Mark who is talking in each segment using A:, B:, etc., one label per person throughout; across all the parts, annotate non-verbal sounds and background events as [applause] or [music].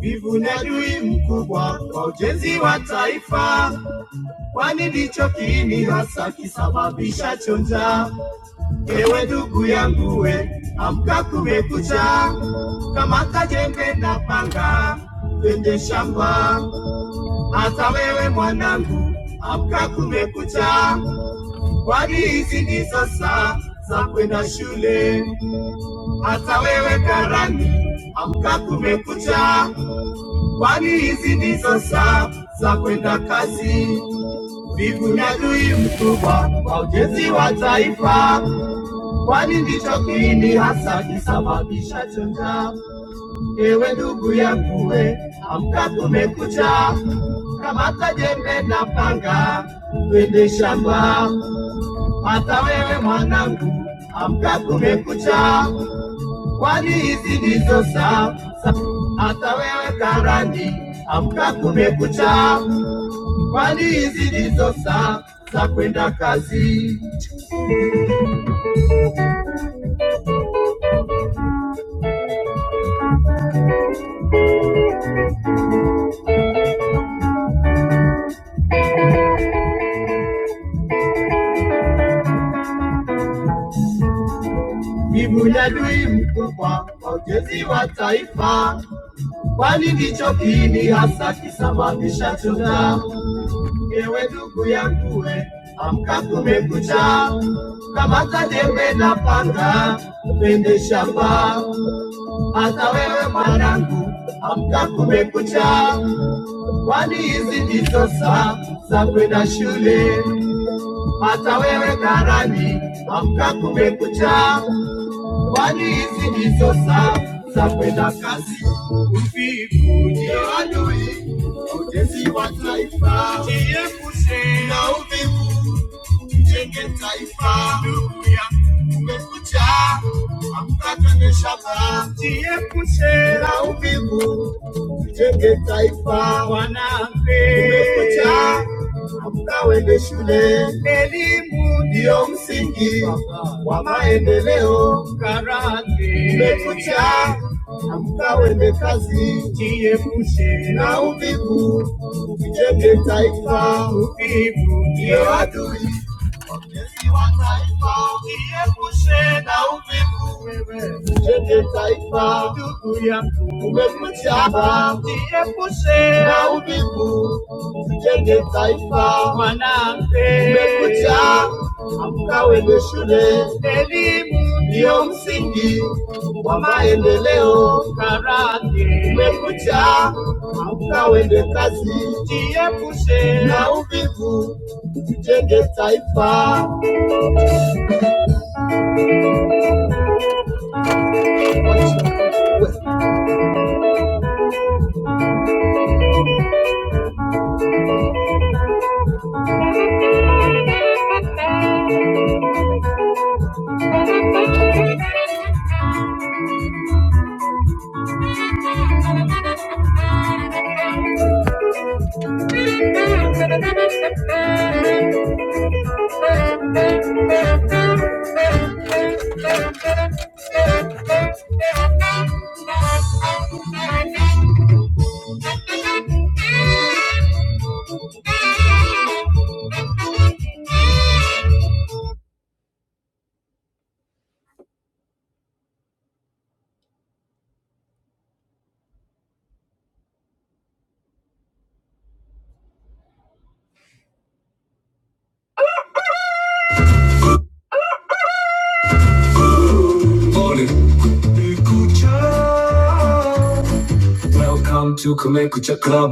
A: Wivu ni adui mkubwa wa ujenzi wa taifa, kwani ndicho kiini hasa kisababishacho njaa. Ewe ndugu yangu, we amka, kumekucha. Kamata jembe na panga, twende shamba. Hata wewe mwanangu, amka, kumekucha, kwani hizi ndizo saa za kwenda shule. Hata wewe karani, amka, kumekucha kwani hizi ndizo saa za kwenda kasi. Vivu ni adui mkubwa wa ujenzi wa taifa, kwani ndicho kiini hasa kisababisha chonja. Ewe ndugu yanguwe, amka, kumekucha, kamata jembe na panga, twende shamba. Hata wewe mwanangu, amka, kumekucha kwani hizi ndizo saa, saa. Hata wewe karani, amka kumekucha, kwani hizi ndizo saa za kwenda kazi. Miguu ya adui mkubwa wa ujenzi wa taifa, kwani ndicho kiini hasa kisababisha chota. Ewe ndugu yangu, we amka, kumekucha, kamata jembe na panga, upende shamba Hata wewe mwanangu, amka kumekucha, kwani hizi ndizo saa za kwenda shule. Hata wewe karani, amka kumekucha, kwani hizi ndizo saa za kwenda kazi. Uvivu ndio adui, utesi wa taifa, jiepushe na uvivu tujenge taifa. Haleluya. Kumekucha, amka twende shamba, tujiepushe na uvivu, tujenge taifa. Bwana mpe. Kumekucha, amka uende shule, elimu ndiyo msingi wa maendeleo. Karate. Kumekucha, amka uende kazi, tujiepushe na uvivu, tujenge taifa. Uvivu ndio adui Niepushe na uvivu wewe, mwenye taifa, ndugu yangu, umekuchapa. Niepushe na uvivu, mwenye taifa, mwanamke, umekucha. Amka uende shule, elimu ndiyo msingi wa maendeleo. Karate, umekucha. Amka uende kazi, jiepushe na uvivu, tujenge taifa. Thank you. Morning. Welcome to Kumekucha Club.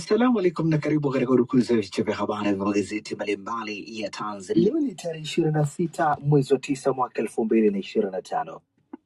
A: Assalamu alaikum na karibu katika urukuzi ya vichwa vya habari vya magazeti mbalimbali ya Tanzania. Leo ni tarehe ishirini na sita mwezi wa tisa mwaka elfu mbili na ishirini na tano.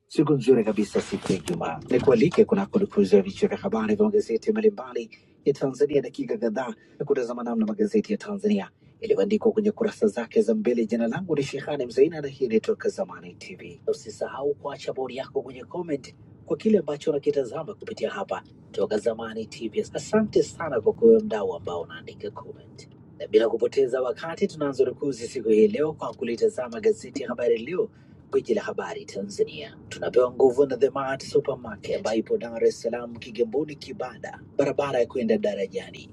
A: Siku nzuri kabisa, siku ya Ijumaa. Nikualike kunako dukuzi ya vichwa vya habari vya magazeti mbalimbali ya Tanzania, dakika kadhaa ya kutazama namna magazeti ya Tanzania yalivyoandikwa kwenye kurasa zake za mbele. Jina langu ni Shehani Mzaina na hii ni Toka Zamani TV. Usisahau kuacha bodi yako kwenye comment kwa kile ambacho unakitazama kupitia hapa Toka Zamani TV. Asante sana kwa kuwe mdau ambao unaandika comment, na bila kupoteza wakati tunaanza rukuzi siku hii leo kwa kulitazama gazeti ya Habari Leo Gwiji la habari Tanzania tunapewa nguvu na The Mart Supermarket ambayo ipo Dar es Salaam, Kigamboni, Kibada, barabara ya kwenda darajani.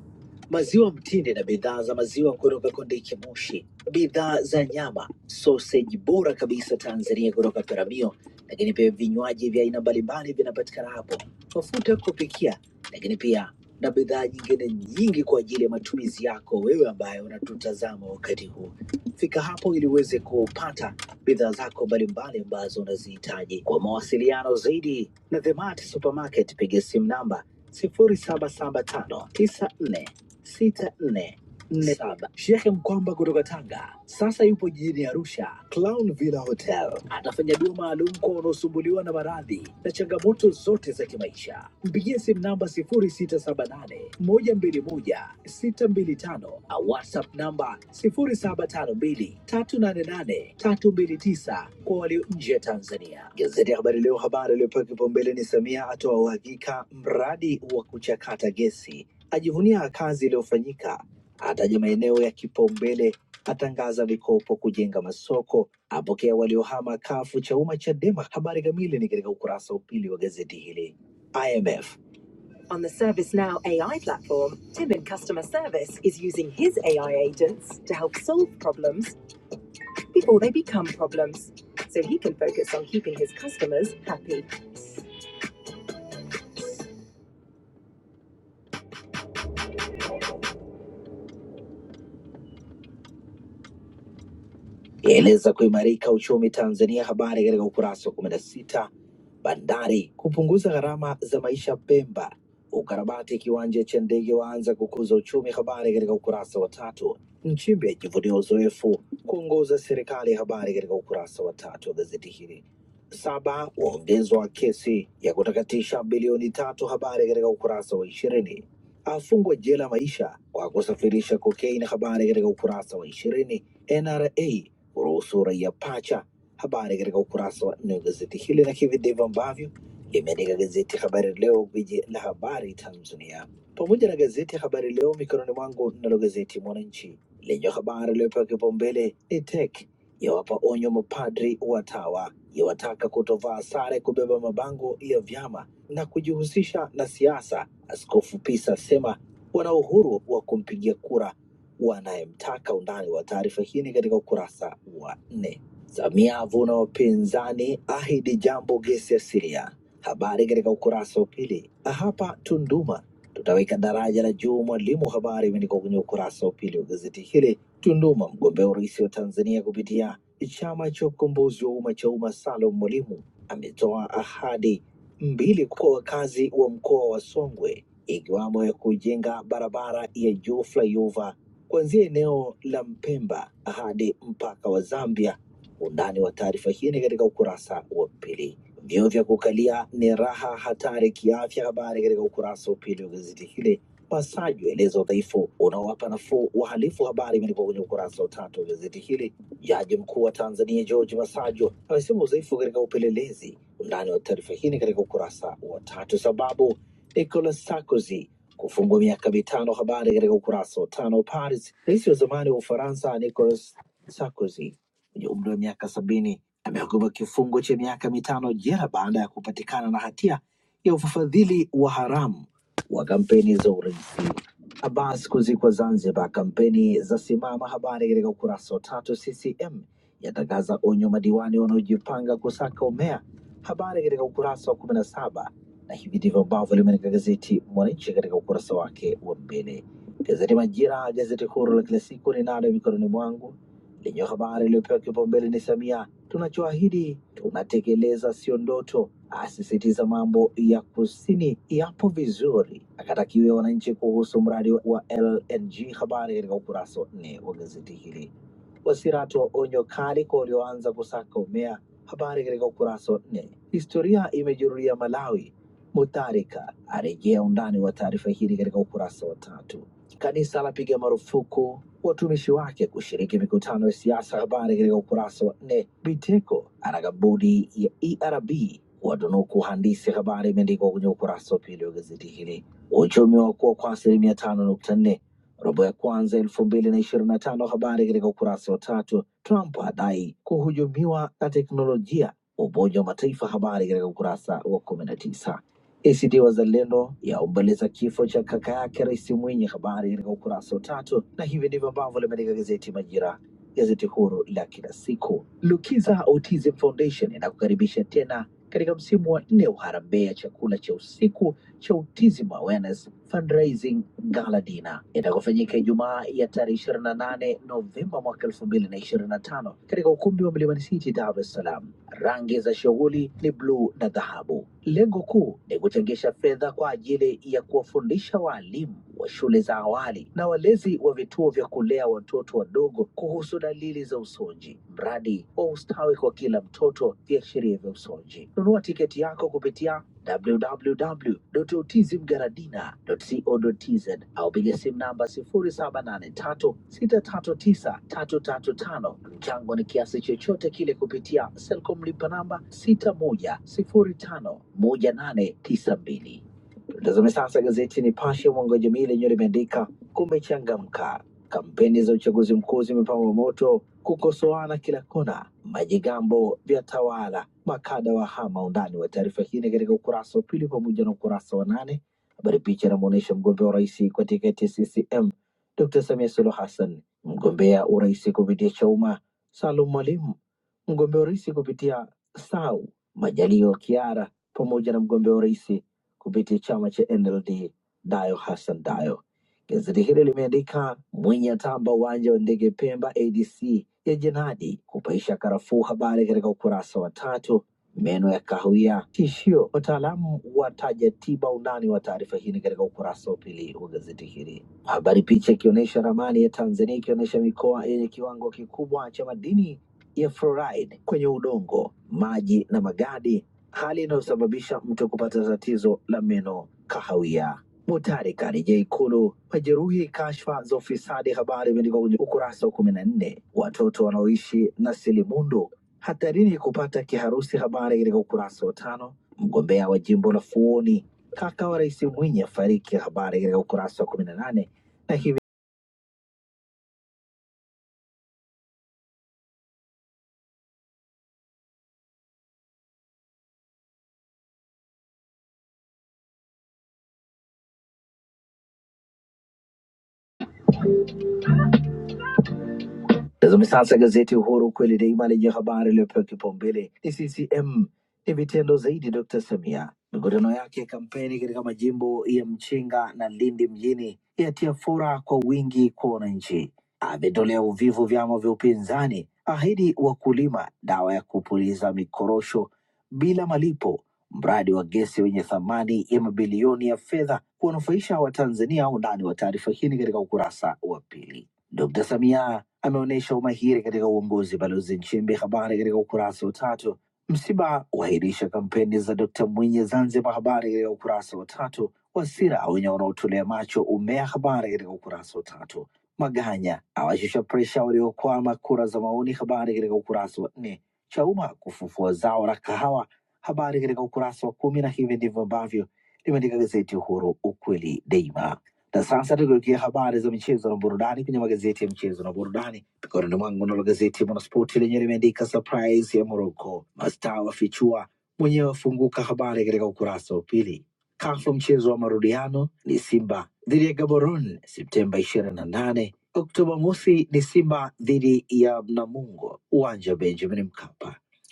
A: Maziwa mtindi na bidhaa za maziwa kutoka Kondiki Moshi, bidhaa za nyama, sausage bora kabisa Tanzania kutoka Peramio, lakini pia vinywaji vya aina mbalimbali vinapatikana hapo, mafuta ya kupikia, lakini pia na bidhaa nyingine nyingi kwa ajili ya matumizi yako wewe ambaye unatutazama wakati huu. Fika hapo ili uweze kupata bidhaa zako mbalimbali ambazo unazihitaji. Kwa mawasiliano zaidi na Themart Supermarket, piga simu namba sifuri saba saba tano tisa nne sita nne nne saba. Shekhe Mkwamba kutoka Tanga sasa yupo jijini Arusha, Clown Villa Hotel. Atafanya dua maalum kwa wanaosumbuliwa na maradhi na changamoto zote za kimaisha. Mpigie simu namba 0678 121 625 au WhatsApp namba 0752 388 329 kwa walio nje ya Tanzania. Gazeti ya Habari Leo, habari iliyopewa kipaumbele ni Samia atoa uhakika mradi wa kuchakata gesi ajivunia kazi iliyofanyika ataja maeneo ya kipaumbele, atangaza mikopo kujenga masoko, apokea waliohama kafu cha umma cha Chadema. Habari kamili ni katika ukurasa wa pili wa gazeti hili. IMF yaeleza kuimarika uchumi Tanzania, habari katika ukurasa wa kumi na sita. Bandari kupunguza gharama za maisha Pemba, ukarabati kiwanja cha ndege waanza kukuza uchumi, habari katika ukurasa wa tatu. Nchimbi ajivunia uzoefu kuongoza serikali, habari katika ukurasa wa tatu wa gazeti hili. Saba waongezwa wa kesi ya kutakatisha bilioni tatu, habari katika ukurasa wa ishirini. Afungwa jela maisha kwa kusafirisha kokaini, habari katika ukurasa wa ishirini. NRA kuhusu raia pacha, habari katika ukurasa wa nne wa gazeti hili, na hivi ndivyo ambavyo limeandika gazeti Habari Leo, gwiji la habari Tanzania, pamoja na gazeti Habari Leo mikononi mwangu. Nalo gazeti Mwananchi lenye habari iliyopewa kipaumbele ni TEC yawapa onyo mapadri watawa, yawataka kutovaa sare, kubeba mabango ya vyama na kujihusisha na siasa. Askofu Pisa asema wana uhuru wa kumpigia kura wanayemtaka. Undani wa taarifa hii ni katika ukurasa wa nne. Samia avuna wapinzani, ahidi jambo gesi asilia. Habari katika ukurasa wa pili. Hapa Tunduma tutaweka daraja la juu Mwalimu, habari imeandikwa kwenye ukurasa wa pili wa gazeti hili. Tunduma, mgombea urais wa Tanzania kupitia chama cha ukombozi wa umma cha umma Salum Mwalimu ametoa ahadi mbili kwa wakazi wa mkoa wa Songwe ikiwamo ya kujenga barabara ya juu flyover kuanzia eneo la Mpemba hadi mpaka wa Zambia Undani wa taarifa hii ni katika ukurasa wa pili. Vyoo vya kukalia ni raha hatari kiafya, habari katika ukurasa wa pili wa gazeti hili. Wasaji waeleza udhaifu unaowapa nafuu wahalifu, habari imeandikwa kwenye ukurasa wa tatu wa gazeti hili. Jaji mkuu wa Tanzania George Masaju amesema udhaifu katika upelelezi. Undani wa taarifa hii ni katika ukurasa wa tatu. Sababu Nicolas Sarkozy kufungwa miaka mitano, habari katika ukurasa wa tano. Paris, rais wa zamani wa Ufaransa Nicolas Sarkozy mwenye umri wa miaka sabini amehukumiwa kifungo cha miaka mitano jela baada ya kupatikana na hatia ya ufadhili wa haramu wa kampeni za urais. Abbas kuzikwa Zanzibar. Kampeni za Simama, habari katika ukurasa wa tatu. CCM yatangaza onyo madiwani wanaojipanga kusaka umea, habari katika ukurasa wa kumi na saba. Na hivi ndivyo ambavyo limeandika gazeti Mwananchi katika ukurasa wake wa mbele. Gazeti Majira, gazeti huru la kila siku, ninalo mikononi mwangu lenye habari iliyopewa kipaumbele ni Samia, tunachoahidi tunatekeleza, sio ndoto asisitiza mambo ya kusini yapo vizuri, akatakiwa wananchi kuhusu mradi wa LNG. Habari katika ukurasa wa nne wa gazeti hili. Wasira wa onyo kali kwa walioanza kusaka umea. Habari katika ukurasa wa nne. Historia imejirudia Malawi. Mutharika arejea undani wa taarifa hili katika ukurasa wa tatu. Kanisa lapiga marufuku watumishi wake kushiriki mikutano ya siasa. Habari katika ukurasa wa nne. Biteko ana kabudi ya ERB watunuku handisi, habari imeandikwa kwenye ukurasa wa pili wa gazeti hili. Uchumi wa kuwa kwa asilimia tano nukta nne robo ya kwanza elfu mbili na ishirini na tano habari katika ukurasa wa tatu. Trump adai kuhujumiwa na teknolojia. Umoja wa Mataifa, habari katika ukurasa wa 19 ACT Wazalendo yaomboleza kifo cha kaka yake Rais Mwinyi, habari katika ukurasa wa tatu. Na hivi ndivyo ambavyo limeandika gazeti Majira, gazeti huru la kila siku. Lukiza Autism Foundation inakukaribisha tena katika msimu wa nne wa harambee ya chakula cha usiku cha Autism Awareness Fundraising Gala Dinner itakofanyika Ijumaa ya tarehe 28 Novemba mwaka 2025 katika ukumbi wa Mlimani City, Dar es Salaam. Rangi za shughuli ni bluu na dhahabu. Lengo kuu ni kuchangisha fedha kwa ajili ya kuwafundisha waalimu wa shule za awali na walezi wa vituo vya kulea watoto wadogo kuhusu dalili za usonji, mradi wa ustawi kwa kila mtoto, viashiria vya usonji. Nunua tiketi yako kupitia www.utizmgaradina.co.tz au piga simu namba 0783 639 335 Mchango ni kiasi chochote kile kupitia Selcom lipa namba sita moja sifuri tano moja nane tisa mbili. Tazame sasa gazeti Nipashe mwanga wa jamii lenyewe limeandika kumechangamka, kampeni za uchaguzi mkuu zimepamba moto, kukosoana kila kona, majigambo vya tawala, makada wa hama. Undani wa taarifa hii ni katika ukurasa wa pili pamoja na ukurasa wa nane. Habari picha inamwonyesha mgombea wa urais kwa tiketi ya CCM Dr. Samia Suluhu Hassan, mgombea urais kupitia Chauma Salum Mwalimu, mgombea urais kupitia SAU Majalio Kiara pamoja na mgombea urais kupitia chama cha NLD Dayo Hassan Dayo. Gazeti hili limeandika Mwinyi atamba uwanja wa ndege Pemba, ADC ya jenadi kupaisha karafuu, habari katika ukurasa wa tatu. Meno ya kahawia tishio, wataalamu wataja tiba. Undani wa taarifa hii ni katika ukurasa wa pili wa gazeti hili. Habari picha ikionyesha ramani ya Tanzania ikionyesha mikoa yenye kiwango kikubwa cha madini ya fluoride kwenye udongo, maji na magadi hali inayosababisha mtu kupata tatizo la meno kahawia. Mutari karejea Ikulu, majeruhi kashfa za ufisadi. Habari imeandikwa kwenye ukurasa wa kumi na nne. Watoto wanaoishi na silimundu hatarini kupata kiharusi. Habari katika ukurasa wa tano. Mgombea wa jimbo la Fuoni, kaka wa Rais Mwinyi afariki. Habari katika ukurasa wa kumi na nane na hivi Tazame sasa gazeti Uhuru, kweli daima, lenye habari iliyopewa kipaumbele ni CCM ni vitendo zaidi. Dr Samia, mikutano yake ya kampeni katika majimbo ya Mchinga na Lindi mjini yatia fora kwa wingi kwa wananchi. Ametolea uvivu vyama vya upinzani, ahidi wakulima dawa ya kupuliza mikorosho bila malipo, mradi wa gesi wenye thamani ya mabilioni ya fedha kuwanufaisha Watanzania. Undani wa taarifa hii ni katika ukurasa wa pili. Dr Samia ameonyesha umahiri katika uongozi. Balozi Nchimbi, habari katika ukurasa wa tatu. Msiba uahirisha kampeni za Dkt Mwinyi Zanzibar, habari katika ukurasa wa tatu. Wasira aonya wanaotolea macho umea, habari katika ukurasa wa tatu. Maganya awashusha presha waliokwama kura za maoni, habari katika ukurasa wa nne. Chauma kufufua zao la kahawa, habari katika ukurasa wa kumi, na hivi ndivyo ambavyo limeandika gazeti Uhuru, ukweli daima na sasa tukigeukia habari za michezo na burudani kwenye magazeti ya michezo na burudani mikononi mwangu, nalo gazeti ya Mwanaspoti lenye limeandika surprise ya Morocco, mastaa wafichua, mwenyewe afunguka, habari katika ukurasa wa pili. Kafu mchezo wa marudiano ni Simba dhidi ya Gaborone Septemba ishirini na nane. Oktoba mosi ni Simba dhidi ya Mnamungo, uwanja wa Benjamin Mkapa.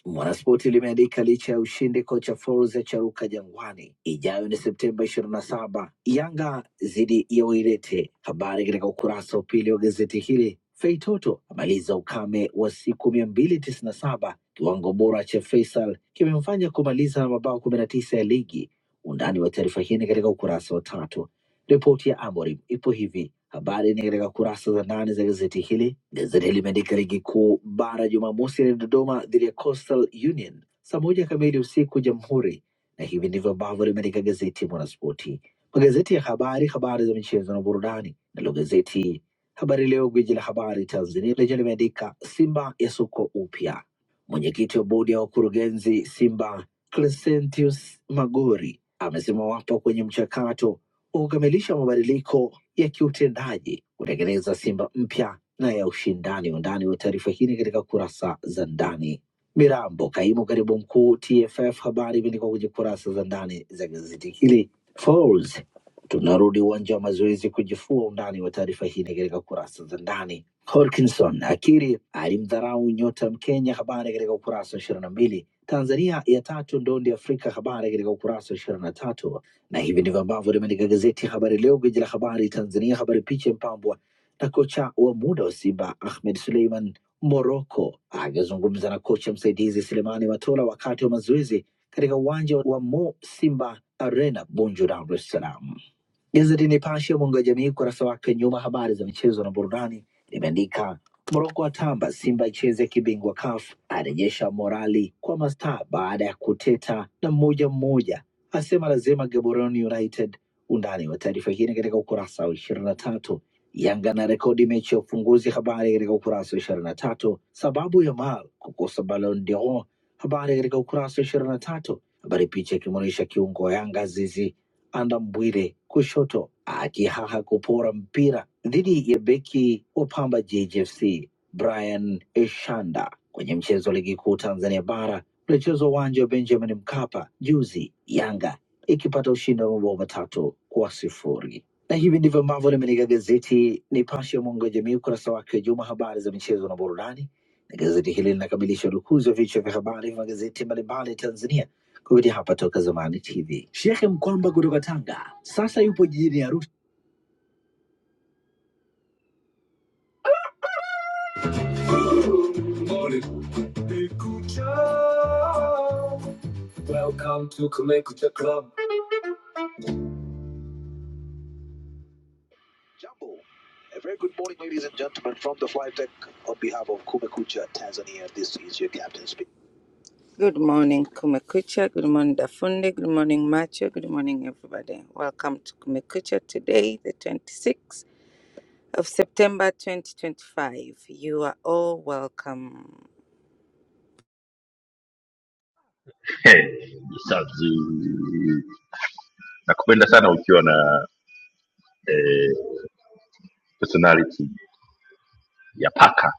A: Mwanaspoti limeandika licha ya ushindi, kocha Folz acharuka Jangwani. Ijayo ni Septemba ishirini na saba, Yanga dhidi ya Wairete. Habari katika ukurasa wa pili wa gazeti hili. Feitoto amaliza ukame wa siku mia mbili tisini na saba. Kiwango bora cha Faisal kimemfanya kumaliza na mabao kumi na tisa ya ligi. Undani wa taarifa hii ni katika ukurasa wa tatu. Ripoti ya Amorim ipo hivi: Habari ni katika kurasa za ndani za gazeti hili. Gazeti hili limeandika ligi kuu bara Jumamosi ni Dodoma dhidi ya Coastal Union saa moja kamili usiku Jamhuri, na hivi ndivyo ambavyo limeandika gazeti Mwanaspoti, magazeti ya habari, habari za michezo na burudani. Nalo gazeti Habari Leo, gwiji la habari Tanzania, lenyewe limeandika Simba yasukwa upya. Mwenyekiti wa bodi ya wakurugenzi Simba Crescentius Magori amesema wapo kwenye mchakato wa kukamilisha mabadiliko ya kiutendaji kutengeneza Simba mpya na ya ushindani. Undani wa taarifa hii ni katika kurasa za ndani. Mirambo, kaimu katibu mkuu TFF. Habari imeandikwa kwenye kurasa za ndani za gazeti hili. Falls, tunarudi uwanja wa mazoezi kujifua. Undani wa taarifa hii ni katika kurasa za ndani. Horkinson akiri alimdharau nyota Mkenya. Habari katika ukurasa wa ishirini na mbili. Tanzania ya tatu ndondi Afrika. Habari katika ukurasa wa ishirini na tatu. Na hivi ndivyo ambavyo limeandika gazeti Habari Leo, gwiji la habari Tanzania. Habari picha mpambwa na kocha wa muda wa Simba Ahmed Suleiman Moroko akizungumza na kocha msaidizi Selemani Matola wakati wa mazoezi katika uwanja wa Mo Simba Arena Bunju, Dar es Salaam. Gazeti Nipashe mwanga wa jamii ukurasa wake wa nyuma, habari za michezo na burudani, limeandika Moroko atamba Simba icheze kibingwa CAF, arejesha morali kwa mastaa baada ya kuteta na mmoja mmoja asema lazima Gaborone United. Undani wa taarifa hii katika ukurasa wa ishirini na tatu. Yanga na rekodi mechi ya ufunguzi, habari katika ukurasa wa ishirini na tatu. Sababu ya Mal kukosa Ballon d'Or, habari katika ukurasa wa ishirini na tatu. Habari picha ikimwonyesha kiungo wa Yanga Zizi Andambwile kushoto akihaha kupora mpira dhidi ya beki wa Pamba JFC Brian Eshanda kwenye mchezo wa ligi kuu Tanzania bara Ilichezwa uwanja wa Benjamin Mkapa juzi, Yanga ikipata ushindi wa mabao matatu kwa sifuri. Na hivi ndivyo ambavyo limeandika gazeti Nipashe ya mwanga wa jamii, ukurasa wake wa juma, habari za michezo na burudani. Na gazeti hili linakamilisha udukuzi wa vichwa vya habari vya magazeti mbalimbali Tanzania kupitia hapa Toka Zamani TV. Shekhe Mkwamba kutoka Tanga sasa yupo jijini Arusha. Kumekucha. Welcome to Kumekucha Club. Good morning, Kumekucha. Good morning, Dafunde. Good morning, Macho. Good morning, everybody. Welcome to Kumekucha today, the 26th of September 2025. You are all welcome.
B: He, Msavyi, nakupenda sana ukiwa na eh, personality ya paka,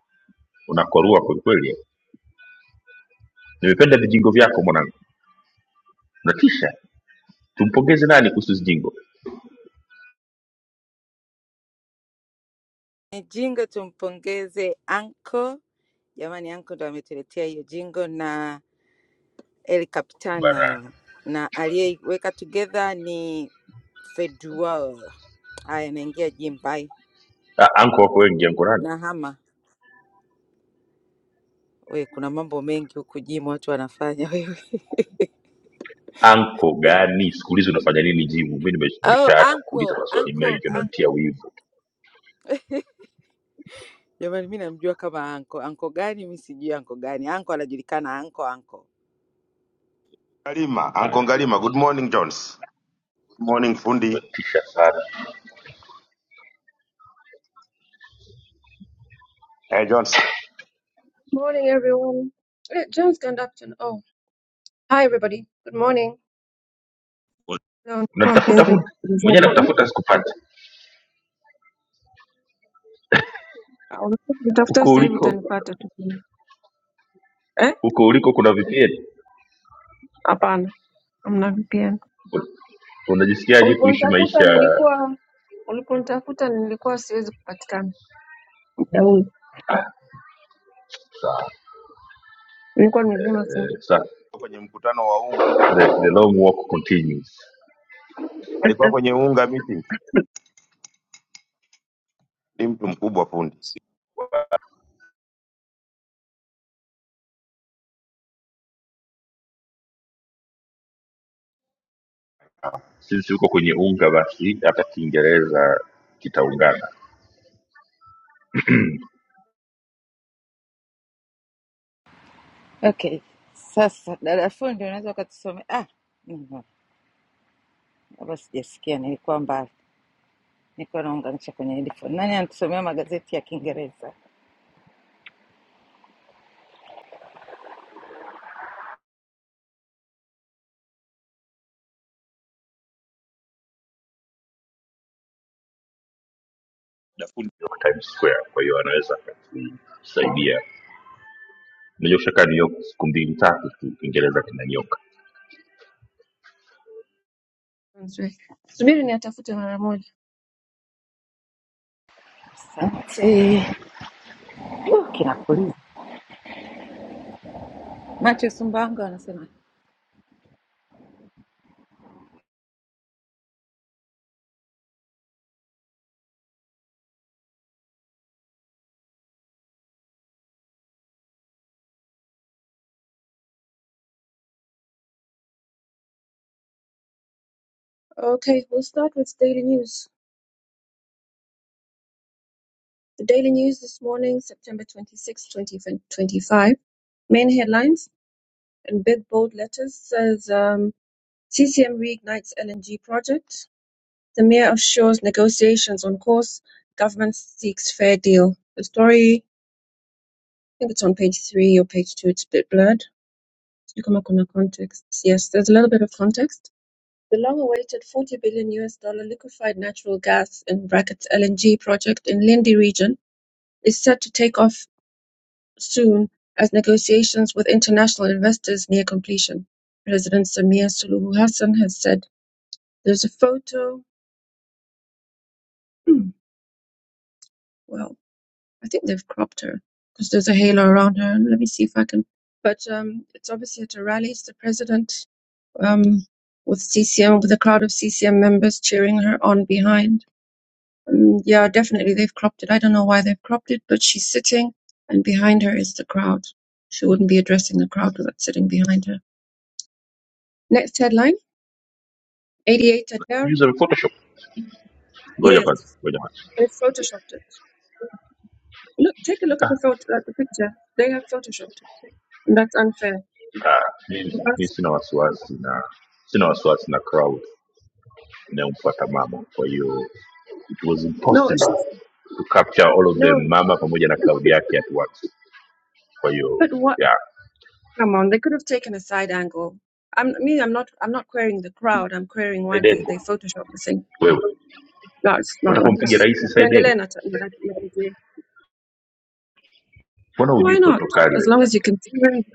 B: unakorua kwelikweli. Nimependa vijingo vyako mwanangu, unatisha. Tumpongeze nani kuhusu zijingo bana? Ah, anko wako wengi, anko nani? Anko gani? Siku hizi unafanya nini jimu? Mi nime- nimeshaacha kuuliza maswali mengi, unanitia wivu,
C: Ngalima, Uncle Ngalima, good morning Jones. Good morning fundi.
B: unatisha sana.
C: Eh, Jones,
D: Morning, everyone. Eh, James Gandapton. Oh, hi, everybody. Good morning. Leo nilikuwa
B: Unanitafuta
D: mpenzi
B: fundi mwenyewe,
D: msikilizaji tu.
B: nakutafuta sikupata.
D: Ah, Ulipotafuta
B: Huko
D: sasa hivi
B: uliko,
D: utanipata tu. Eh?
B: huko uliko kuna VPN.
D: Hapana, hamna VPN.
B: Unajisikiaje kuishi
D: Uliponitafuta
B: maisha
D: nilikuwa uliponitafuta nilikuwa siwezi kupatikana. Mtauli.
B: sawa?
D: Nilikuwa nimezima simu.
B: Sa,
C: niko kwenye mkutano wa unga.
B: the, the long walk continues.
C: Alikuwa
D: [laughs]
C: kwenye unga meeting. Ni mtu mkubwa fundi.
B: Since uko kwenye unga, basi hata Kiingereza kitaungana
E: Okay, sasa dada fundi, unaweza ukatusomea? Ah, mhm, hapa sijasikia, nilikuwa mbali, nilikuwa naunganisha kwenye headphone. Nani anatusomea magazeti ya Kiingereza?
B: kwa Times Square, kwa hiyo anaweza akatusaidia. Unajua ushakaa New York siku mbili tatu tu, Kiingereza kinanyoka.
D: Nzuri. Subiri niyatafute mara moja.
E: Asante. Uh, Kinakuliza macho sumbawanga, wanasema
D: Okay, we'll start with daily news. The daily news this morning, September 26, 2025. Main headlines. in big bold letters says um, CCM reignites LNG project. The mayor assures negotiations on course. Government seeks fair deal. The story, I think it's on page three or page two. It's a bit blurred. You come up on the context. Yes, there's a little bit of context. The long-awaited 40 billion US dollar liquefied natural gas in brackets LNG project in Lindi region is set to take off soon as negotiations with international investors near completion. President Samir Suluhu Hassan has said There's a photo. Hmm, well, I think they've cropped her because there's a halo around her. Let me see if I can. But um, it's obviously at a rally. It's the president um, with CCM, with a crowd of CCM members cheering her on behind. Um, yeah, definitely they've cropped it. I don't know why they've cropped it, but she's sitting, and behind her is the crowd. She wouldn't be addressing the crowd without sitting behind her. Next headline: 88 Adair.
B: Use Photoshop. Ngoja kwanza,
D: Yes,
B: ngoja kwanza.
D: they've photoshopped it. Look, take a look at the photo at the picture. They have photoshopped it. That's unfair.
B: Ah, mimi
D: For
B: mimi sina wasiwasi na sina wasiwasi na crowd inayomfuata mama, kwa hiyo it was
D: No, it's
B: impossible
D: just
B: to capture all of
D: no.
B: them, mama pamoja na crowd yake at once. Kwa hiyo
D: But what?
B: yeah,
D: Come on, they could have taken a side angle. I'm me. I'm not. I'm not querying the crowd. I'm querying why they they
B: Edengo
D: Photoshop the thing.
B: wewe
D: No, it's not
B: Unataka
D: right.
B: umpige rais Saidem?
D: Tuendelee na- na- na- na-
B: Mbona hujui
D: Why not?
B: protokali
D: As
B: wewe?
D: long as you can. see. where it's-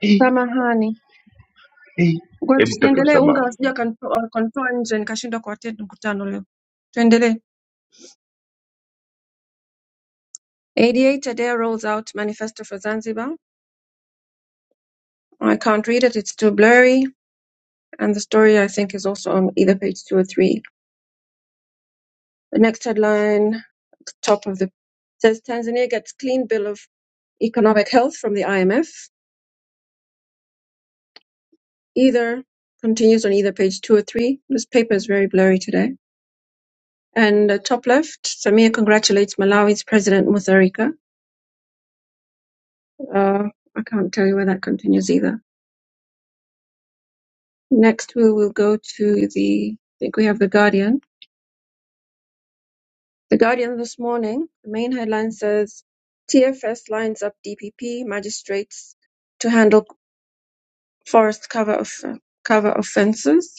B: Eh,
D: Samahani,
B: eh,
D: ngoja
B: Hebu tutake
D: tusiendelee. Unga
B: msamaha.
D: wasija wakanto- wakanitoa nje nikashindwa kuattend mkutano leo. Tuendelee. 88 Tadea rolls out manifesto for Zanzibar. I can't read it. It's too blurry, and the story I think is also on either page two or three. The next headline, top of the says Tanzania gets clean bill of economic health from the IMF. Either continues on either page two or three. This paper is very blurry today. And uh, top left, Samia congratulates Malawi's President Mutharika. Uh, I can't tell you where that continues either. Next, we will go to the, I think we have The Guardian. The Guardian this morning, the main headline says TFS lines up DPP magistrates to handle forest cover of cover offences.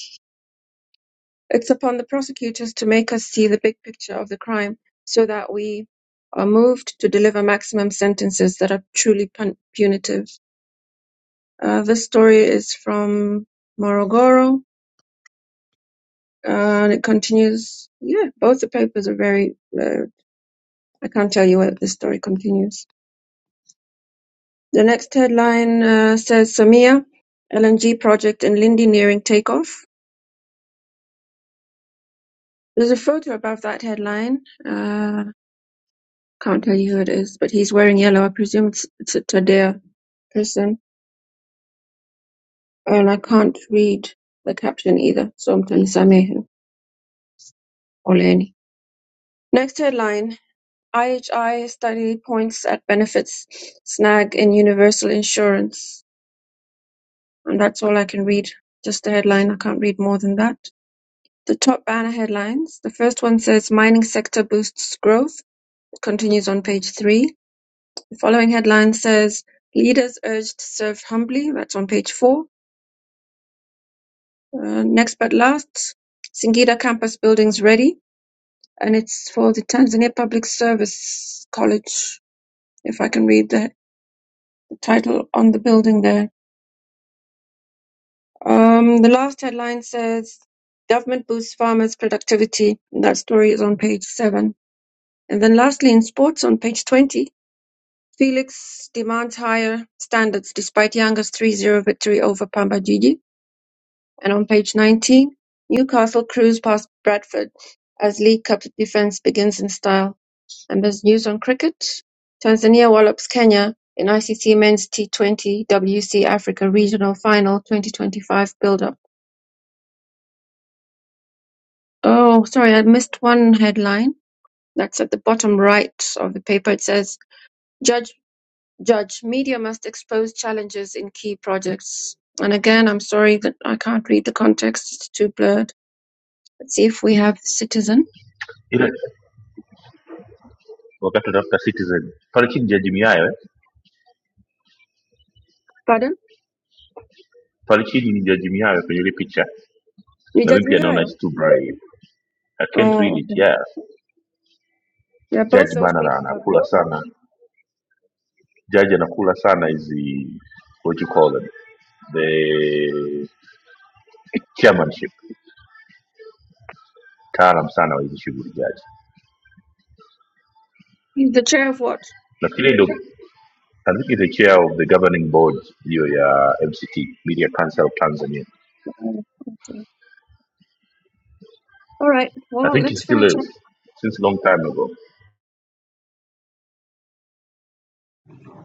D: It's upon the prosecutors to make us see the big picture of the crime so that we are moved to deliver maximum sentences that are truly pun- punitive. Uh, this story is from Morogoro uh, and it continues. Yeah, both the papers are very. Uh, I can't tell you where this story continues. The next headline uh, says Samia LNG project in Lindi nearing takeoff. There's a photo above that headline. Uh, Can't tell you who it is, but he's wearing yellow. I presume it's, it's a Tadea person. And I can't read the caption either, so I'm telling Sameh Oleni. Next headline IHI study points at benefits snag in universal insurance. And that's all I can read. Just the headline. I can't read more than that. The top banner headlines. The first one says mining sector boosts growth. It continues on page three. The following headline says leaders urged to serve humbly. That's on page four. Uh, next but last, Singida campus building's ready, and it's for the Tanzania Public Service College, if I can read the title on the building there. Um, the last headline says, Government boosts farmers' productivity. that story is on page 7. And then lastly, in sports on page 20, Felix demands higher standards despite Yanga's 3-0 victory over Pamba Jiji. And on page 19, Newcastle cruise past Bradford as League Cup defence begins in style. And there's news on cricket. Tanzania wallops Kenya in ICC Men's T20 WC Africa Regional Final 2025 build-up. Oh, sorry, I missed one headline. That's at the bottom right of the paper. It says, Judge, Judge, media must expose challenges in key projects. And again, I'm sorry that I can't read the context. It's too blurred. Let's see if we have Citizen.
B: Ila wakati unatafuta Citizen, pale chini Jaji Miayo, eh?
D: Pardon?
B: pale chini ni Jaji Miayo kwenye ile picha,
D: You
B: na
D: judge
B: mimi
D: me
B: pia naona
D: now?
B: it's too bright. I can't read
D: Oh,
B: it.
D: okay.
B: Yeah,
D: Yeah, both
B: Jaji
D: those
B: bana na-
D: papers are very
B: anakula
D: good.
B: sana. Jaji anakula sana hizi what you call them the chairmanship, taalam sana wa hizi shughuli jaji.
D: He's the chair of what?
B: Nafikiri ndio I think is the chair of the governing board hiyo ya MCT Media Council of Tanzania
D: Oh, okay. All right.
B: I
D: Well,
B: think he
D: let's
B: still
D: finish
B: is
D: up.
B: since long time ago.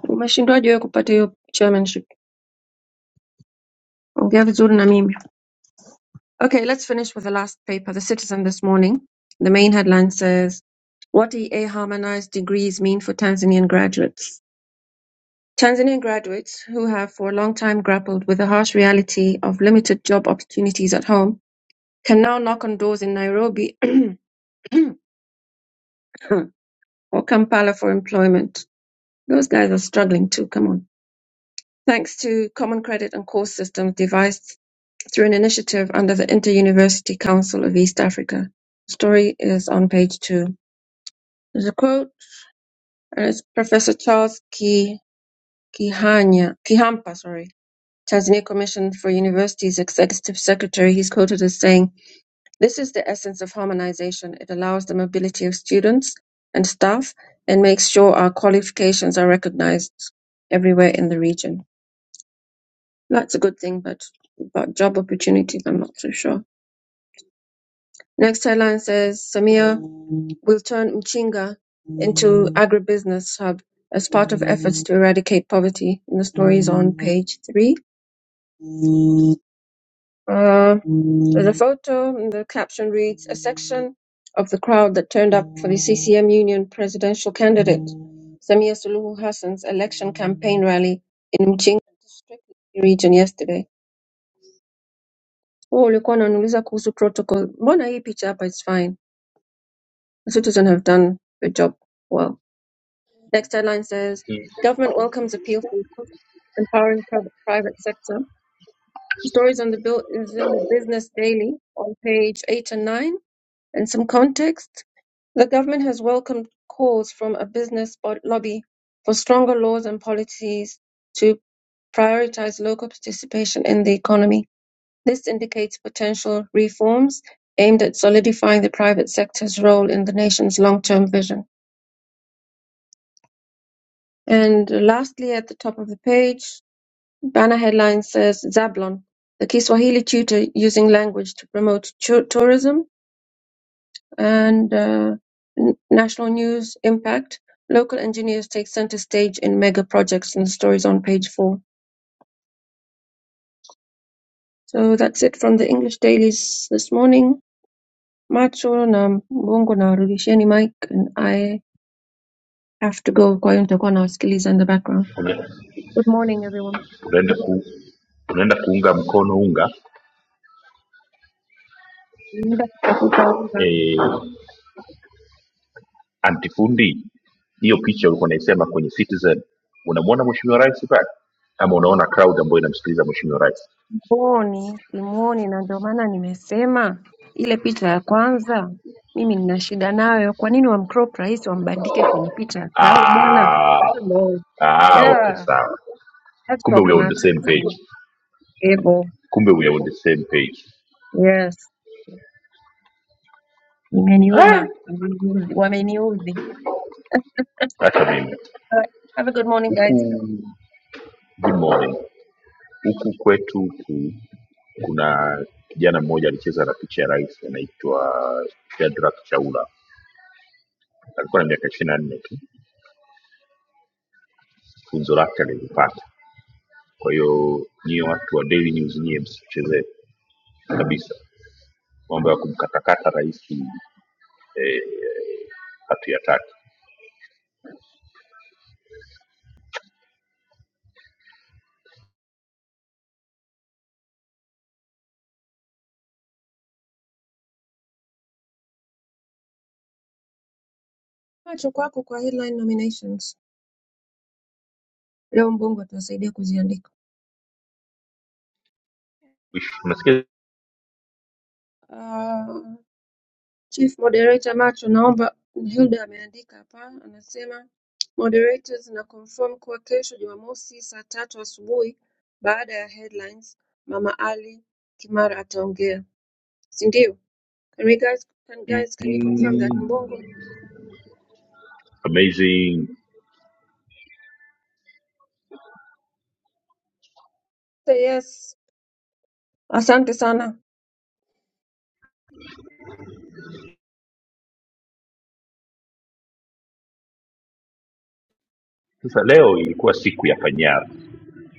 D: Umeshindwaje wewe kupata hiyo chairmanship? Ongea vizuri na mimi. Okay, let's finish with the last paper, The Citizen this morning. The main headline says, What EA harmonized degrees mean for Tanzanian graduates. Tanzanian graduates who have for a long time grappled with the harsh reality of limited job opportunities at home can now knock on doors in Nairobi [clears throat] or Kampala for employment. Those guys are struggling too. Come on. Thanks to common credit and course systems devised through an initiative under the Inter-University Council of East Africa. The Story is on page two. There's a quote, and it's Professor Charles Ki, Kihanya, Kihampa, sorry, Tanzania Commission for Universities Executive Secretary. He's quoted as saying, This is the essence of harmonization. It allows the mobility of students and staff and makes sure our qualifications are recognized everywhere in the region. That's a good thing, but about job opportunities, I'm not so sure. Next headline says Samia will turn Mchinga into agribusiness hub as part of efforts to eradicate poverty. And the story is on page three. Uh, There's a photo, and the caption reads, A section of the crowd that turned up for the CCM Union presidential candidate, Samia Suluhu Hassan's election campaign rally in Mchinga district region yesterday. Wewe ulikuwa unaniuliza kuhusu protocol. Mbona hii picha hapa is fine. The citizens have done the job well. Next headline says,
B: He-
D: Government welcomes appeal for empowering private private sector. Stories on the bill is in the Business Daily on page 8 and 9 and some context. The government has welcomed calls from a business bod- lobby for stronger laws and policies to prioritize local participation in the economy. This indicates potential reforms aimed at solidifying the private sector's role in the nation's long-term vision. And lastly, at the top of the page, banner headline says Zablon, the Kiswahili tutor using language to promote tu- tourism and uh, n- national news impact. Local engineers take center stage in mega projects, and the stories on page four. So that's it from the English dailies this morning. Macho na mbongo na rudisheni mic, and I have to go kwa hiyo nitakuwa nawasikiliza in the background.
B: tuna-
D: Good morning everyone.
B: Tunaenda ku, tunaenda kuunga mkono unga
D: Muda kutafuta unga.
B: e, antifundi. Hiyo picha ulikuwa unaisema kwenye Citizen, unamwona mheshimiwa rais pale ama unaona crowd ambayo inamsikiliza mheshimiwa rais?
D: Simuoni, simuoni, na ndio maana nimesema ile picha ya kwanza mimi nina shida nayo. Kwa nini wamcrop rais wambandike kwenye picha ya crowd bwana?
B: Ah,
D: Hello.
B: ah, okay,
D: Yeah,
B: sawa.
D: that's
B: Kumbe we are on the same
D: problematic for me.
B: page,
D: Ebo.
B: kumbe we are on the same page.
D: Yes.
B: Ah,
D: Imeniuma. Imeniudhi. Wameniudhi. [laughs]
B: Hata mimi
D: Alright. Have a good morning
B: huku.
D: guys.
B: Good morning, Huku kwetu huku kuna kijana mmoja alicheza na picha ya rais anaitwa Shadrack Chaula. Alikuwa na miaka ishirini na nne tu, funzo lake alilipata. Kwa hiyo nyie watu wa Daily News nyie msichezee kabisa mambo ya kumkatakata rais eh, hatuyataki.
D: Macho kwako kwa headline nominations. Leo Mbongo atasaidia kuziandika.
B: Unasikia
D: Chief Moderator Macho naomba Hilda ameandika hapa anasema Moderators na confirm kuwa kesho Jumamosi saa tatu asubuhi baada ya headlines Mama Ali Kimara ataongea si ndio? Can we guys can guys can you confirm that?
B: mm,
D: Mbongo
B: amazing.
D: say yes. Asante sana.
B: Sasa leo ilikuwa siku ya panyaru,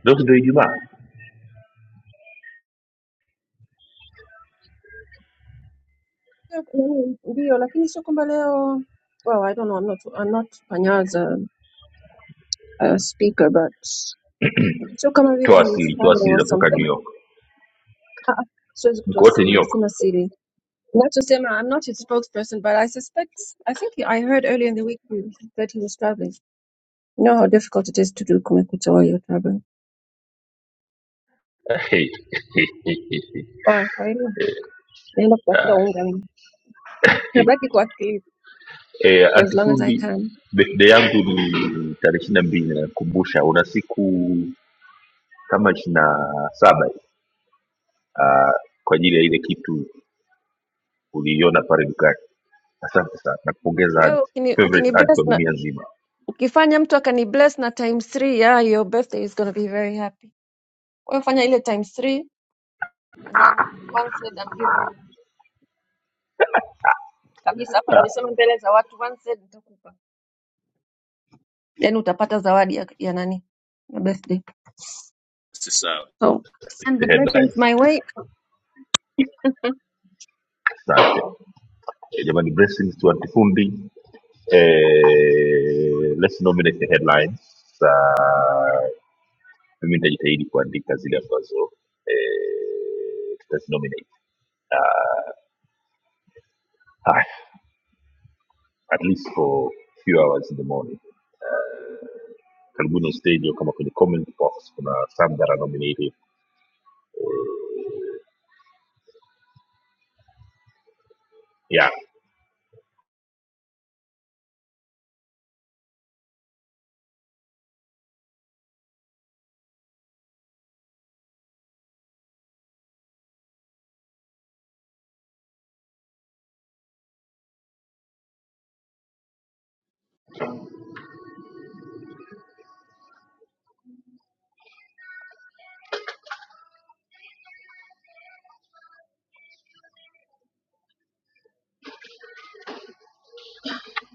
B: leo si ndio Ijumaa?
D: Ndio lakini sio kwamba leo well I don't know I'm not I'm not Panyaza uh, uh, speaker but sio kama vile
B: Toa
D: he is
B: asili, toa
D: traveling
B: asili
D: or
B: zinatoka New
D: something.
B: York,
D: Ah, ah, siwezi
B: mko
D: kutoa
B: wote New
D: siri,
B: York
D: sina siri Not just Emma, I'm not his spokesperson, but I suspect, I think I heard earlier in the week you, that he was traveling. You know how difficult it is to do Kumekucha while you're traveling.
B: [laughs]
D: Ah, Kwa hiyo, naenda kutafuta unga mimi. Nabaki kwa clip
B: E,
D: for as long as I
B: antifundi
D: can.
B: birthday yangu ni tarehe ishiri na mbili nakumbusha, una siku kama ishiri na saba hivi, ah, kwa ajili ya ile kitu uliiona pale dukani. Asante sana, nakupongeza
D: Well,
B: anti,
D: ukini,
B: favorite anti
D: ukinibless
B: wa
D: na
B: dunia nzima.
D: ukifanya mtu akanibless na times three, yeah, your birthday is gonna be very happy. Wewe fanya ile times three, and then one third I'm giving you. Kabisa hapa
B: Ah,
D: nimesema mbele za watu, one third nitakupa. Then utapata zawadi ya, ya nani? Ya birthday. So send
B: the
D: the blessings
B: headlines.
D: my way.
B: Asante Eh, jamani, blessings to antifundi. Eh, let's nominate the headlines. Uh, mimi nitajitahidi kuandika zile ambazo eh, tutazinominate. Ah, haya, at least for few hours in the morning karibuni stage kama kwenye comment box kuna some that are nominated yeah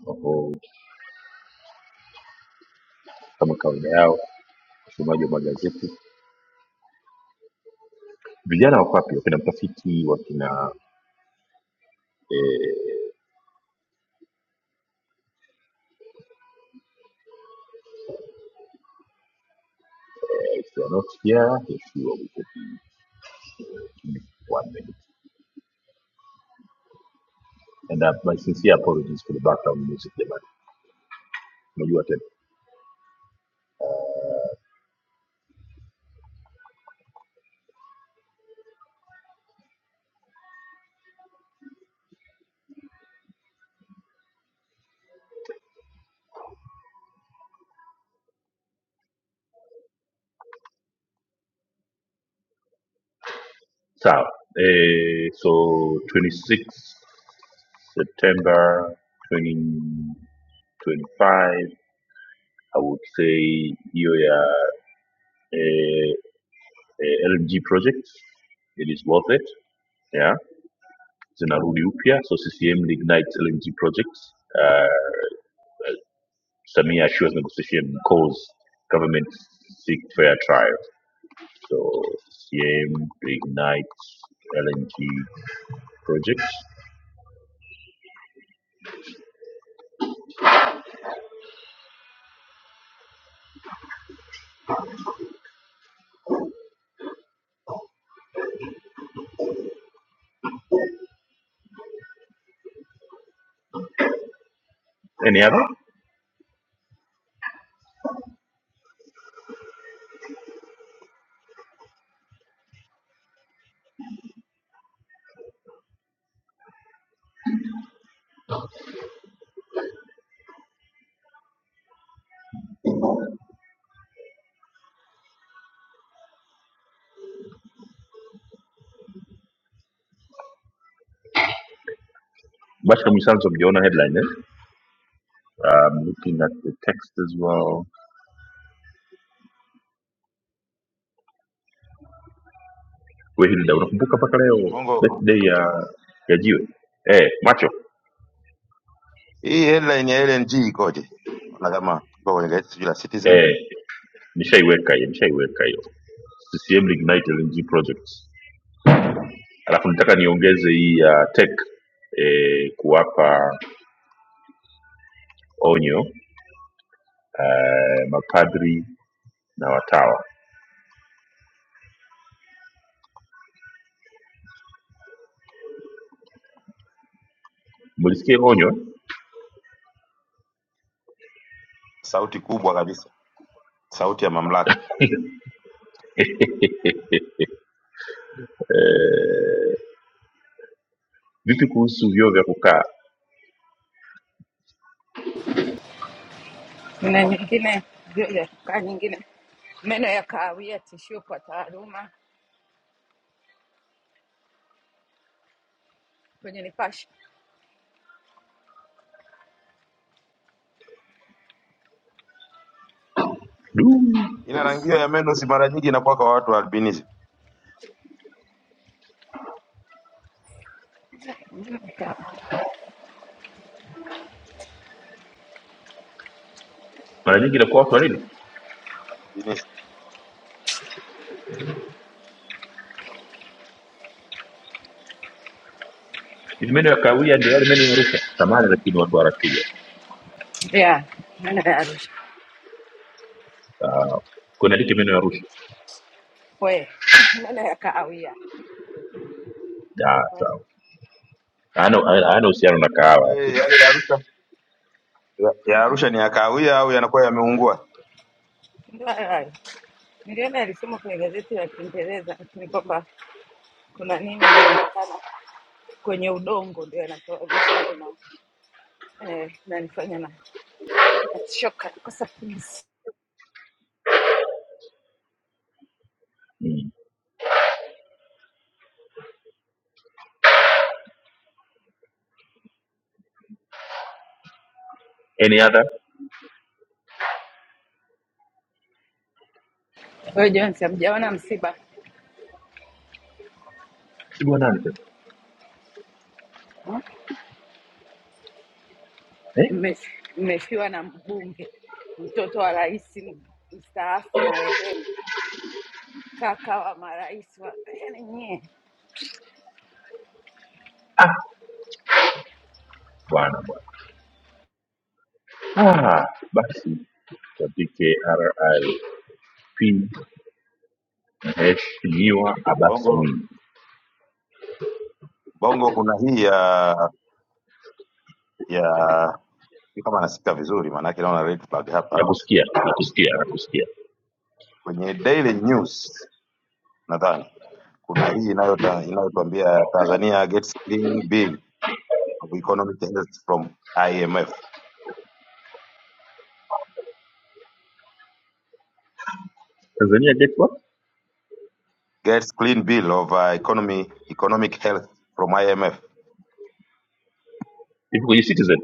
B: Kwa hivyo, kama kawaida yao usomaji wa magazeti vijana wako wapi wakina mtafiti wakina eh, if they are not here let's see what we can do. Give me one minute and uh, my sincere apologies for the background music jamani unajua tena sawa eh, so 26 september 2025 I would say hiyo ya eh, eh, LNG project it is worth it yeah zinarudi upya so ccm reignites lng projects uh, samia assures negotiation cause government seek fair trial so ccm reignites lng projects any other bashka mwisanzo mjaona headline eh? um, looking at the text as well we hilda unakumbuka mpaka leo
C: Mbongo.
B: birthday ya ya jiwe eh macho
C: Hii headline ya LNG ikoje? Ona kama iko kwenye gazeti sijui la Citizen.
B: eh nishaiweka hiyo nishaiweka hiyo ccm Ignite LNG projects alafu nataka niongeze hii ya tech eh, kuwapa onyo eh, mapadri na watawa mlisikia onyo
C: Sauti kubwa kabisa. Sauti ya mamlaka.
B: [laughs] eh, vipi kuhusu vyoo vya kukaa
E: na nyingine ya kaa nyingine, meno ya kahawia, tishio kwa taaluma kwenye Nipashe.
B: du
C: Ina rangio ya meno si mara nyingi inakuwa kwa watu wa albinism.
E: Meno ya ka-
B: mara nyingi inakuwa watu wanini
C: Albinism.
B: hivi meno ya kawia ndio yale meno ya rushwa samani lakini watu warakiwa
E: Yeah, meno ya Arusha
B: uh, kunaandika meno ya rushwa
E: we [laughs] meno ya kahawia
B: Ah,
E: We,
B: sawa Hayana- hayana uhusiano na kahawa
C: Eh,
B: lakini
C: Yale ya Arusha. Ya, ya Arusha ni ya kahawia au yanakuwa yameungua?
E: ndio hayo hayo. Niliona alisoma kwenye gazeti la Kiingereza, lakini kwamba kuna nini imeonekana kwenye udongo ndio yanasababisha hayo mambo Eh, nanifanya na nachoka kosa pumzi.
B: mm. any other
E: Wewe Jones, hamjaona msiba
B: si bwanani sasa
E: Hmm?
B: eh?
E: Mme- mmefiwa na mbunge, mtoto wa rais mstaafu marehemu, kaka wa marais wa yani nyie
B: ah bwana bwana ah basi tuandike RIP mheshimiwa Abbas
C: Mbongo.
B: Mwinyi.
C: Mbongo kuna hii ya ya sijui kama nasikika vizuri maana yake naona red flag hapa
B: Nakusikia, nakusikia, nakusikia.
C: kwenye Daily News nadhani kuna hii inayota- inayotuambia Tanzania gets clean bill of economic health from IMF,
B: Tanzania get what?
C: gets clean bill of uh, economy economic health from IMF,
B: Hivi kwenye Citizen?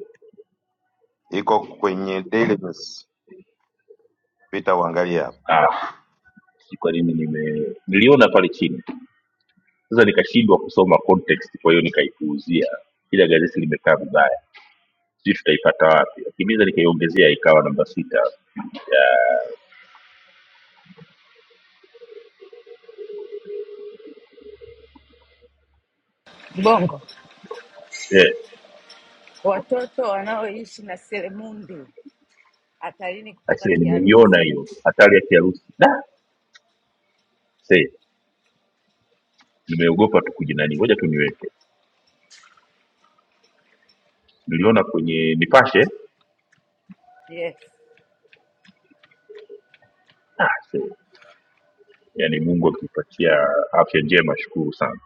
C: iko kwenye Daily News, pita uangalie hapo.
B: Ah, si kwa nini nime niliona pale chini. Sasa nikashindwa kusoma context, kwa hiyo nikaipuuzia. Ila gazeti limekaa vibaya. Sijui tutaipata wapi. Akimiza nikaiongezea ikawa namba sita. Ya,
E: Bongo,
B: Eh,
E: watoto wanaoishi na selemundi hatarini kupata
B: aisee
E: kiharusi.
B: nimeiona hiyo hatari ya kiharusi. Da, see nimeogopa tu kujinani ngoja tu niweke niliona kwenye nipashe
E: Yes,
B: ah, so, yani mungu akipatia afya njema shukuru sana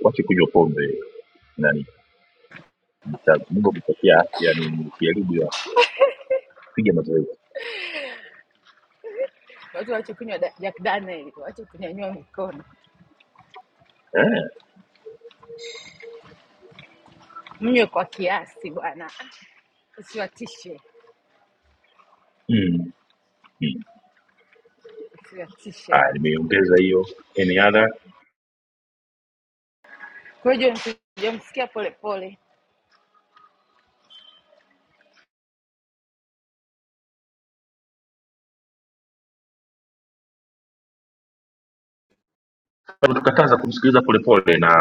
B: wache kunywa pombe nani misaji mungu akipatia afya ni kiharibu hiyo afya piga mazoezi
E: watu wache kunywa da- Jack Daniel, wache kunyanyua mikono,
B: Eh,
E: mnywe kwa kiasi bwana. usiwatishe,
B: mm, mm.
E: usiwatishe
B: Ah,
E: watu.
B: nimeongeza hiyo any other
E: Kwa hiyo tujamsikia polepole,
B: Kama tukataza kumsikiliza polepole na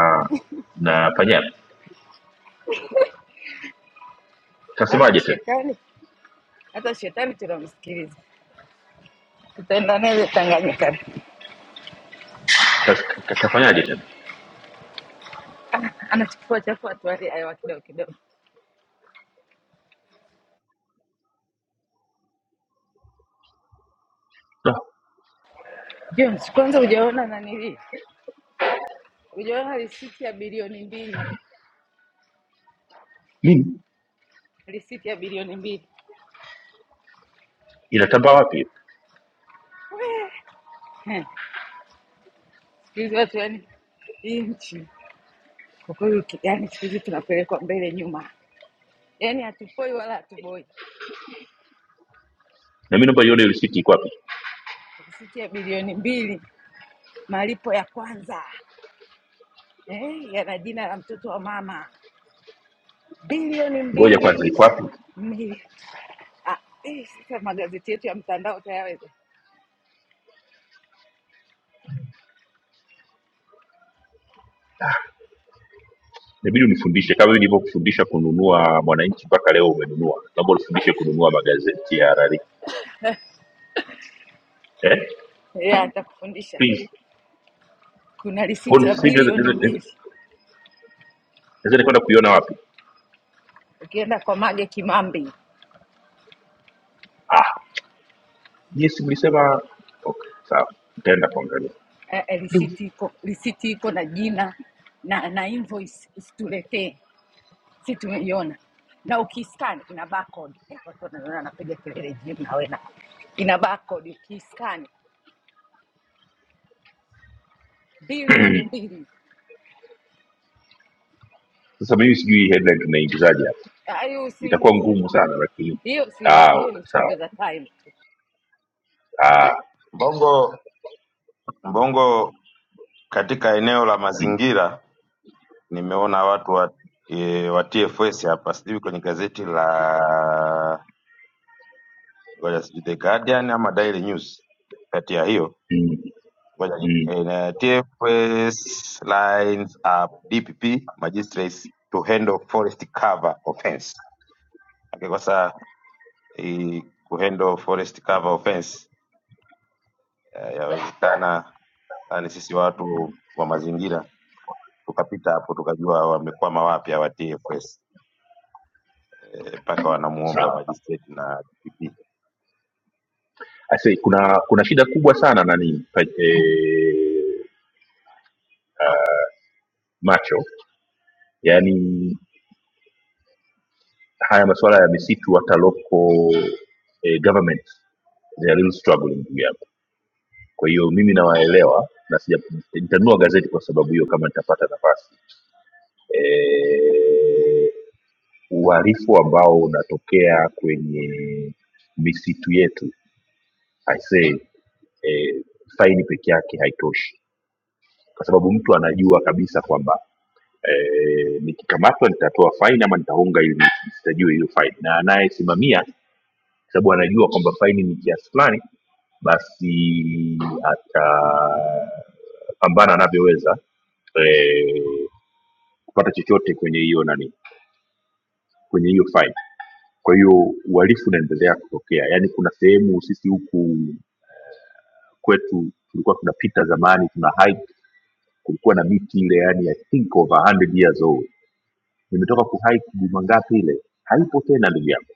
B: na panyana
E: hata
B: kasemaje tena
E: shetani, hata shetani tunamsikiliza, tutaenda naye Tanganyika.
B: Kas, ka- kafanyaje tena
E: Ah, Anachafua chafua tu hali hewa kidogo kidogo.
B: no,
E: James, kwanza hujaona nanili, hujaona risiti ya bilioni mbili,
B: nini
E: risiti ya bilioni mbili
B: inatambaa wapi
E: Heh, siku hizi watu yani, hii nchi kwa kweli, uki- yani siku hizi tunapelekwa mbele nyuma, yani hatupoi wala hatuboi.
B: na mi naomba ione risiti iko wapi
E: Risiti ya bilioni mbili, malipo ya kwanza. eh, yana jina la mtoto wa mama bilioni
B: ngoja kwanza
E: mbili
B: iko wapi
E: mili- ah, eh, sasa magazeti yetu ya mtandao utayaweza
B: inabidi unifundishe kama hivi nilivyokufundisha kununua mwananchi mpaka leo umenunua naomba unifundishe kununua magazeti ya rari eh?
E: ya nitakufundisha
B: please
E: kuna risiti
B: Kwa
E: ya
B: sasa hivi naweza-
E: bilioni
B: naweza- naweza-
E: mbili
B: naweza kwenda kuiona wapi
E: ukienda kwa mage kimambi
B: ah yes mlisema okay sawa nitaenda kuangalia
E: eh, eh, risiti iko risiti iko na jina na na invoice usituletee si tumeiona na ukiscan ina barcode eh, watu wanaona anapiga kelele jimu nawe na ina barcode ukiscan bilioni mbili
B: sasa mimi sijui hii headline tunaingizaje hapa
E: ayo
B: itakuwa
E: usiingize
B: ngumu sana lakini
E: hiyo
B: ah
E: siweke, hiyo
B: okay
E: ni
B: sawa
E: chombeza time tu.
B: ah
C: Mbongo Mbongo, katika eneo la
B: mm,
C: mazingira nimeona watu wa, e, wa TFS hapa, sijui kwenye gazeti la ngoja, sijui The Guardian ama Daily News, kati ya hiyo
B: mm,
C: Ngoja ni-
B: mm,
C: in, uh, TFS lines up DPP magistrates to handle forest cover offense. Akikosa i- kuhandle forest cover offense, eh, yawezekana yani sisi watu wa mazingira tukapita hapo tukajua wamekwama wapi hawa TFS eh, mpaka wanamuomba
B: sawa
C: magistrate na DPP.
B: I say, kuna kuna shida kubwa sana nani pa- eh, macho yaani haya masuala ya misitu hata local eh, government they are really struggling ndugu yangu kwa hiyo mimi nawaelewa na sija nitanunua gazeti kwa sababu hiyo kama nitapata nafasi eh uharifu ambao unatokea kwenye misitu yetu i say eh, faini peke yake haitoshi kwa sababu mtu anajua kabisa kwamba eh, nikikamatwa nitatoa faini ama nitaonga ili nisitajue hiyo faini na anayesimamia kwa sababu anajua kwamba faini ni kiasi fulani basi atapambana anavyoweza eh, kupata chochote kwenye hiyo nani kwenye hiyo faini kwa hiyo uhalifu unaendelea kutokea yaani kuna sehemu sisi huku kwetu tulikuwa tunapita zamani tuna hike kulikuwa na miti ile yani i think over 100 years old nimetoka ku hike juma ngapi ile haipo tena ndugu yangu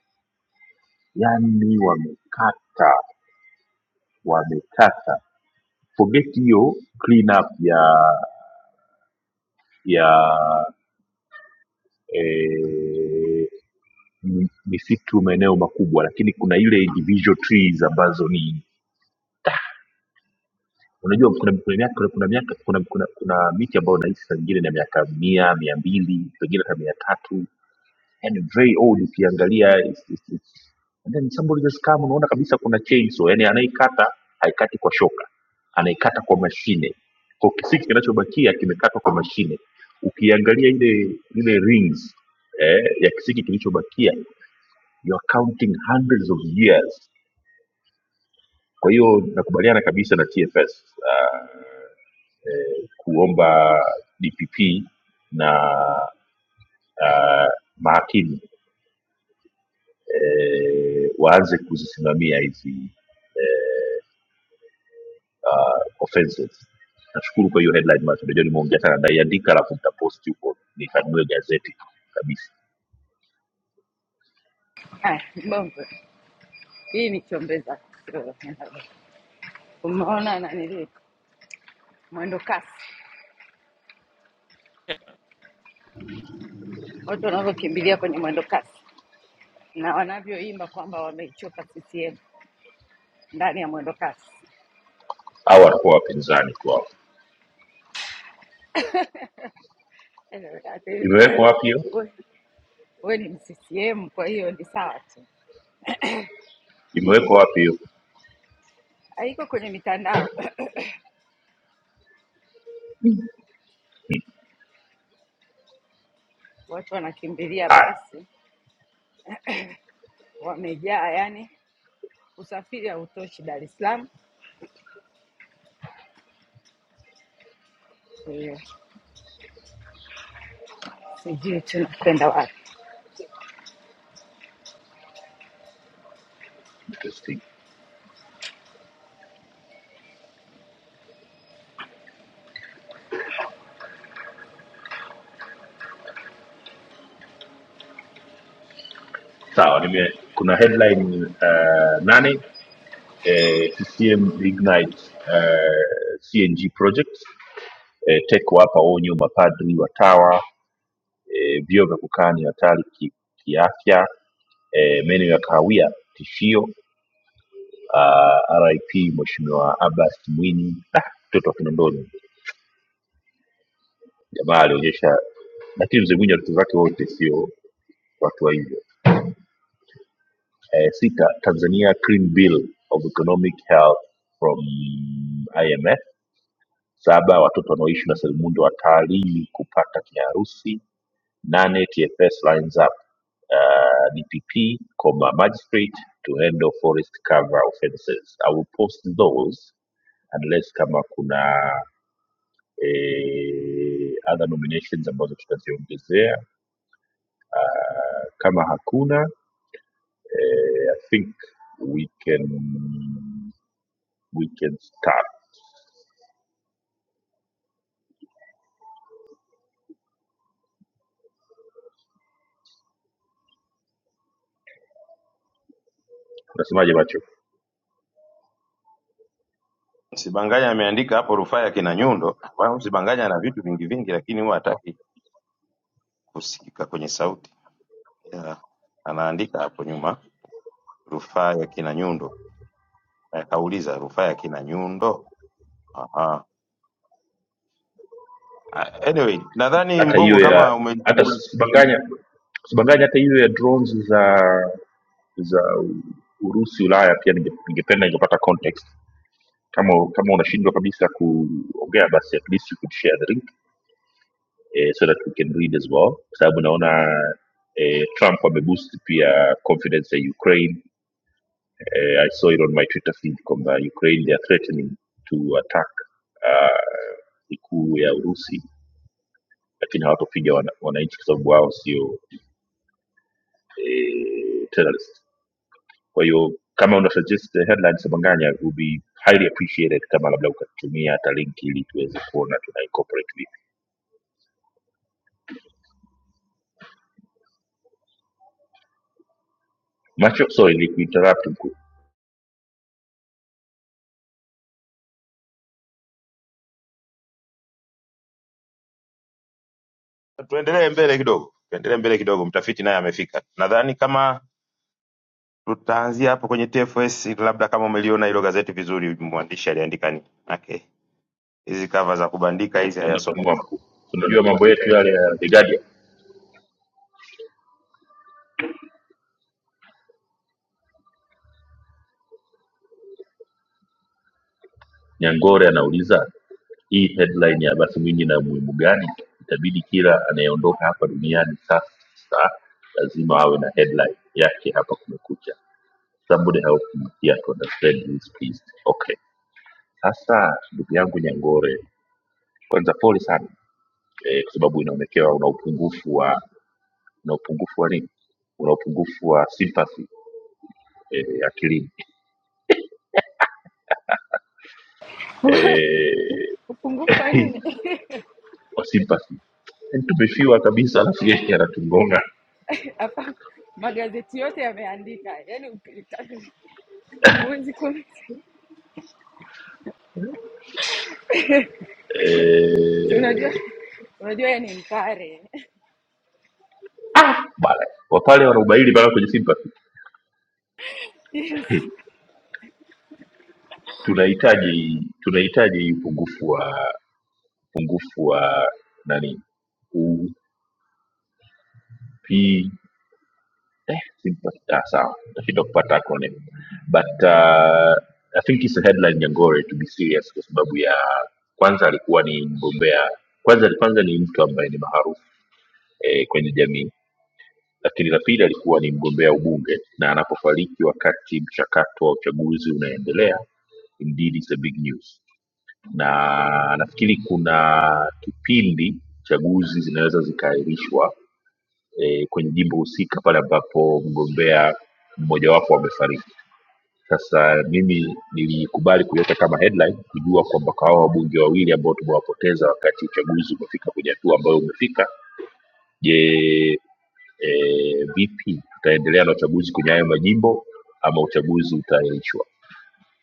B: yani wamekata wamekata for make hiyo clean up ya ya eh, mi- misitu maeneo makubwa lakini kuna ile individual trees ambazo ni unajua kuna kuna miaka kuna kuna, miaka, kuna, kuna, kuna miti ambayo nahisi saa nyingine na miaka mia mia mbili pengine hata mia tatu and very old ukiangalia it's, it's, it's. and then somebody just come unaona kabisa kuna chainsaw yani anaikata haikati kwa shoka anaikata kwa mashine kwa kisiki kinachobakia kimekatwa kwa mashine ukiangalia ile ile rings eh, ya kisiki kilichobakia you are counting hundreds of years kwa hiyo nakubaliana kabisa na tfs uh, kuomba dpp na uh, mahakimu eh, waanze kuzisimamia hizi uh, offenses nashukuru kwa hiyo headline macho najua nimeongea sana naiandika alafu mtaposti huko nikanunue gazeti kabisa
E: Haya, mbongo, hii ni chombeza. Sio, Umeona nanili mwendo kasi, watu wanavyokimbilia kwenye mwendo kasi na wanavyoimba kwamba wameichoka CCM ndani ya mwendo kasi. [coughs]
B: au watakuwa wapinzani tu hao
E: Eh, ati,
B: imewekwa wapi hiyo
E: [clears throat] we, we ni mccm kwa hiyo ni sawa tu
B: imewekwa wapi hiyo
E: haiko kwenye mitandao [clears throat] [coughs] watu wanakimbilia
B: haya
E: basi wamejaa yani usafiri hautoshi dar es salaam kwa hiyo sijui tunakwenda wapi
B: interesting sawa nime kuna headline uh, nane eh, ccm ignite uh, cng project eh, teko hapa onyo mapadri watawa eh, vyoo vya kukaa ni hatari ki- kiafya eh, meno ya kahawia tishio uh, RIP Mheshimiwa Abbas Mwinyi, Ah, mtoto wa Kinondoni, jamaa alionyesha, lakini mzee Mwinyi watoto zake wote sio watu wa hivyo. Eh, sita, Tanzania Clean Bill of Economic Health from IMF. Saba, watoto wanaoishi na selimundu watalii kupata kiharusi. Nane, TFS lines up uh, DPP, comma, magistrate to handle forest cover offences. I will post those unless kama kuna eh, other nominations ambazo tutaziongezea kama hakuna eh, i think we can we can start unasemaje macho
C: Sibanganya ameandika hapo rufaa ya kina Nyundo. Kwa hiyo Sibanganya na vitu vingi vingi, lakini huwa hataki kusikika kwenye sauti yeah. Anaandika hapo nyuma rufaa ya kina Nyundo. Eh, Kauliza rufaa ya kina Nyundo. Aha. Ah, Anyway, nadhani
B: hata hiyo
C: Mbongo
B: ya
C: kama
B: hata
C: umeitumbulia,
B: sibanganya sibanganya hata hiyo ya drones za za urusi ulaya pia ninge- ningependa ningepata context kama kama unashindwa kabisa kuongea basi at least you could share the link eh, so that we can read as well kwa sababu naona eh, trump ameboost pia confidence ya ukraine Uh, I saw it on my Twitter feed kwamba Ukraine they are threatening to attack uh, ikuu ya Urusi, lakini hawatopiga wana- wananchi kwa sababu wao sio eh, terrorist. Kwa hiyo kama una suggest the headlines Manganya, it would be highly appreciated kama labda ukatumia hata link ili tuweze kuona tuna incorporate vipi. Macho, sorry, ni kuinterrupt mkuu.
C: tuendelee mbele kidogo, tuendelee mbele kidogo. Mtafiti naye amefika. Nadhani kama tutaanzia hapo kwenye TFS, labda kama umeliona hilo gazeti vizuri, mwandishi aliandika nini. Okay, hizi kava za kubandika hizi
B: Mwa
C: hayasomeki.
B: mkuu. Unajua mambo yetu yale ya The Guardian. Nyangore anauliza hii headline ya Abasi Mwinyi na umuhimu gani? Itabidi kila anayeondoka hapa duniani sasa lazima awe na headline yake hapa Kumekucha. Somebody help me here to understand this please. Okay, sasa ndugu yangu Nyangore, kwanza pole sana eh, kwa sababu inaonekewa una upungufu wa una upungufu wa nini? Una upungufu wa sympathy eh, akilini
E: [laughs]
B: eh,
E: Upungufu wa
B: [laughs]
E: nini?
B: wa sympathy tumefiwa kabisa, alafu yeye anatugonga
E: Hapa [laughs] magazeti yote yameandika, yani ukitaka huwezi kuona. Si
B: eh,
E: Unajua, unajua yeye ni Mpare [laughs]
B: bana wapale wanaubaili pale kwenye sympathy
E: Yes.
B: [laughs] tunahitaji tunahitaji upungufu wa upungufu wa nani up eh, sympathy ah, sawa nashindwa kupata acronym but uh, i think it's a headline nyangore to be serious kwa sababu ya kwanza alikuwa ni mgombea kwanza kwanza ni mtu ambaye ni maarufu eh, kwenye jamii Lakini la pili alikuwa ni mgombea ubunge na anapofariki wakati mchakato wa uchaguzi unaendelea indeed it's a big news na nafikiri kuna kipindi chaguzi zinaweza zikaahirishwa e, kwenye jimbo husika pale ambapo mgombea mmojawapo amefariki sasa mimi nilikubali kuiweka kama headline kujua kwamba kwa hawa wabunge wawili ambao tumewapoteza wakati uchaguzi umefika kwenye hatua ambayo umefika Je, e, vipi tutaendelea na uchaguzi kwenye hayo majimbo ama uchaguzi utaahirishwa?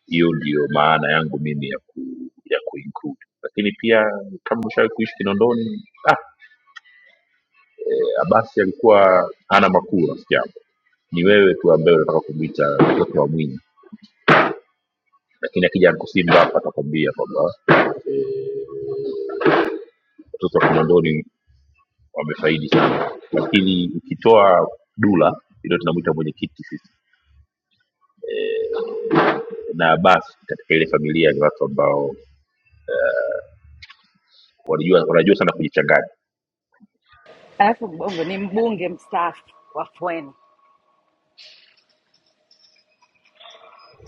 B: Hiyo ndiyo maana yangu mimi ya ku, ya kuinclude. Lakini pia kama ushawahi kuishi Kinondoni, ah, e, Abasi alikuwa hana makuu rafiki yangu, ni wewe tu ambaye unataka kumwita mtoto wa Mwinyi, lakini akija Anko Simba hapa atakwambia kwamba watoto wa Kinondoni wamefaidi sana, lakini ukitoa Dula ndio tunamwita mwenyekiti na Abbas katika ile familia ni watu ambao wanajua wanajua sana kujichanganya.
E: alafu Mbongo ni mbunge mstaafu wa Fweni,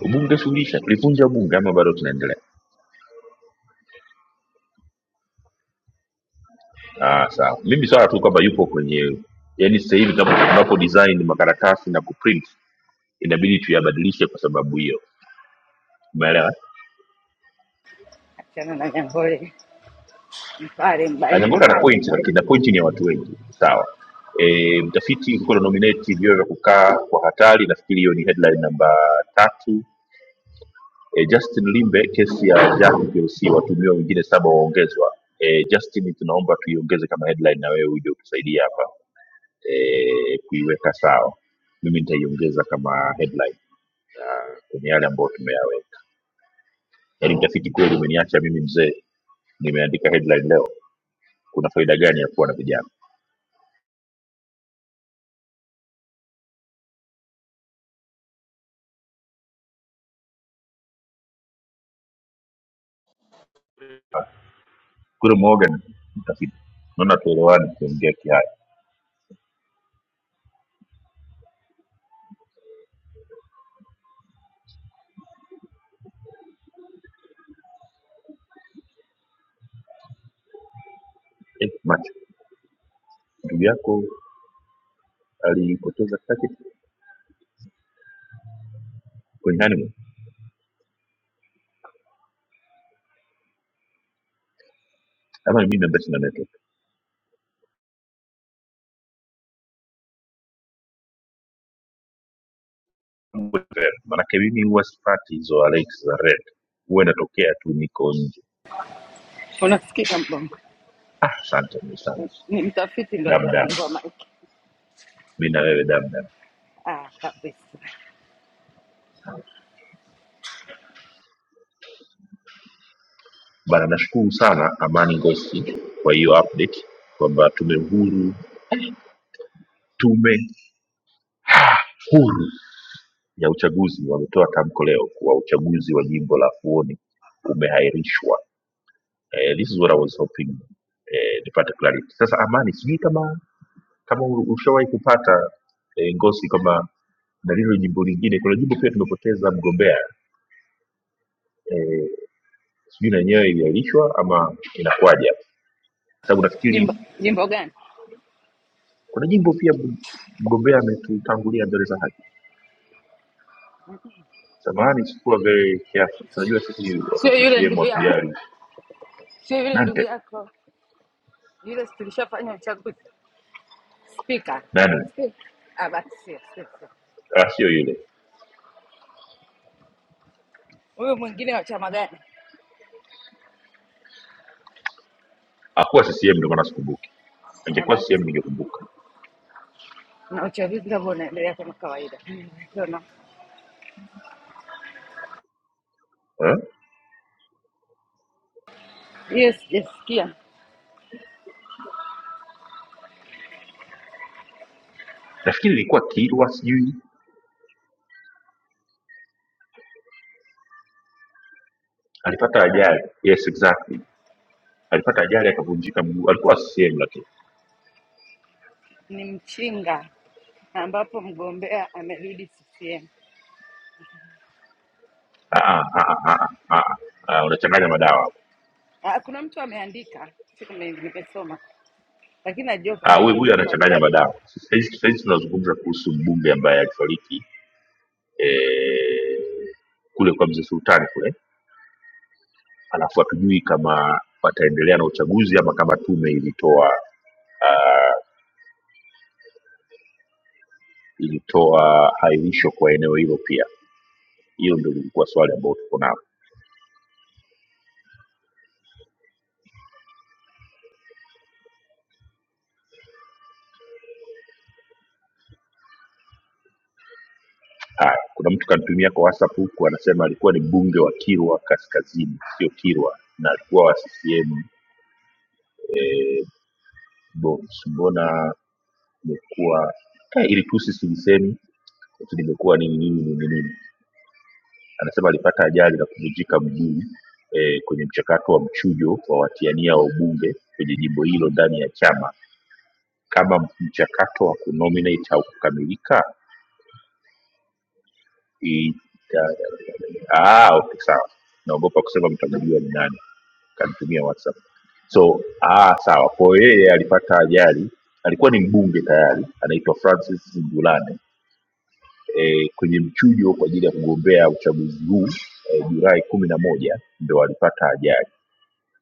B: Ubunge suluhisha, tulivunja bunge ama bado tunaendelea? Ah, sawa. Mimi swala tu kwamba yupo kwenye yani, sasa hivi tunapo tunapo design makaratasi na kuprint inabidi tuyabadilishe kwa sababu hiyo, umeelewa?
E: achana na Nyangole. Mpare
B: Anyangola
E: mbali,
B: ana point, lakini na point ni ya watu wengi, sawa. E, mtafiti kuwa na nominate vyoo vya kukaa kwa hatari, nafikiri hiyo ni headline namba tatu E, Justin Limbe, kesi ya Jaji PLC, watuhumiwa wengine saba waongezwa. E, Justin, tunaomba tuiongeze kama headline na wewe uje utusaidia hapa e, kuiweka sawa. Mimi nitaiongeza kama headline na kwenye yale ambayo tumeyaweka. Yaani mtafiti kweli umeniacha mimi mzee, nimeandika headline leo. Kuna faida gani ya kuwa na vijana? Kule Morgan mtafiti, naona tuelewani kuongea kihaya. Eh, macho ndugu yako alipoteza kaki kwenye honeymoon ama ni mimi ambaye sina network? Uwe red. Manake mimi huwa sipati hizo alert za red, huwa inatokea tu niko nje.
E: unasikika Mbongo
B: Ah, asante msana,
E: ni mtafiti ndo
B: damdam
E: hajafungua maiki.
B: mi na wewe damdam
E: Ah, kabisa.
B: bana. Nashukuru sana Amani Ngosi kwa hiyo update kwamba tume huru tume ah, huru ya uchaguzi wametoa tamko leo kuwa uchaguzi wa jimbo la Fuoni umehairishwa. Eh, this is what I was hoping eh, nipate clarity. Sasa Amani, sijui kama kama ushawahi kupata eh, Ngosi kwamba na lilo jimbo lingine kuna jimbo pia tumepoteza mgombea eh, sijui na yenyewe iliahirishwa ama inakuwaje hapo. kwa sababu nafikiri
E: Jimbo jimbo gani?
B: kuna jimbo pia mg- mgombea ametutangulia mbele za haki samahani sikuwa very careful tunajua sisi watu wa
E: Sio yule
B: ccm
E: ndugu yako,
B: watujali
E: sio yule ndugu
B: nante
E: yako, yule si tulishafanya uchaguzi spika.
B: nani
E: Spika. Ah, basi sio sio, sio.
B: ah, sio yule
E: Huyu mwingine wa chama gani?
B: akuwa ccm ndio maana sikumbuki
E: Ah,
B: angekuwa
E: Basi
B: ccm ningekumbuka
E: na uchaguzi ndio unaendelea kama kawaida. Sio
B: eh?
E: hiyo, sijasikia
B: nafikiri ilikuwa kilwa sijui alipata ajali yes exactly alipata ajali akavunjika mguu alikuwa ccm lakini
E: ni mchinga ambapo mgombea amerudi CCM.
B: Ah, ah, ah, ah, ah, ah, ah, ah, unachanganya madawa
E: Ah, Kuna mtu ameandika, siku nime- nimesoma, lakini najua
B: Ah,
E: kwamba
B: huyu huyu
E: kulikuwa ni
B: anachanganya madawa. Sahizi sahizi tunazungumza kuhusu mbunge ambaye alifariki eh, kule kwa mzee Sultani kule, alafu hatujui kama wataendelea na uchaguzi ama kama tume ilitoa ah, ilitoa hairisho kwa eneo hilo pia. Hilo ndio lilikuwa swali ambalo tuko nalo. Haya, kuna mtu kanitumia kwa WhatsApp huku anasema alikuwa ni mbunge wa Kilwa Kaskazini, sio Kilwa, na alikuwa wa CCM Box. Mbona imekuwa eh, ilitusi silisemi limekuwa nini nini nini nini. Anasema alipata ajali na kuvunjika mguu eh, kwenye mchakato wa mchujo wa watiania wa ubunge kwenye jimbo hilo ndani ya chama. Kama mchakato wa kunominate haukukamilika, i- ya- ah, okay, sawa, naogopa kusema mtanajua ni nani, kanitumia WhatsApp so ah, sawa. Kwa hiyo yeye alipata ajali, alikuwa ni mbunge tayari, anaitwa Francis Ngulane e, kwenye mchujo kwa ajili ya kugombea uchaguzi huu e, Julai kumi na moja ndo walipata ajali.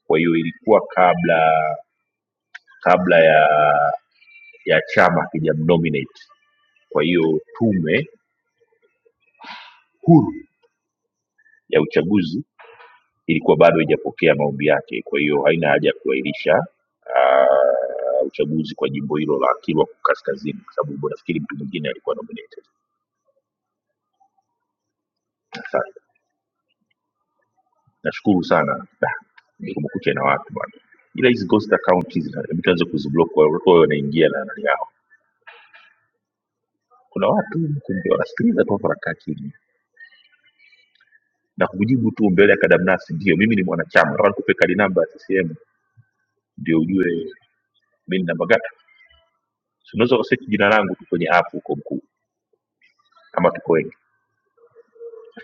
B: Kwa hiyo ilikuwa kabla kabla ya ya chama kijamnominate. Kwa hiyo tume huru ya uchaguzi ilikuwa bado haijapokea maombi yake, kwa hiyo haina haja ya kuahirisha ah, uchaguzi kwa jimbo hilo la Kilwa Kaskazini, kwa sababu nafikiri mtu mwingine alikuwa nominated. Asante. nashukuru sana Da, ni kumekucha na watu bwana ila hizi ghost account hizi na- mtu anaweza kuziblock kwa watu wanaingia na nani yao kuna watu kumbe wanasikiliza tu wanakaa chini na kujibu tu mbele ya kadamnasi ndio mimi ni mwanachama kama nikupe kadi namba ya ccm ndio ujue mi ni namba gata So, unaweza ukasearch jina langu tu kwenye app huko mkuu kama tuko wengi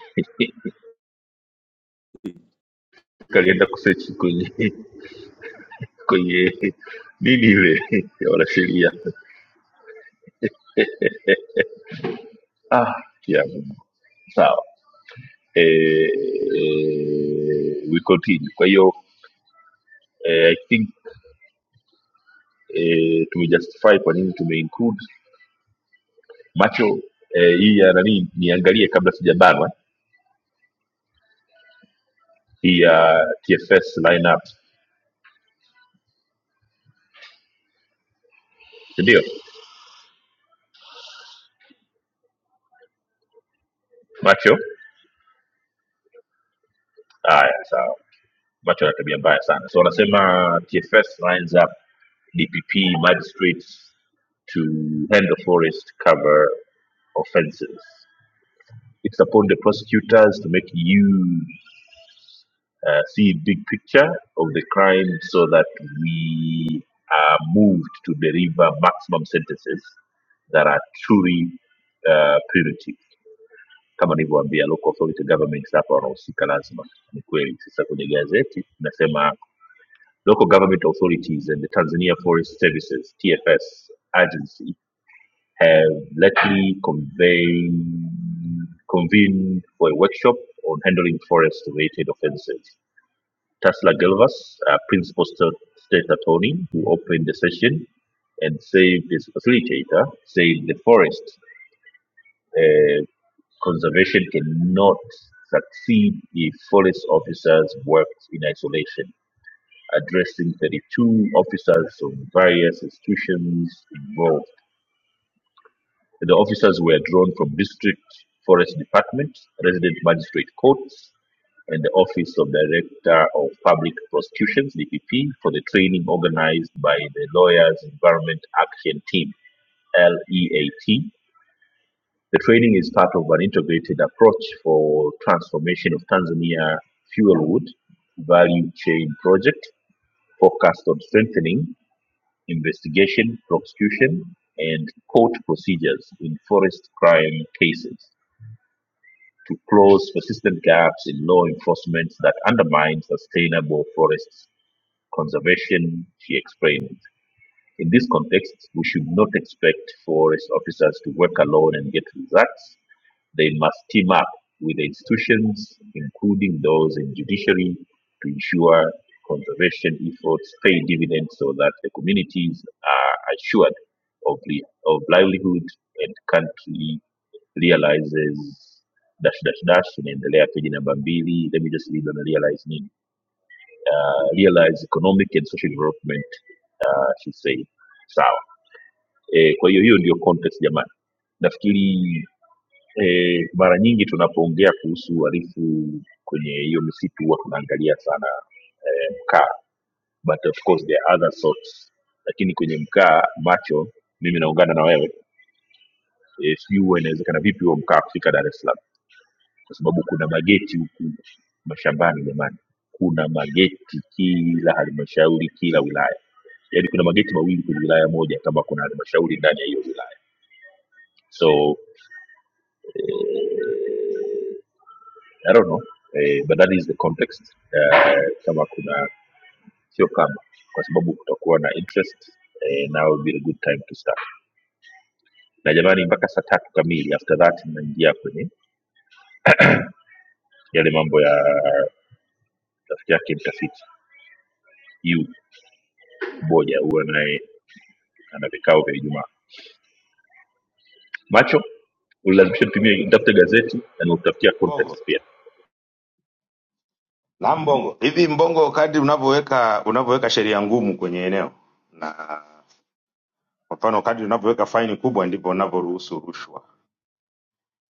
B: [laughs] kalienda kusearch kwenye [laughs] kwenye nini ile [laughs] ya wanasheria [laughs] Ah, yeah, sawa. eh, eh, we continue. Kwa hiyo eh, I think eh, tumejustify kwa nini tumeinclude macho eh, hii ya nani, niangalie kabla sijabanwa hii ya TFS lineup, si ndio? Macho haya, sawa. Macho ana tabia mbaya sana, so wanasema TFS lines up DPP magistrates to handle forest cover offenses. It's upon the prosecutors to make use uh, see big picture of the crime so that we are moved to deliver maximum sentences that are truly uh, punitive kama nilivyoambia local authority governments hapa wanahusika lazima ni kweli sasa kwenye gazeti inasema local government authorities and the tanzania forest services tfs agency have lately convened, convened for a workshop on handling forest related offences Tesla Galvas, a principal state attorney who opened the session and said his facilitator said the forest uh, conservation cannot succeed if forest officers worked in isolation, addressing 32 officers from various institutions involved. The officers were drawn from district forest department, resident magistrate courts, and the Office of Director of Public Prosecutions (DPP) for the training organized by the Lawyers Environment Action Team (LEAT). The training is part of an integrated approach for transformation of Tanzania fuelwood value chain project focused on strengthening investigation, prosecution, and court procedures in forest crime cases to close persistent gaps in law enforcement that undermine sustainable forests conservation, she explained. In this context, we should not expect forest officers to work alone and get results. They must team up with the institutions, including those in judiciary, to ensure conservation efforts pay dividends so that the communities are assured of, li- of livelihood and country realizes dash dash dash inaendelea page namba mbili let me just read on realize nini uh, realize economic and social development uh, she said sawa e, kwa hiyo hiyo ndio context jamani nafikiri e, mara nyingi tunapoongea kuhusu uharifu kwenye hiyo misitu huwa tunaangalia sana e, mkaa but of course there are other sorts lakini kwenye mkaa macho mimi naungana na wewe e, sijui huwa inawezekana vipi huo mkaa kufika dar es salaam kwa sababu kuna mageti huku mashambani jamani kuna mageti kila halmashauri kila wilaya yaani kuna mageti mawili kwenye wilaya moja kama kuna halmashauri ndani ya hiyo wilaya so i don't know eh, but that is the context eh, kama kuna sio kama kwa sababu kutakuwa na interest eh, now will be a good time to start na jamani mpaka saa tatu kamili after that mnaingia kwenye yale mambo ya rafiki yake mtafiti yu moja huwa naye ana vikao vya ijumaa macho ulilazimisha nitumie nitafute gazeti na nikutafutia
C: Mbongo
B: context pia
C: na Mbongo, hivi Mbongo, kadri unavyoweka unavyoweka sheria ngumu kwenye eneo na kwa mfano kadri unavyoweka faini kubwa ndivyo unavyoruhusu rushwa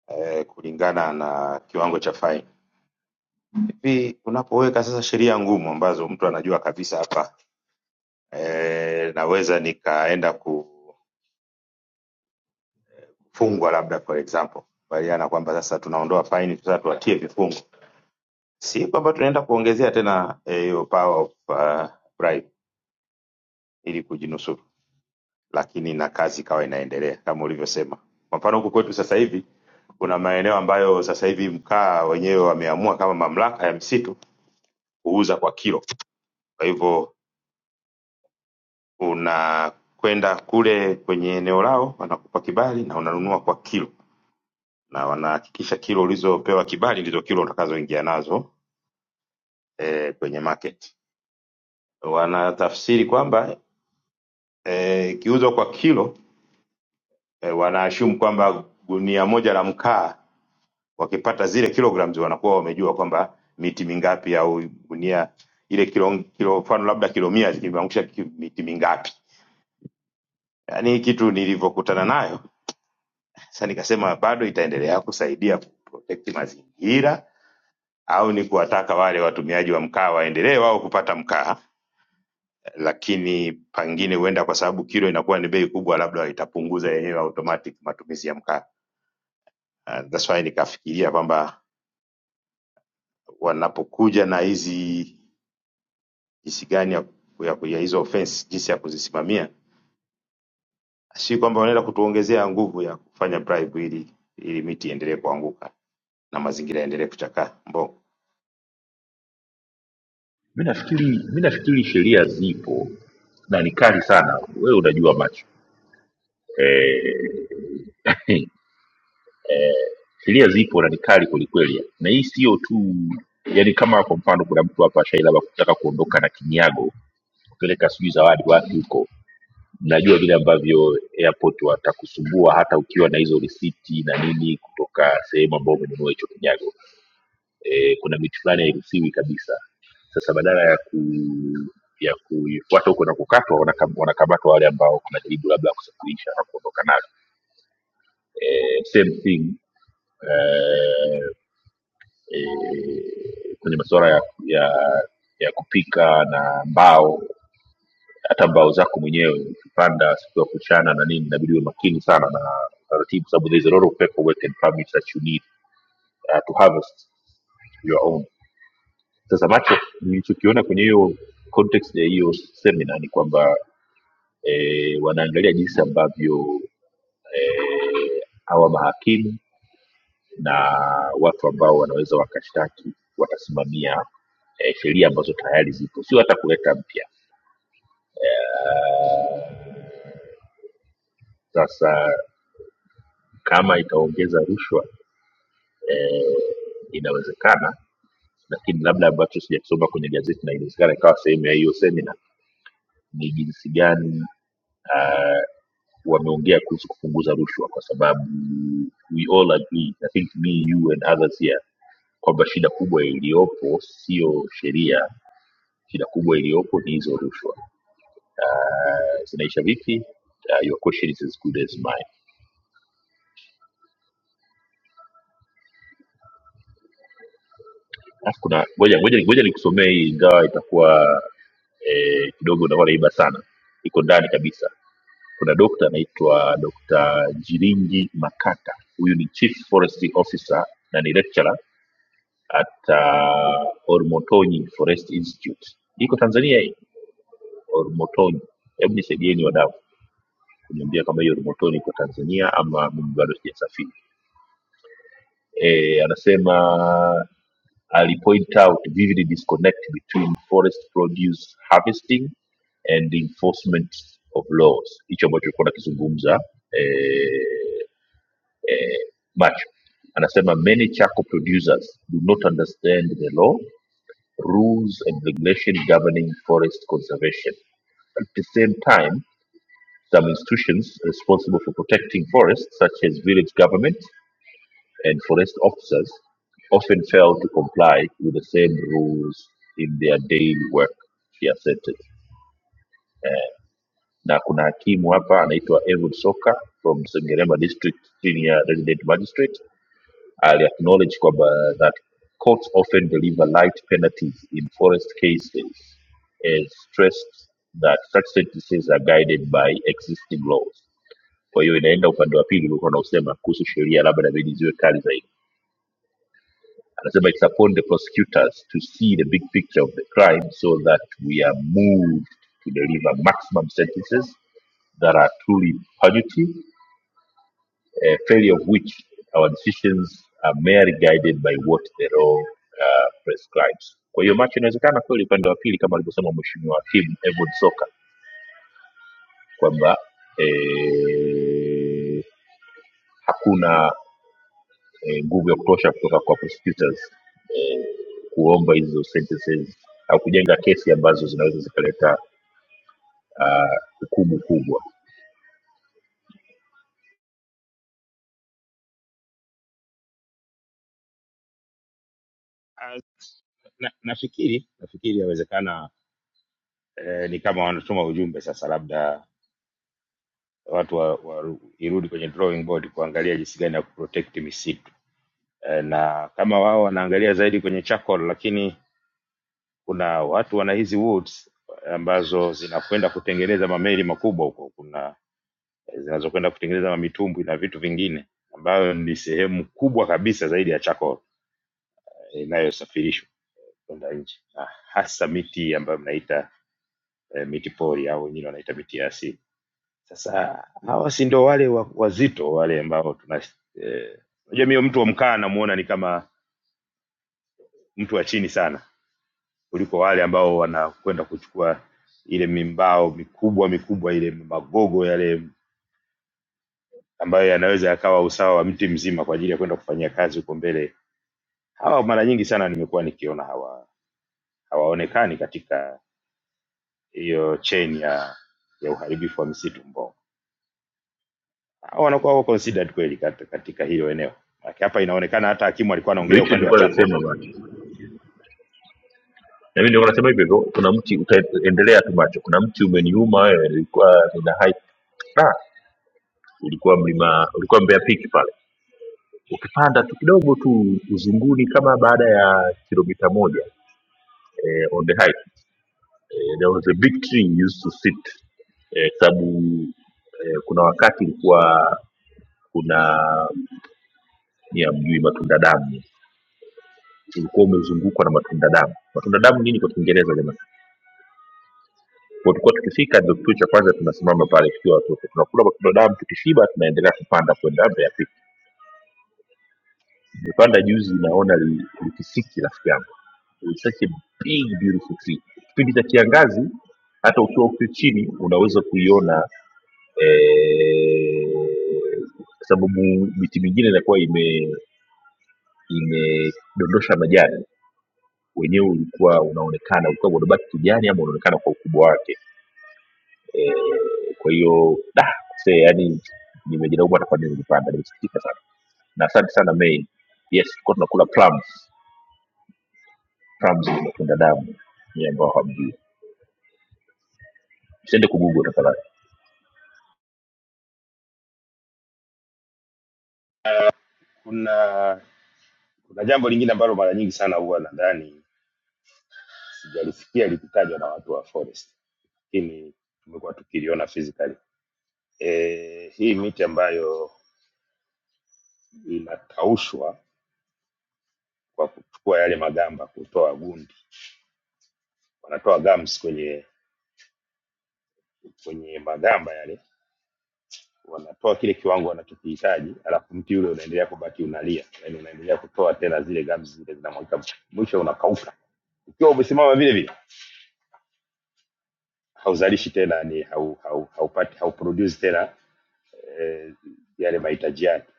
C: eh, kulingana na kiwango cha faini. Hivi unapoweka sasa sheria ngumu ambazo mtu anajua kabisa hapa eh, naweza nikaenda kufungwa labda for example, kubaliana kwamba sasa tunaondoa faini, sasa tuwatie vifungo, si kwamba tunaenda kuongezea tena eh, hiyo eh, power of uh, bribe ili kujinusuru, lakini na kazi ikawa inaendelea kama ulivyosema. Kwa mfano huku kwetu sasa hivi kuna maeneo ambayo sasa hivi mkaa wenyewe wameamua kama mamlaka ya msitu kuuza kwa kilo, kwa hivyo Unakwenda kule kwenye eneo lao, wanakupa kibali na unanunua kwa kilo, na wanahakikisha kilo ulizopewa kibali ndizo kilo utakazoingia nazo eh, kwenye market. Wanatafsiri kwamba eh, ikiuzwa kwa kilo eh, wanaashumu kwamba gunia moja la mkaa wakipata zile kilograms wanakuwa wamejua kwamba miti mingapi au gunia ile kilo kilo mfano labda kilo mia zikimwangusha ki- miti mingapi. Yaani hii kitu nilivyokutana nayo Sasa nikasema bado itaendelea kusaidia kuprotect mazingira au ni kuwataka wale watumiaji wa mkaa waendelee wao kupata mkaa, lakini pengine huenda kwa sababu kilo inakuwa ni bei kubwa, labda itapunguza yenyewe automatic matumizi ya mkaa. Uh, that's why nikafikiria kwamba wanapokuja na hizi jinsi gani ya, ya, ya hizo offense jinsi ya kuzisimamia, si kwamba wanaenda kutuongezea nguvu ya kufanya bribe ili ili miti iendelee kuanguka na mazingira yaendelee kuchakaa Mbongo.
B: mi nafikiri mi nafikiri sheria zipo na ni kali sana wewe unajua macho eh, [laughs] sheria zipo na ni kali kwelikweli na hii sio tu yani kama kwa mfano kuna mtu hapa shai labda kutaka kuondoka na kinyago kupeleka sijui zawadi wapi huko najua vile ambavyo airport watakusumbua hata ukiwa na hizo risiti na nini kutoka sehemu ambao umenunua hicho kinyago eh, kuna miti fulani hairuhusiwi kabisa sasa badala ya ku ya kufuata huko na kukatwa wanakam- wanakamatwa wale ambao wanajaribu labda kusafirisha na kuondoka nalo eh, same thing eh, eh, kwenye masuala ya, ya ya kupika na mbao hata mbao zako mwenyewe ukipanda siku ya kuchana na nini inabidi uwe makini sana na taratibu sababu there is a lot of paperwork and permits that you need uh, to harvest your own Sasa macho nilichokiona kwenye hiyo context ya hiyo seminar ni kwamba eh, wanaangalia jinsi ambavyo eh, hawa mahakimu na watu ambao wanaweza wakashtaki watasimamia eh, sheria ambazo tayari zipo, sio hata kuleta mpya. Sasa kama itaongeza rushwa eh, inawezekana, lakini labda ambacho sijakisoma kwenye gazeti na inawezekana ikawa sehemu ya hiyo semina ni jinsi gani uh, wameongea kuhusu kupunguza rushwa kwa sababu we all agree i think me you and others here kwamba shida kubwa iliyopo sio sheria shida kubwa iliyopo ni hizo rushwa uh, zinaisha vipi uh, your question is as good as mine alafu kuna ngoja ngoja ngoja nikusomee hii ingawa itakuwa eh, kidogo itakuwa naiba sana iko ndani kabisa kuna dokta anaitwa dokta jiringi makata huyu ni chief forestry officer na ni lecturer at uh, Ormotonyi Forest Institute. Iko Tanzania hii Ormotonyi. Hebu nisaidieni wadau kuniambia kama hiyo Ormotonyi iko Tanzania ama mimi bado sijasafiri. E, anasema alipoint out vivid disconnect between forest produce harvesting and enforcement of laws, hicho ambacho tulikuwa nakizungumza eh, eh, macho anasema many charcoal producers do not understand the law rules and regulations governing forest conservation. At the same time, some institutions responsible for protecting forests, such as village government and forest officers, often fail to comply with the same rules in their daily work, she asserted. Na kuna hakimu hapa anaitwa Edward Soka from Sengerema District Senior Resident Magistrate I'll acknowledge kwamba that courts often deliver light penalties in forest cases and stressed that such sentences are guided by existing laws. Kwa hiyo inaenda upande wa pili ulikuwa unaosema kuhusu sheria labda inabidi ziwe kali zaidi. Anasema it's upon the prosecutors to see the big picture of the crime so that we are moved to deliver maximum sentences that are truly punitive a failure of which our decisions are merely guided by what the law uh, prescribes. Kwa hiyo macho inawezekana kweli upande wa pili kama alivyosema mheshimiwa Kim Edward Soka kwamba eh, hakuna eh, nguvu ya kutosha kutoka kwa prosecutors eh, kuomba hizo sentences au kujenga kesi ambazo zinaweza zikaleta ah, hukumu kubwa.
C: na, nafikiri nafikiri yawezekana eh, ni kama wanatuma ujumbe sasa, labda watu wa, wa, irudi kwenye drawing board kuangalia jinsi gani ya kuprotect misitu eh, na kama wao wanaangalia zaidi kwenye charcoal, lakini kuna watu wana hizi woods ambazo zinakwenda kutengeneza mameli makubwa huko, kuna eh, zinazokwenda kutengeneza mamitumbwi na vitu vingine ambayo ni sehemu kubwa kabisa zaidi ya charcoal eh, inayosafirishwa eh, kwenda nje na hasa miti ambayo mnaita eh, miti pori au wengine wanaita miti ya asili. Sasa hawa si ndio wale wa- wazito wale ambao tuna eh, unajua mimi mtu wa mkaa namuona ni kama mtu wa chini sana kuliko wale ambao wanakwenda kuchukua ile mimbao mikubwa mikubwa ile magogo yale ambayo yanaweza yakawa usawa wa mti mzima kwa ajili ya kwenda kufanyia kazi huko mbele. Hawa mara nyingi sana nimekuwa nikiona hawa hawaonekani katika hiyo chain ya ya uharibifu wa misitu Mbongo. Hawa wanakuwa wako considered kweli kat- katika hilo eneo. Maana hapa inaonekana hata hakimu alikuwa
B: Ndio
C: anaongelea
B: hicho
C: upande wa
B: nilikuwa
C: Chakwal.
B: nasema na mimi ndio nasema hivyo hivyo kuna mti utaendelea tu macho kuna mti umeniuma wewe ilikuwa nina hype da ulikuwa mlima ulikuwa mbea piki pale ukipanda tu kidogo tu uzunguni kama baada ya kilomita moja eh, on the height eh, there was a big tree you used to sit eh, sababu eh, kuna wakati ilikuwa kuna ya mjui matunda damu ulikuwa umezungukwa na matunda damu matunda damu nini kwa kiingereza jamani Kwa Tulikuwa tukifika ndio kituo cha kwanza tunasimama pale tukiwa watoto, tunakula kwa damu, tukishiba tunaendelea kupanda kwenda Mbeya. Nilipanda juzi, naona li- Likisiki rafiki yangu, It's such a big beautiful tree. Kipindi cha kiangazi hata ukiwa huku chini unaweza kuiona eh, kwa sababu miti mingine inakuwa ime imedondosha majani, wenyewe ulikuwa unaonekana, ulikuwa unabaki kijani ama unaonekana kwa ukubwa wake Eh, kwa hiyo da se yani nimejaribu bwana kwa nini nilipanda nimesikitika sana na asante sana May. Yes, tulikuwa tunakula plums. Plums ni matunda damu ya ambao hamjui. Usiende kugugu tafadhali.
C: Kuna kuna jambo lingine ambalo mara nyingi sana huwa nadhani sijalisikia likitajwa na watu wa forest, lakini tumekuwa tukiliona physically. E, hii miti ambayo inakaushwa kwa kuchukua yale magamba kutoa gundi, wanatoa gums kwenye kwenye magamba yale wanatoa kile kiwango wanachokihitaji, alafu mti ule unaendelea kubaki unalia, yani unaendelea kutoa tena zile gamzi zile zinamwagika, mwisho unakauka. Ukiwa umesimama vile vile, hauzalishi tena, ni hau hau haupati hauproduce tena eh, yale mahitaji yake.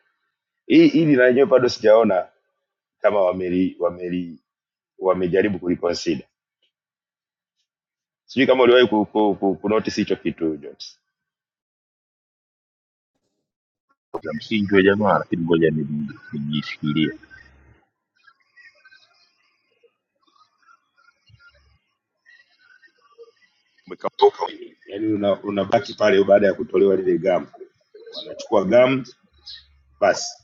C: Hii hili na lenyewe bado sijaona kama wameli wameli wamejaribu kuliconsider. Sijui kama uliwahi ku, ku, ku, ku notice hicho kitu Jones.
B: Na msingi wa jamaa lakini ngoja niji- nijishikilie.
C: Umekauka, yani unabaki una unabaki pale baada ya kutolewa lile gamu, wanachukua gamu basi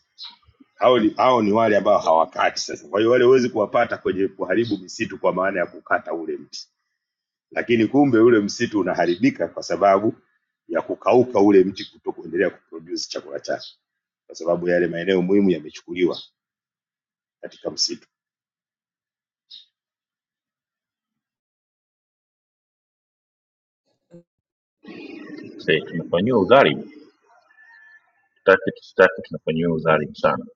C: hao ni, hao ni wale ambao hawakati sasa. Kwa hiyo wale huwezi kuwapata kwenye kuharibu misitu kwa maana ya kukata ule mti, lakini kumbe ule msitu unaharibika kwa sababu ya kukauka ule mti kuto kuendelea kuproduce chakula chake, kwa sababu yale maeneo muhimu yamechukuliwa katika msitu.
B: Sasa tunafanyiwa udhalimu, tutaki tusitaki tunafanyiwa udhalimu sana.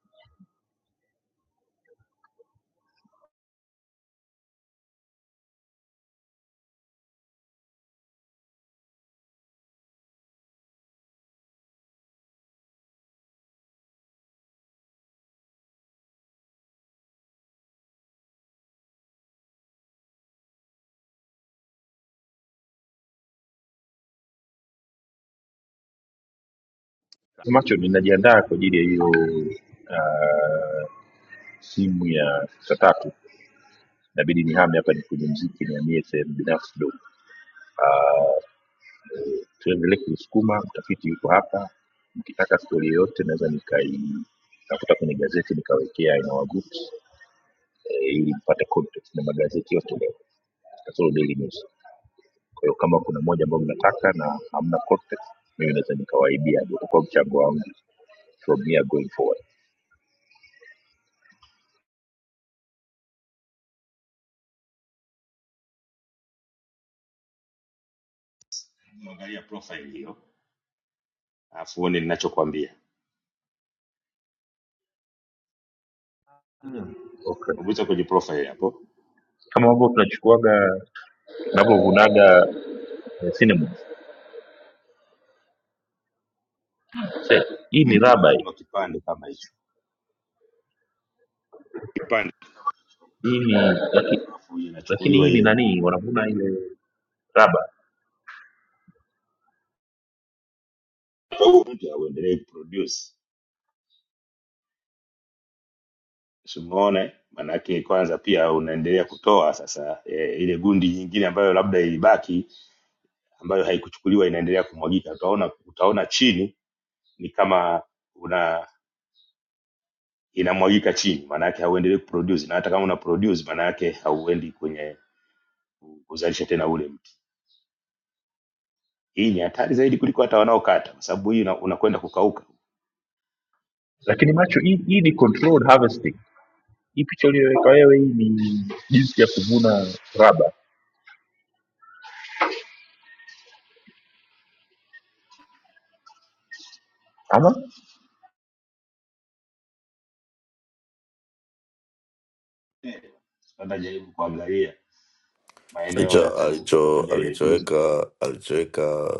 B: Macho ninajiandaa kwa ajili ya hiyo uh, simu ya saa tatu, inabidi nihame hapa ni kwenye mziki, nihamie sehemu binafsi kidogo. Uh, tuendelee kuisukuma, mtafiti yuko hapa. Mkitaka stori yoyote naweza nikaitafuta kwenye gazeti nikawekea aina wa groups eh, ili mpate context na magazeti yote leo kasoro Daily News. Kwa hiyo kama kuna moja ambayo mnataka na hamna context, mimi naweza nikawaibia, ndio utakuwa mchango wangu from here going forward.
C: Angalia profile hiyo, alafu uone ninachokwambia.
B: Okay.
C: Umegusa kwenye profile hapo,
B: kama ambavyo tunachukuaga tunavyovunaga eh, cinnamon Sasa, hii ni
C: mti
B: raba hii
C: unavunwa kipande kama hicho, kipande
B: Hii ni laki,
C: alafu
B: lakini
C: inachukuliwa
B: hii ni
C: ile
B: nani
C: gundi,
B: wanavuna ile raba
C: Kwa hiyo mti hauendelei kuproduce Umeona, manake kwanza pia unaendelea kutoa sasa e, ile gundi nyingine ambayo labda ilibaki ambayo haikuchukuliwa inaendelea kumwagika. Utaona, utaona chini ni kama una inamwagika chini, maanake hauendelei kuproduce, na hata kama una produce maanake hauendi kwenye ku- kuzalisha tena ule mti. Hii ni hatari zaidi kuliko hata wanaokata, kwa sababu hii una- unakwenda una kukauka.
B: lakini macho hii, hii ni controlled harvesting hii picha uliyoweka wewe hii ni jinsi ya kuvuna raba ama
C: Eh, Sasa jaribu kuangalia maeneo ya,
F: Hicho
C: ku, ya
F: alicho
C: kujaribu kulinda
F: alichoweka alichoweka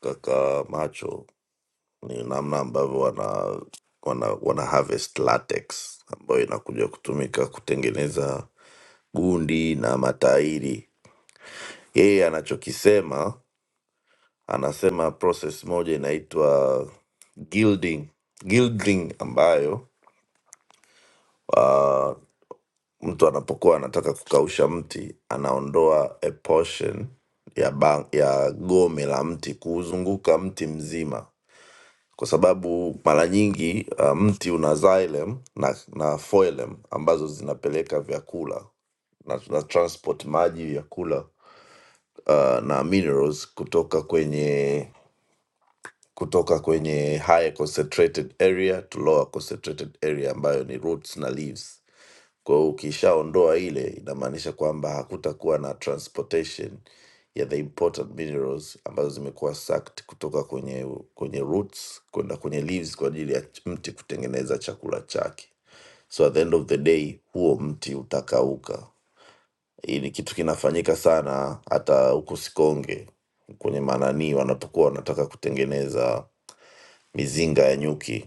F: kaka macho ni namna ambavyo wana wana, wana harvest latex ambayo inakuja kutumika kutengeneza gundi na matairi. Yeye anachokisema anasema process moja inaitwa gilding, gilding ambayo ah, mtu anapokuwa anataka kukausha mti anaondoa a portion ya, ba- ya gome la mti kuuzunguka mti mzima kwa sababu mara nyingi uh, mti una xylem na, na phloem ambazo zinapeleka vyakula na tuna transport maji vyakula uh, na minerals kutoka kwenye kutoka kwenye higher concentrated area to lower concentrated area ambayo ni roots na leaves kwa hiyo ukishaondoa ile, inamaanisha kwamba hakutakuwa na transportation ya the important minerals ambazo zimekuwa sucked kutoka kwenye kwenye roots kwenda kwenye leaves kwa ajili ya ch- mti kutengeneza chakula chake. So at the end of the day huo mti utakauka. Hii ni kitu kinafanyika sana hata huko Sikonge kwenye mananii wanapokuwa wanataka kutengeneza mizinga ya nyuki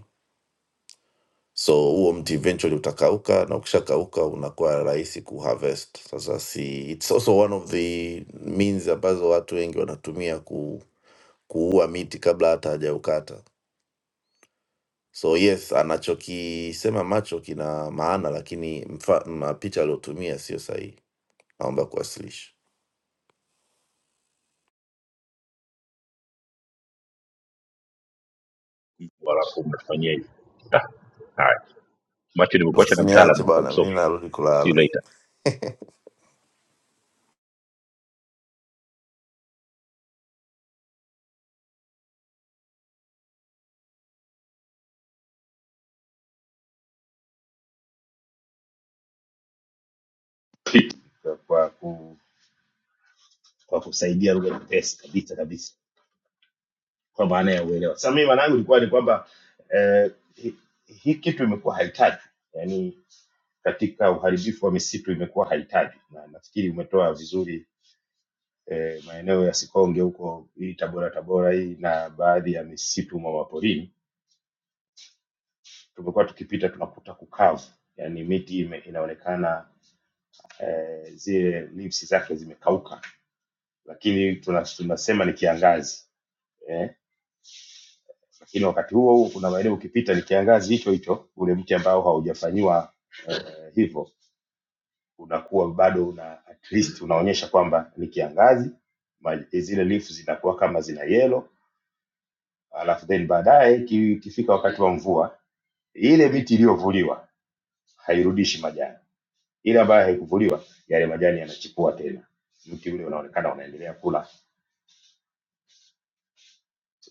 F: so huo mti eventually utakauka na ukishakauka unakuwa rahisi kuharvest sasa si it's also one of the means ambazo watu wengi wanatumia ku, kuua miti kabla hata hajaukata so yes anachokisema macho kina maana lakini mfa, ma- picha aliyotumia sio sahihi naomba kuwasilisha
B: walafu mnatufanyia hivi Ah, haya macho nimekuacha na
F: usiniache
B: mtaalamu wa
F: bana
B: msomo
F: mi narudi
B: see you
F: kulala
B: later
C: kwa, kwa, ku, kwa kusaidia lugha nyepesi kabisa kabisa. kwa maana ya uelewa. Sasa mimi maana yangu ilikuwa ni kwamba eh, hii hi hii kitu imekuwa haitajwi, yaani katika uharibifu wa misitu imekuwa haitajwi, na nafikiri umetoa vizuri eh, maeneo ya Sikonge huko hii Tabora Tabora hii na baadhi ya misitu mwa porini tumekuwa tukipita tunakuta kukavu, yaani miti ime, inaonekana eh, zile leaves zake zimekauka, lakini tuna- tunasema tuna ni kiangazi Eh, lakini wakati huo huo kuna maeneo ukipita ni kiangazi hicho hicho, ule mti ambao haujafanyiwa eh, hivyo unakuwa bado una at least unaonyesha kwamba ni kiangazi, ma- zile leaf zinakuwa kama zina yellow, alafu then baadaye iki- ikifika wakati wa mvua, ile miti iliyovuliwa hairudishi majani, ile ambayo haikuvuliwa yale majani yanachipua tena, mti ule unaonekana unaendelea kula.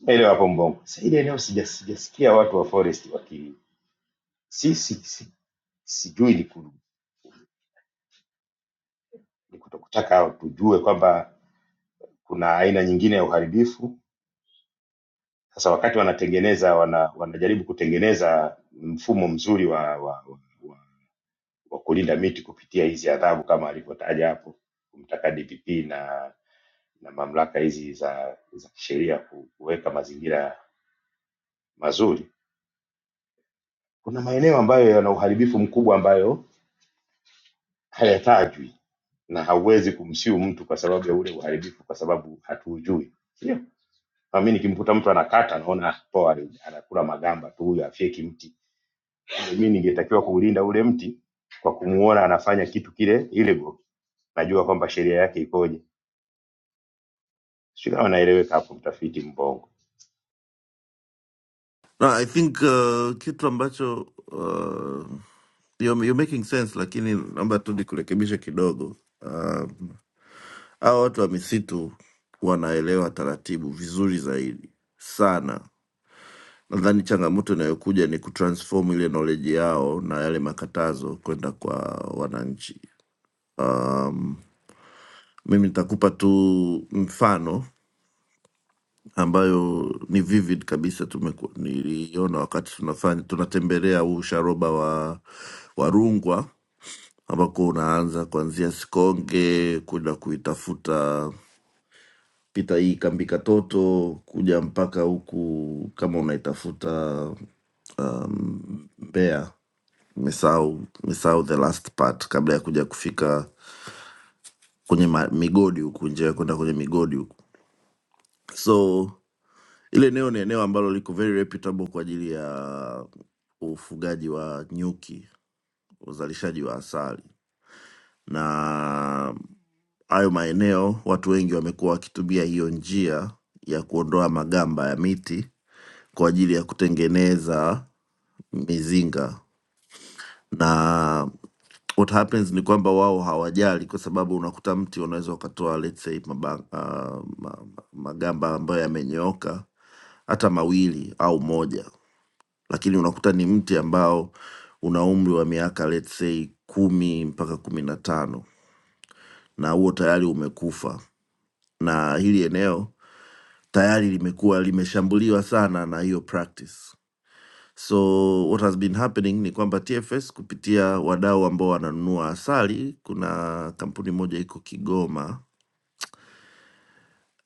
C: Elewa hapo mbongo. Sasa ile eneo sija- sijasikia watu wa forest waki si, si, si, sijui ni ni kutokutaka tujue kwamba kuna aina nyingine ya uharibifu. Sasa wakati wanatengeneza wana, wanajaribu kutengeneza mfumo mzuri wa, wa, wa, wa, wa kulinda miti kupitia hizi adhabu kama alivyotaja hapo, kumtaka DPP na na mamlaka hizi za za kisheria ku- kuweka mazingira mazuri. Kuna maeneo ambayo yana uharibifu mkubwa ambayo hayatajwi na hauwezi kumsiu mtu kwa sababu ya ule uharibifu, kwa sababu hatuujui. Ndio Ah, mi nikimkuta mtu anakata naona poa, anakula magamba tu, huyu afyeki mti. Mi ningetakiwa kuulinda ule mti kwa kumuona anafanya kitu kile illegal, najua kwamba sheria yake ikoje. Sijui kama naeleweka hapo, mtafiti mbongo.
F: No, I think uh, kitu ambacho uh, you're, you're making sense, lakini naomba tu nikurekebishe kidogo. Um, Hawa watu wa misitu wanaelewa taratibu vizuri zaidi sana. Nadhani changamoto inayokuja ni kutransform ile knowledge yao na yale makatazo kwenda kwa wananchi. Um, mimi nitakupa tu mfano ambayo ni vivid kabisa, tumeku- niliiona wakati tunafanya tunatembelea huu sharoba wa wa Rungwa ambako unaanza kuanzia Sikonge kwenda kuitafuta pita hii kambi katoto kuja mpaka huku kama unaitafuta um, mbea mesau mesau the last part kabla ya kuja kufika kwenye ma, migodi huku njia ya kwenda kwenye migodi huku so ile eneo ni eneo ambalo liko very reputable kwa ajili ya ufugaji wa nyuki uzalishaji wa asali na hayo maeneo watu wengi wamekuwa wakitumia hiyo njia ya kuondoa magamba ya miti kwa ajili ya kutengeneza mizinga na what happens ni kwamba wao hawajali kwa sababu unakuta mti unaweza ukatoa let's say maba, uh, ma, ma- magamba ambayo yamenyooka hata mawili au moja lakini unakuta ni mti ambao una umri wa miaka let's say kumi mpaka kumi na tano na huo tayari umekufa na hili eneo tayari limekuwa limeshambuliwa sana na hiyo practice. So what has been happening ni kwamba TFS kupitia wadau ambao wananunua asali, kuna kampuni moja iko Kigoma,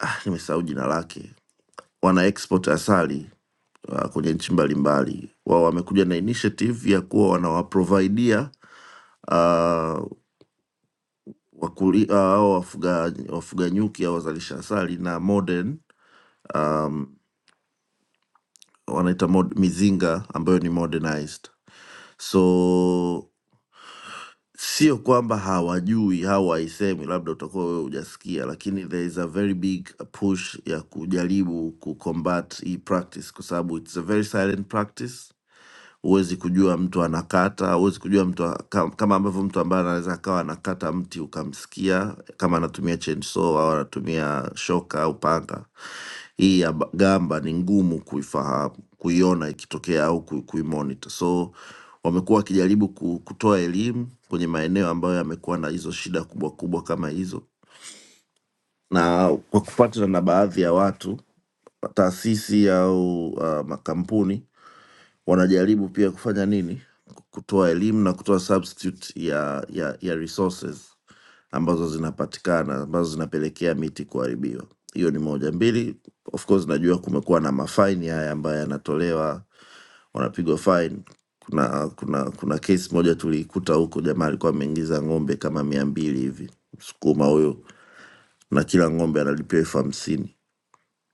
F: ah, nimesahau jina lake, wana export asali uh, kwenye nchi mbalimbali. Wao wamekuja na initiative ya kuwa wanawaprovidia uh, wakuli, uh, au uh, wafuga, wafuga nyuki au wazalisha asali na modern wanaita mod, mizinga ambayo ni modernized so sio kwamba hawajui hawaisemi labda utakuwa wewe hujasikia lakini there is a very big push ya kujaribu kucombat hii practice kwa sababu its a very silent practice huwezi kujua mtu anakata huwezi kujua mtu a- kam- kama ambavyo mtu ambaye anaweza akawa anakata mti ukamsikia kama anatumia chainsaw au anatumia shoka au panga hii ya ba- gamba ni ngumu kuifahamu kuiona ikitokea au kui- kuimonita so wamekuwa wakijaribu ku- kutoa elimu kwenye maeneo ambayo yamekuwa na hizo shida kubwa kubwa kama hizo na kwa kupatana na baadhi ya watu taasisi au uh, makampuni wanajaribu pia kufanya nini kutoa elimu na kutoa substitute ya, ya, ya resources ambazo zinapatikana ambazo zinapelekea miti kuharibiwa hiyo ni moja mbili of course najua kumekuwa na mafaini haya ambayo yanatolewa wanapigwa fine kuna kuna kuna kesi moja tuliikuta huko jamaa alikuwa ameingiza ng'ombe kama mia mbili hivi msukuma huyo na kila ng'ombe analipia elfu hamsini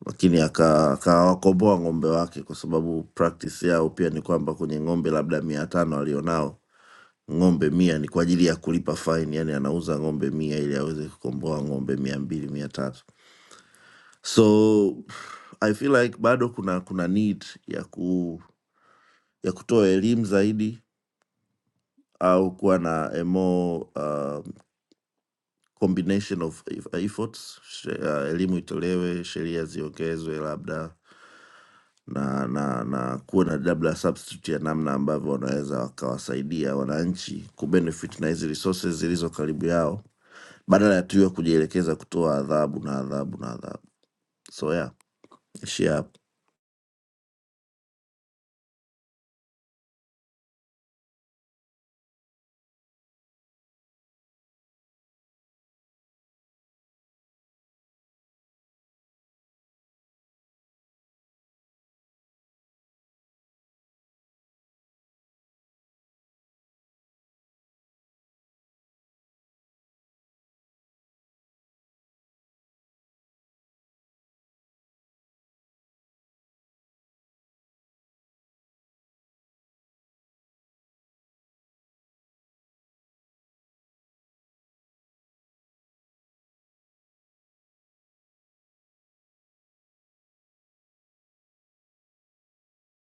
F: lakini aka- akawakomboa ng'ombe wake, kwa sababu practice yao pia ni kwamba kwenye ng'ombe labda mia tano alionao ng'ombe mia ni kwa ajili ya kulipa fine, yani anauza ng'ombe mia ili aweze kukomboa ng'ombe mia mbili mia tatu so I feel like bado kuna kuna need ya ku ya kutoa elimu zaidi au kuwa na emo combination of eff- efforts she- uh, elimu itolewe sheria ziongezwe labda na na na kuwe na labda substitute ya namna ambavyo wanaweza wakawasaidia wananchi kubenefit na hizi resources zilizo karibu yao badala ya tuiwe kujielekeza kutoa adhabu na adhabu na adhabu so yeah, ishia hapo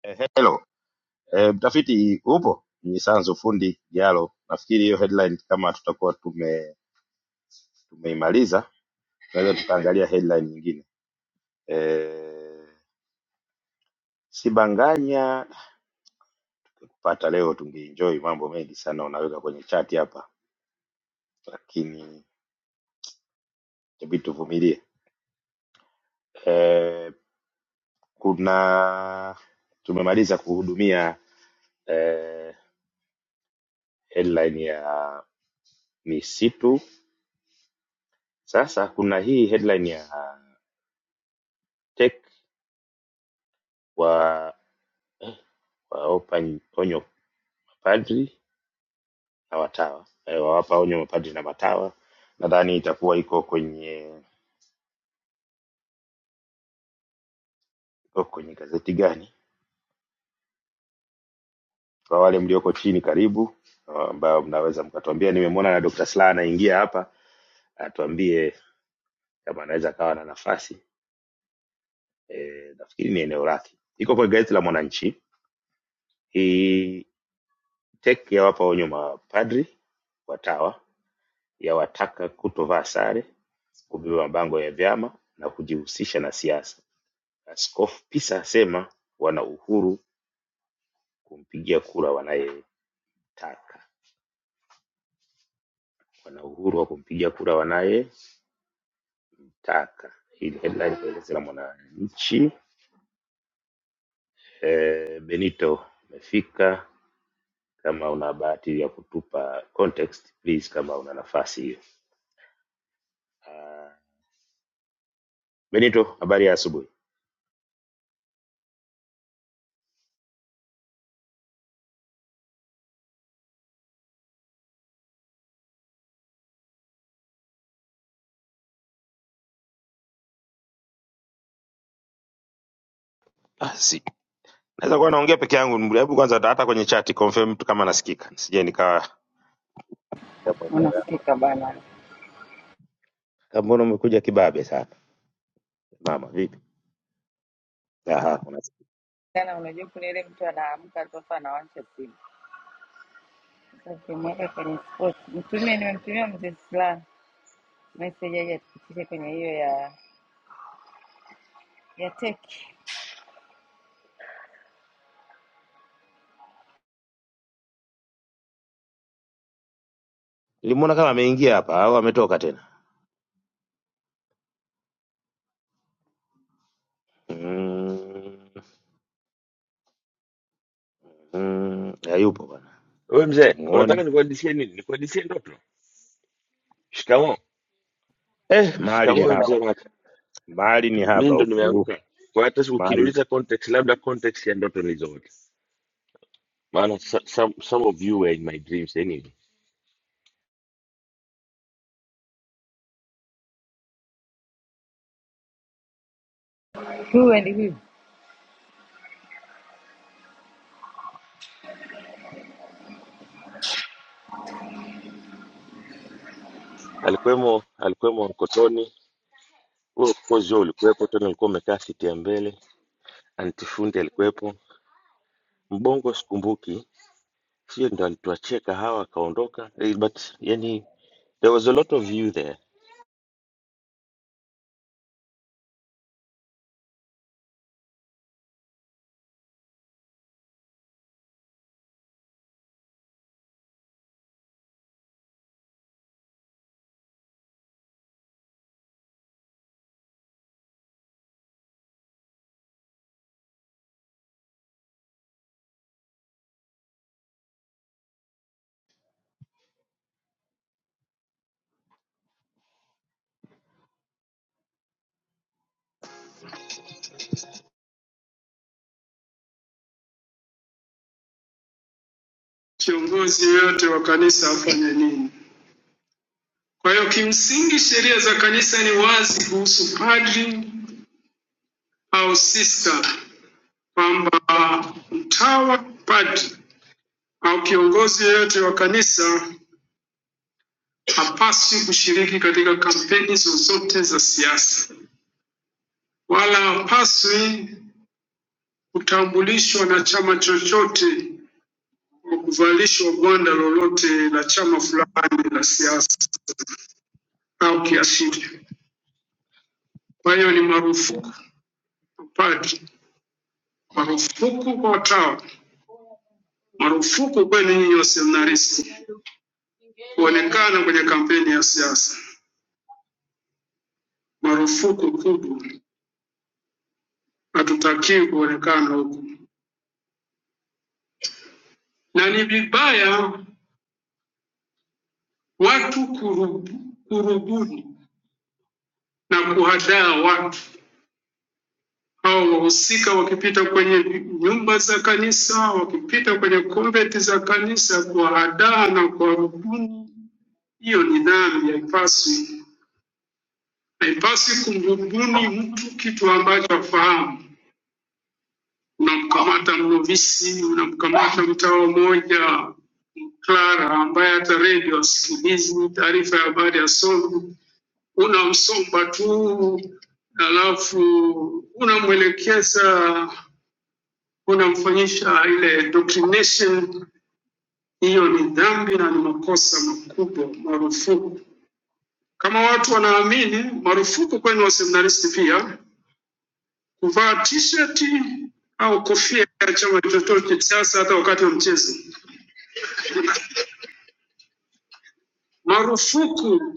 C: Eh, hello. Eh, mtafiti upo? Ni Sanzu fundi Jalo. Nafikiri hiyo headline kama tutakuwa tume tumeimaliza, tunaweza tukaangalia headline nyingine. Eh, Sibanganya pata leo tungeenjoy mambo mengi sana unaweka kwenye chat hapa. Lakini inabidi tuvumilie. Eh, kuna tumemaliza kuhudumia eh, headline ya misitu. Sasa kuna hii headline ya tech wa eh, waopa onyo mapadri na watawa eh, wawapa onyo mapadri na matawa. Nadhani itakuwa iko kwenye iko kwenye gazeti gani? Kwa wale mlioko chini, karibu ambao mnaweza mkatuambia. Nimemwona na Dr. Slaa anaingia hapa, atuambie kama anaweza akawa na nafasi eh, nafikiri ni eneo lake, iko kwenye gazeti la Mwananchi. Hii tek ya wapa onyo mapadri watawa, yawataka kutovaa sare, kubeba mabango ya vyama na kujihusisha na siasa. Askofu Pisa asema wana uhuru kumpigia kura wanayetaka, wana uhuru wa kumpigia kura wanayetaka. Hii ni headline kwenye gazeti la Mwananchi. Eh, Benito amefika Kama una bahati ya kutupa context please, kama una nafasi hiyo. Ah, Benito, habari ya asubuhi. Ah, si naweza kuwa naongea peke yangu. Hebu kwanza hata hata kwenye chat confirm tu kama nasikika, sije nikawa ya mwenyewe.
E: unasikika bana
C: Kama mbona umekuja kibabe sana mama, vipi? Aha, unasikika.
E: Tena unajua kuna ile mtu anaamka sasa anawasha simu. Sasa ukimweka kwenye sport, mtumie, nimemtumia mzee Slaa message aje atupitishe kwenye hiyo ya ya tech.
C: Nilimwona kama ameingia hapa au ametoka tena. Mm, mm, hayupo bwana,
G: We mzee, unataka
C: simuoni.
G: nikuhadisie nini? Nikuhadisie ndoto? Shikamoo.
C: Eh, mahali ni
G: Shikamoo
C: haba,
G: mzee Maka,
C: mahali ni
G: mi
C: haba,
G: ndo
C: upungufu
G: nimeamka. Kwa hata siku-
C: mahali.
G: ukiniuliza context, labda context ya ndoto nilizoota, maana so- some, some of you were in my dreams anyway.
E: Tuende hivi,
G: Alikuwemo alikuwemo Nkotoni, wewe of course wewe ulikuwepo, tena ulikuwa umekaa siti ya mbele. Antifundi alikuwepo, Mbongo sikumbuki, sio ndo alituachia kahawa akaondoka, eh, but yani there was a lot of you there.
C: Kiongozi yeyote wa kanisa afanye nini? Kwa hiyo kimsingi sheria za kanisa ni wazi kuhusu padri au sista, kwamba mtawa, padri au kiongozi yeyote wa kanisa hapaswi kushiriki katika kampeni zozote za siasa, wala hapaswi kutambulishwa na chama chochote kwa kuvalishwa gwanda lolote la chama fulani la siasa au kiashiria. Kwa hiyo ni marufuku kwa padri, marufuku kwa watawa Marufuku kwenu nyinyi waseminaristi kuonekana kwenye kampeni ya siasa, marufuku kubwa. Hatutakiwi kuonekana huko, na ni vibaya watu kurubu, kurubuni na kuhadaa watu hao wahusika, wakipita kwenye nyumba za kanisa, wakipita kwenye konventi za kanisa, kuwahadaa na kuwarubuni. Hiyo ni dhambi, haipaswi. Haipaswi kumrubuni mtu kitu ambacho afahamu unamkamata mnovisi, unamkamata mtawa mmoja Clara ambaye hata redio asikilizi taarifa ya habari asomi, unamsomba tu, alafu unamwelekeza, unamfanyisha ile indoctrination. Hiyo ni dhambi na ni makosa makubwa, marufuku. Kama watu wanaamini, marufuku kwenu waseminaristi pia kuvaa t-shirt au kofia ya chama chochote cha siasa, hata wakati wa mchezo marufuku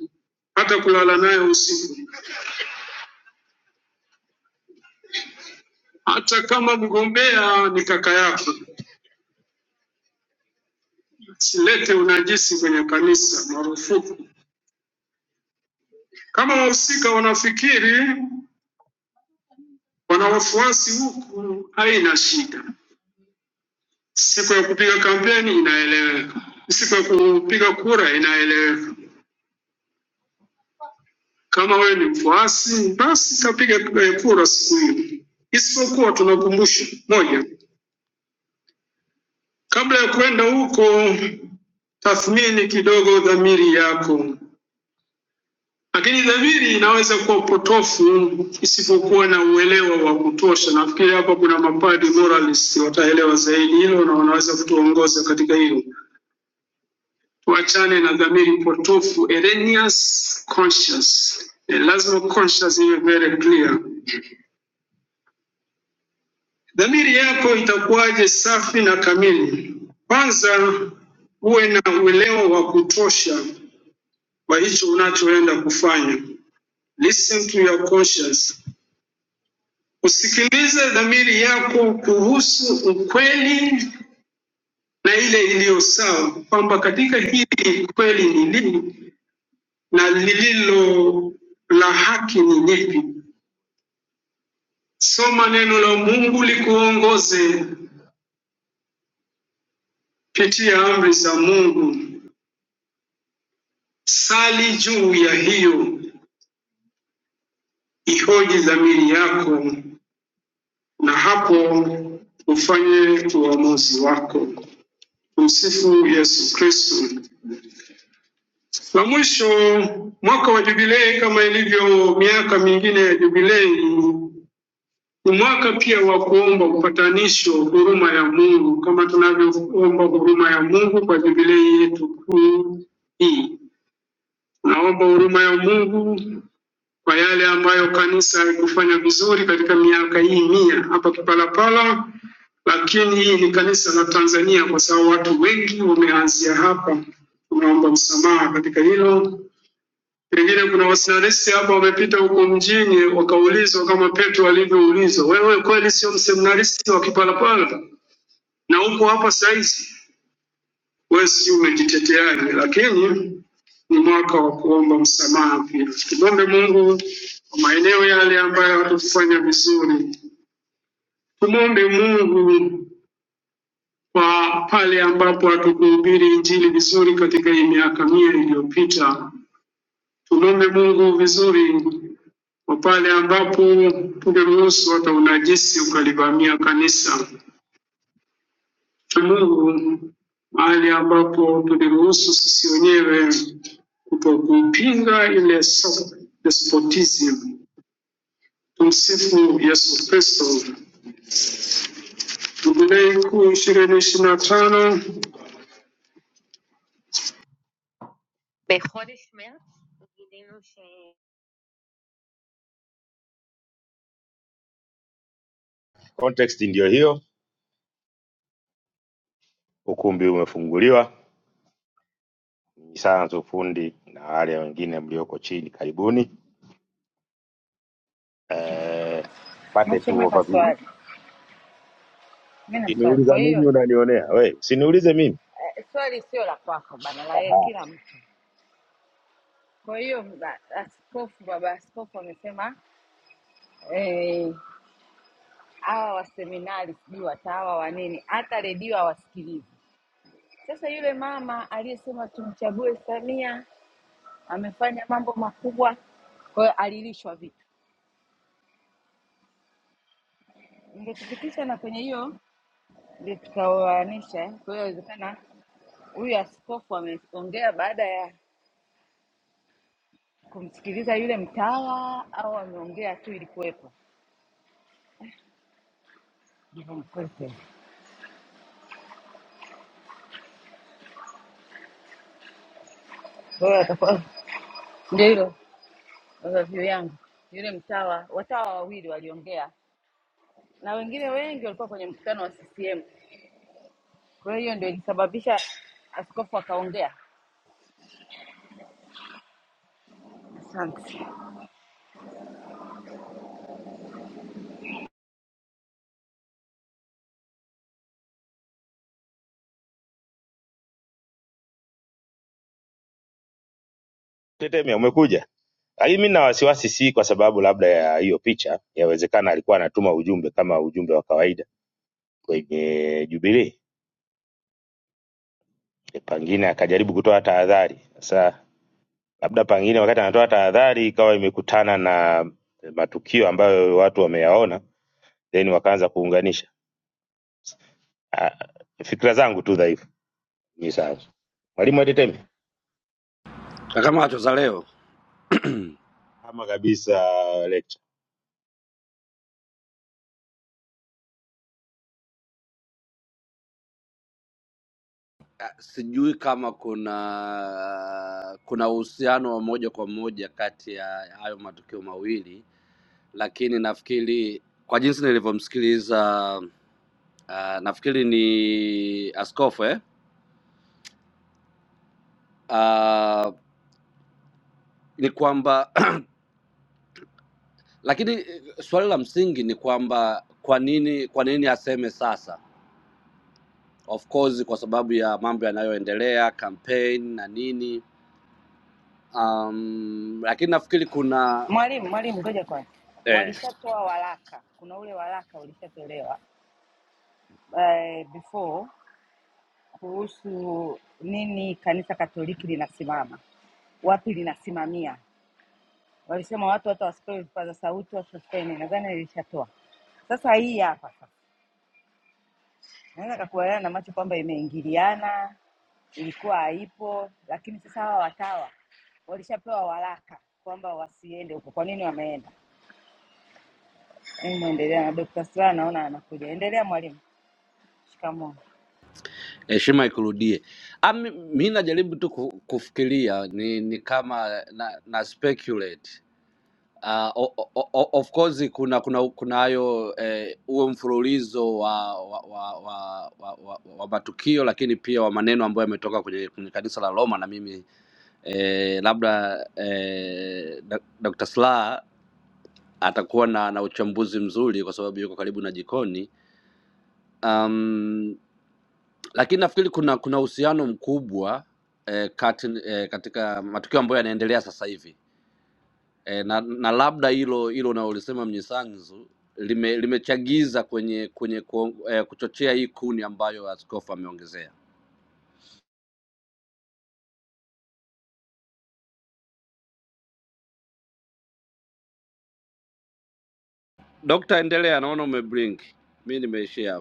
C: hata kulala naye usiku, hata kama mgombea ni kaka yako. Silete unajisi kwenye kanisa, marufuku. Kama wahusika wanafikiri wana wafuasi huku, haina shida. Siku ya kupiga kampeni inaeleweka, siku ya kupiga kura inaeleweka. Kama wewe ni mfuasi, basi kapiga eh, kura siku hiyo, isipokuwa tunakumbusha moja, kabla ya kwenda huko tathmini kidogo dhamiri yako, lakini dhamiri inaweza kuwa upotofu isipokuwa na uelewa wa kutosha. Nafikiri hapa kuna mapadi moralist wataelewa zaidi hilo na wanaweza kutuongoza katika hilo. Tuachane na dhamiri potofu, erroneous conscious. Eh, lazima conscious iwe very clear. Dhamiri yako itakuwaje safi na kamili? Kwanza uwe na uelewa wa kutosha wa hicho unachoenda kufanya Listen to your conscience. Usikilize dhamiri yako kuhusu ukweli na ile iliyo sawa, kwamba katika hili kweli ni lipi na lililo la haki ni lipi. Soma neno la Mungu likuongoze, pitia amri za Mungu, sali juu ya hiyo, ihoji dhamiri yako, na hapo ufanye uamuzi wako. Msifu Yesu Kristo. Na mwisho, mwaka wa jubilei kama ilivyo miaka mingine ya jubilei ni mwaka pia wa kuomba upatanisho, huruma ya Mungu, kama tunavyoomba huruma ya Mungu kwa jubilei yetu kuu hii. Tunaomba huruma ya Mungu kwa yale ambayo kanisa haikufanya vizuri katika miaka hii mia hapa Kipalapala, lakini hii ni kanisa la Tanzania, kwa sababu watu wengi wameanzia hapa. Tunaomba msamaha katika hilo Pengine kuna waseminaristi hapa wamepita huko mjini wakaulizwa kama Petro alivyoulizwa, wewe kweli sio mseminaristi wa Kipalapala na uko hapa saizi? Wewe si umejiteteaje? Lakini ni mwaka wa kuomba msamaha pia. Tumwombe Mungu kwa maeneo yale ambayo hatukufanya vizuri, tumwombe Mungu kwa pale ambapo hatukuhubiri Injili vizuri katika hii miaka mia iliyopita. Tumwombe Mungu vizuri kwa pale ambapo ungeruhusu hata unajisi ukalivamia kanisa. la Mungu mahali ambapo tuliruhusu sisi wenyewe kutokuipinga ile so- despotism. Tumsifu Yesu Kristo. Jubilei kuu ishirini ishirini na tano Context ndiyo hiyo, ukumbi umefunguliwa. Ni sana tu fundi na wale wengine mlioko chini, karibuni eh, pate
E: macho
C: tu
E: mema
C: overview.
E: swali Mi na swali. Kwa
C: Ukiniuliza mimi
E: hiyo
C: unanionea we, usiniulize mimi
E: eh, swali sio la kwako bana, la yeye
C: Aha,
E: kila mtu. Kwa hiyo ba- askofu, baba askofu amesema eh, hawa waseminari sijui watawa wa nini, hata redio hawasikilizi. Sasa yule mama aliyesema tumchague Samia amefanya mambo makubwa, kwa hiyo alilishwa vitu. Ningetupitisha na kwenye hiyo ndio tukaoanisha. eh. Kwa hiyo inawezekana huyu askofu ameongea baada ya kumsikiliza yule mtawa au ameongea tu ili kuwepo Mkwekwe. Kwa hiyo atakuwa ndio hilo overview yangu. Yule mtawa watawa wawili waliongea na wengine wengi walikuwa kwenye mkutano wa CCM. Kwa hiyo hiyo ndio ilisababisha askofu akaongea. Asante
C: tetemea, umekuja. Lakini mi na wasiwasi, si kwa sababu labda ya hiyo picha, yawezekana alikuwa anatuma ujumbe kama ujumbe wa kawaida kwenye Jubilee, pengine akajaribu kutoa tahadhari. Sasa labda pengine wakati anatoa tahadhari ikawa imekutana na matukio ambayo watu wameyaona, then wakaanza kuunganisha. Ah, Fikra zangu tu dhaifu. Ni sawa, mwalimu ateteme
H: Kakamacho za leo
C: kama kabisa
H: Ah, sijui kama kuna kuna uhusiano wa moja kwa moja kati ya hayo matukio mawili, lakini nafikiri kwa jinsi nilivyomsikiliza uh, nafikiri ni askofu eh? uh, ni kwamba [clears throat] lakini eh, swali la msingi ni kwamba kwa nini kwa nini aseme sasa? Of course kwa sababu ya mambo yanayoendelea, campaign na nini um, lakini nafikiri kuna
E: mwalimu. Mwalimu, ngoja kwanza,
H: eh,
E: walishatoa waraka, kuna ule waraka ulishatolewa eh, before kuhusu nini kanisa Katoliki linasimama wapi linasimamia. walisema watu hata wasipewe vipaza sauti wasipewe, nadhani nilishatoa. Sasa hii hapa sasa, naweza kakubaliana na macho kwamba imeingiliana, ilikuwa haipo, lakini sasa hawa watawa walishapewa waraka kwamba wasiende huko. Kwa nini wameenda? Hebu muendelea na Dokta Sila, naona anakuja. Endelea mwalimu. Shikamoo.
H: heshima ikurudie. Ami, mi najaribu tu ku- kufikiria ni, ni kama na, na speculate Uh, o, o, o, of course kuna kuna kuna hayo eh, huo mfululizo wa wa, wa, wa, wa, wa wa matukio lakini pia wa maneno ambayo yametoka kwenye, kwenye kanisa la Roma na mimi eh, labda eh, Dr. Dr. Slaa atakuwa na, na uchambuzi mzuri kwa sababu yuko karibu na jikoni. Um, lakini nafikiri kuna kuna uhusiano mkubwa eh, kati, eh, katika matukio ambayo yanaendelea sasa hivi eh, na, na labda hilo hilo unalolisema Mnyisanzu lime- limechagiza kwenye kwenye kuo- eh, kuchochea hii kuni ambayo askofu ameongezea. Dokta, endelea, naona umebring, mi nimeishia hapa.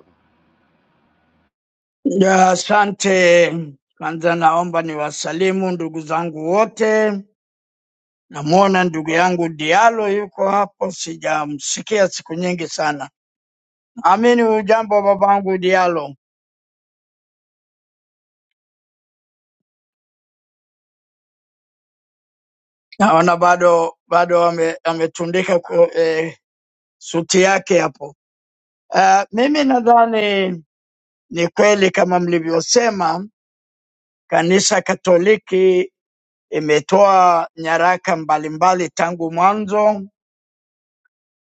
I: Ya, Asante. Kwanza naomba niwasalimu ndugu zangu wote. Namwona ndugu yangu Dialo yuko hapo, sijamsikia siku nyingi sana. Amini hujambo babangu Dialo? Naona bado bado ame, ametundika ku, eh, suti yake hapo. Uh, mimi nadhani ni kweli kama mlivyosema, kanisa Katoliki imetoa nyaraka mbalimbali tangu mwanzo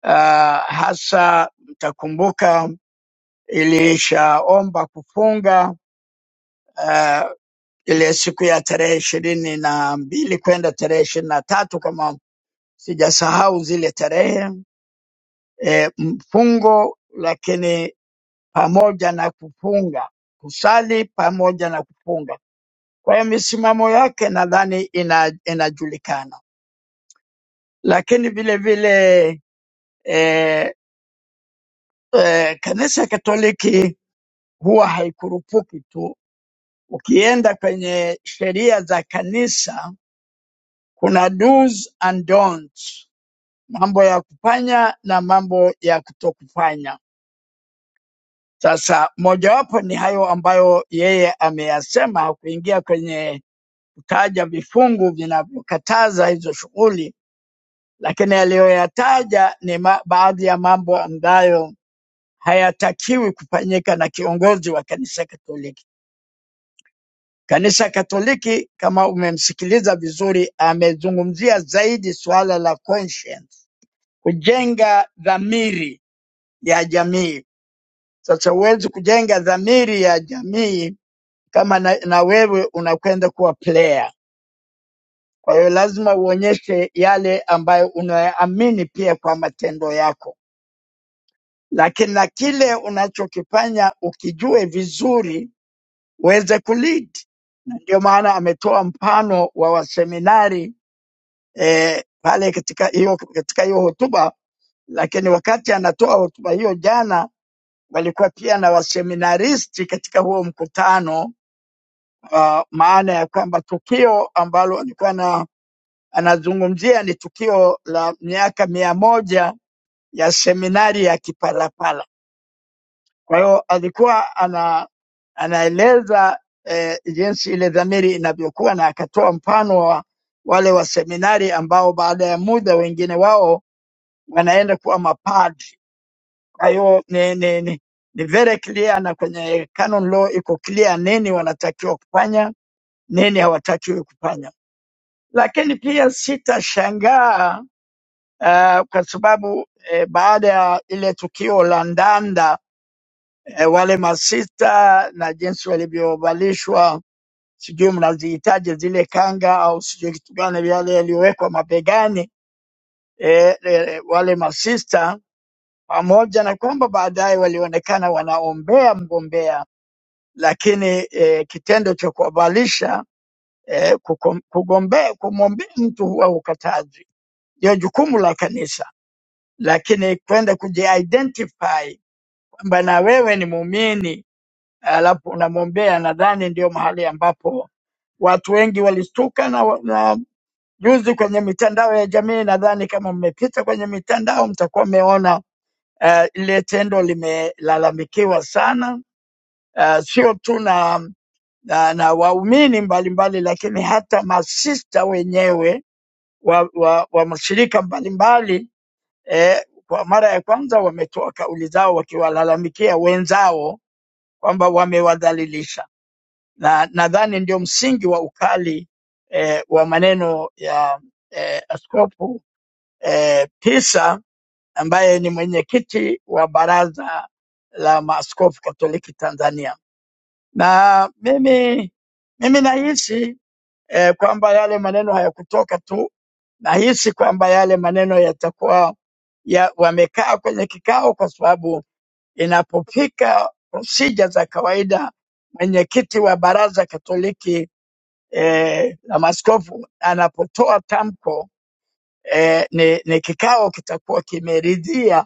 I: Uh, hasa mtakumbuka ilishaomba kufunga uh, ile siku ya tarehe ishirini na mbili kwenda tarehe ishirini na tatu kama sijasahau zile tarehe e, mfungo, lakini pamoja na kufunga kusali pamoja na kufunga. Kwa hiyo misimamo yake nadhani ina, inajulikana, lakini vile vile e, e, kanisa Katoliki huwa haikurupuki tu Ukienda kwenye sheria za kanisa kuna do's and don'ts, mambo ya kufanya na mambo ya kutokufanya. Sasa mojawapo ni hayo ambayo yeye ameyasema, kuingia kwenye kutaja vifungu vinavyokataza hizo shughuli, lakini aliyoyataja ni ma baadhi ya mambo ambayo hayatakiwi kufanyika na kiongozi wa kanisa Katoliki. Kanisa Katoliki kama umemsikiliza vizuri, amezungumzia zaidi suala la conscience, kujenga dhamiri ya jamii. Sasa huwezi kujenga dhamiri ya jamii kama na, na wewe unakwenda kuwa player. Kwa hiyo lazima uonyeshe yale ambayo unayaamini pia kwa matendo yako, lakini na kile unachokifanya ukijue vizuri uweze kulead. Na ndio maana ametoa mfano wa waseminari eh, pale katika hiyo katika hiyo hotuba, lakini wakati anatoa hotuba hiyo jana walikuwa pia na waseminaristi katika huo mkutano uh, maana ya kwamba tukio ambalo alikuwa na anazungumzia ni tukio la miaka mia moja ya seminari ya Kipalapala. Kwa hiyo alikuwa ana anaeleza eh, jinsi ile dhamiri inavyokuwa na akatoa mfano wa wale wa seminari ambao baada ya muda wengine wao wanaenda kuwa mapadri. Kwa hiyo ni, ni, ni, ni very clear na kwenye canon law iko clear nini wanatakiwa kufanya, nini hawatakiwi kufanya. Lakini pia sitashangaa uh, kwa sababu eh, baada ya ile tukio la Ndanda eh, wale masista na jinsi walivyovalishwa sijui mnazihitaji zile kanga au sijui kitu gani, yale yaliyowekwa mabegani eh, eh, wale masista pamoja na kwamba baadaye walionekana wanaombea mgombea, lakini e, kitendo cha kuwavalisha e, kugombea kumwombea mtu huwa ukatazi, ndio jukumu la kanisa, lakini kwenda kujiidentify kwamba na wewe ni muumini alafu unamwombea, nadhani ndio mahali ambapo watu wengi walistuka na, wa- na juzi kwenye mitandao ya jamii, nadhani kama mmepita kwenye mitandao mtakuwa mmeona Eh, Lile tendo limelalamikiwa sana, eh, sio tu na, na, na waumini mbalimbali, lakini hata masista wenyewe wa, wa, wa mashirika mbalimbali eh, kwa mara ya kwanza wametoa kauli zao wakiwalalamikia wenzao kwamba wamewadhalilisha, na nadhani ndio msingi wa ukali eh, wa maneno ya eh, Askofu eh, Pisa ambaye ni mwenyekiti wa Baraza la Maaskofu Katoliki Tanzania, na mimi mimi nahisi eh, kwamba yale maneno hayakutoka tu, nahisi kwamba yale maneno yatakuwa ya, wamekaa kwenye kikao, kwa sababu inapofika prosija za kawaida, mwenyekiti wa Baraza Katoliki eh, la Maaskofu anapotoa tamko eh, ni, ni kikao kitakuwa kimeridhia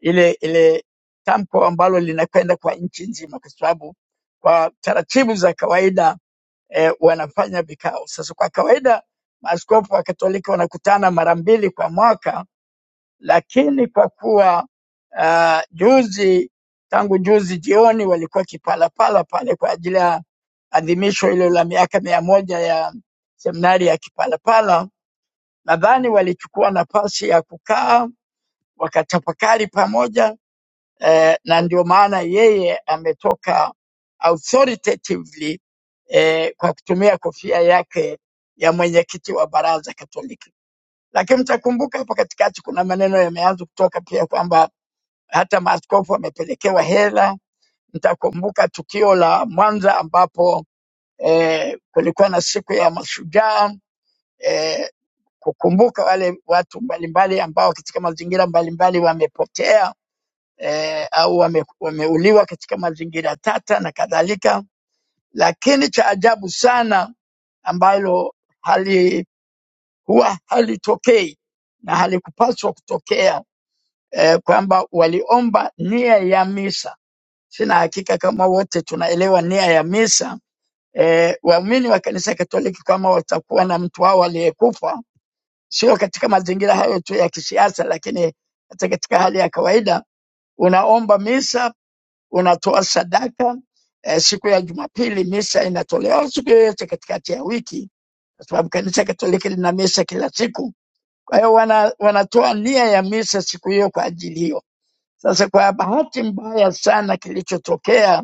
I: ile ile tamko ambalo linakwenda kwa nchi nzima, kwa sababu kwa taratibu za kawaida eh, wanafanya vikao. Sasa kwa kawaida maaskofu wa Katoliki wanakutana mara mbili kwa mwaka, lakini kwa kuwa uh, juzi tangu juzi jioni walikuwa Kipalapala pale kwa ajili ya adhimisho hilo la miaka mia moja ya seminari ya Kipalapala, nadhani walichukua nafasi ya kukaa wakatafakari pamoja eh, na ndio maana yeye ametoka authoritatively eh, kwa kutumia kofia yake ya mwenyekiti wa baraza Katoliki. Lakini mtakumbuka hapo katikati kuna maneno yameanza kutoka pia kwamba hata maaskofu wamepelekewa hela. Mtakumbuka tukio la Mwanza ambapo eh, kulikuwa na siku ya mashujaa eh, kukumbuka wale watu mbalimbali ambao katika mazingira mbalimbali wamepotea eh, au wame, wameuliwa katika mazingira tata na kadhalika. Lakini cha ajabu sana ambalo hali huwa halitokei na halikupaswa kutokea eh, kwamba waliomba nia ya misa. Sina hakika kama wote tunaelewa nia ya misa. Eh, waumini wa kanisa Katoliki kama watakuwa na mtu wao aliyekufa, sio katika mazingira hayo tu ya kisiasa, lakini hata katika hali ya kawaida, unaomba misa unatoa sadaka eh, siku ya Jumapili misa inatolewa siku yoyote katikati ya wiki, kwa sababu kanisa Katoliki lina misa kila siku. Kwa hiyo wana, wanatoa nia ya misa siku hiyo kwa ajili hiyo. Sasa kwa bahati mbaya sana kilichotokea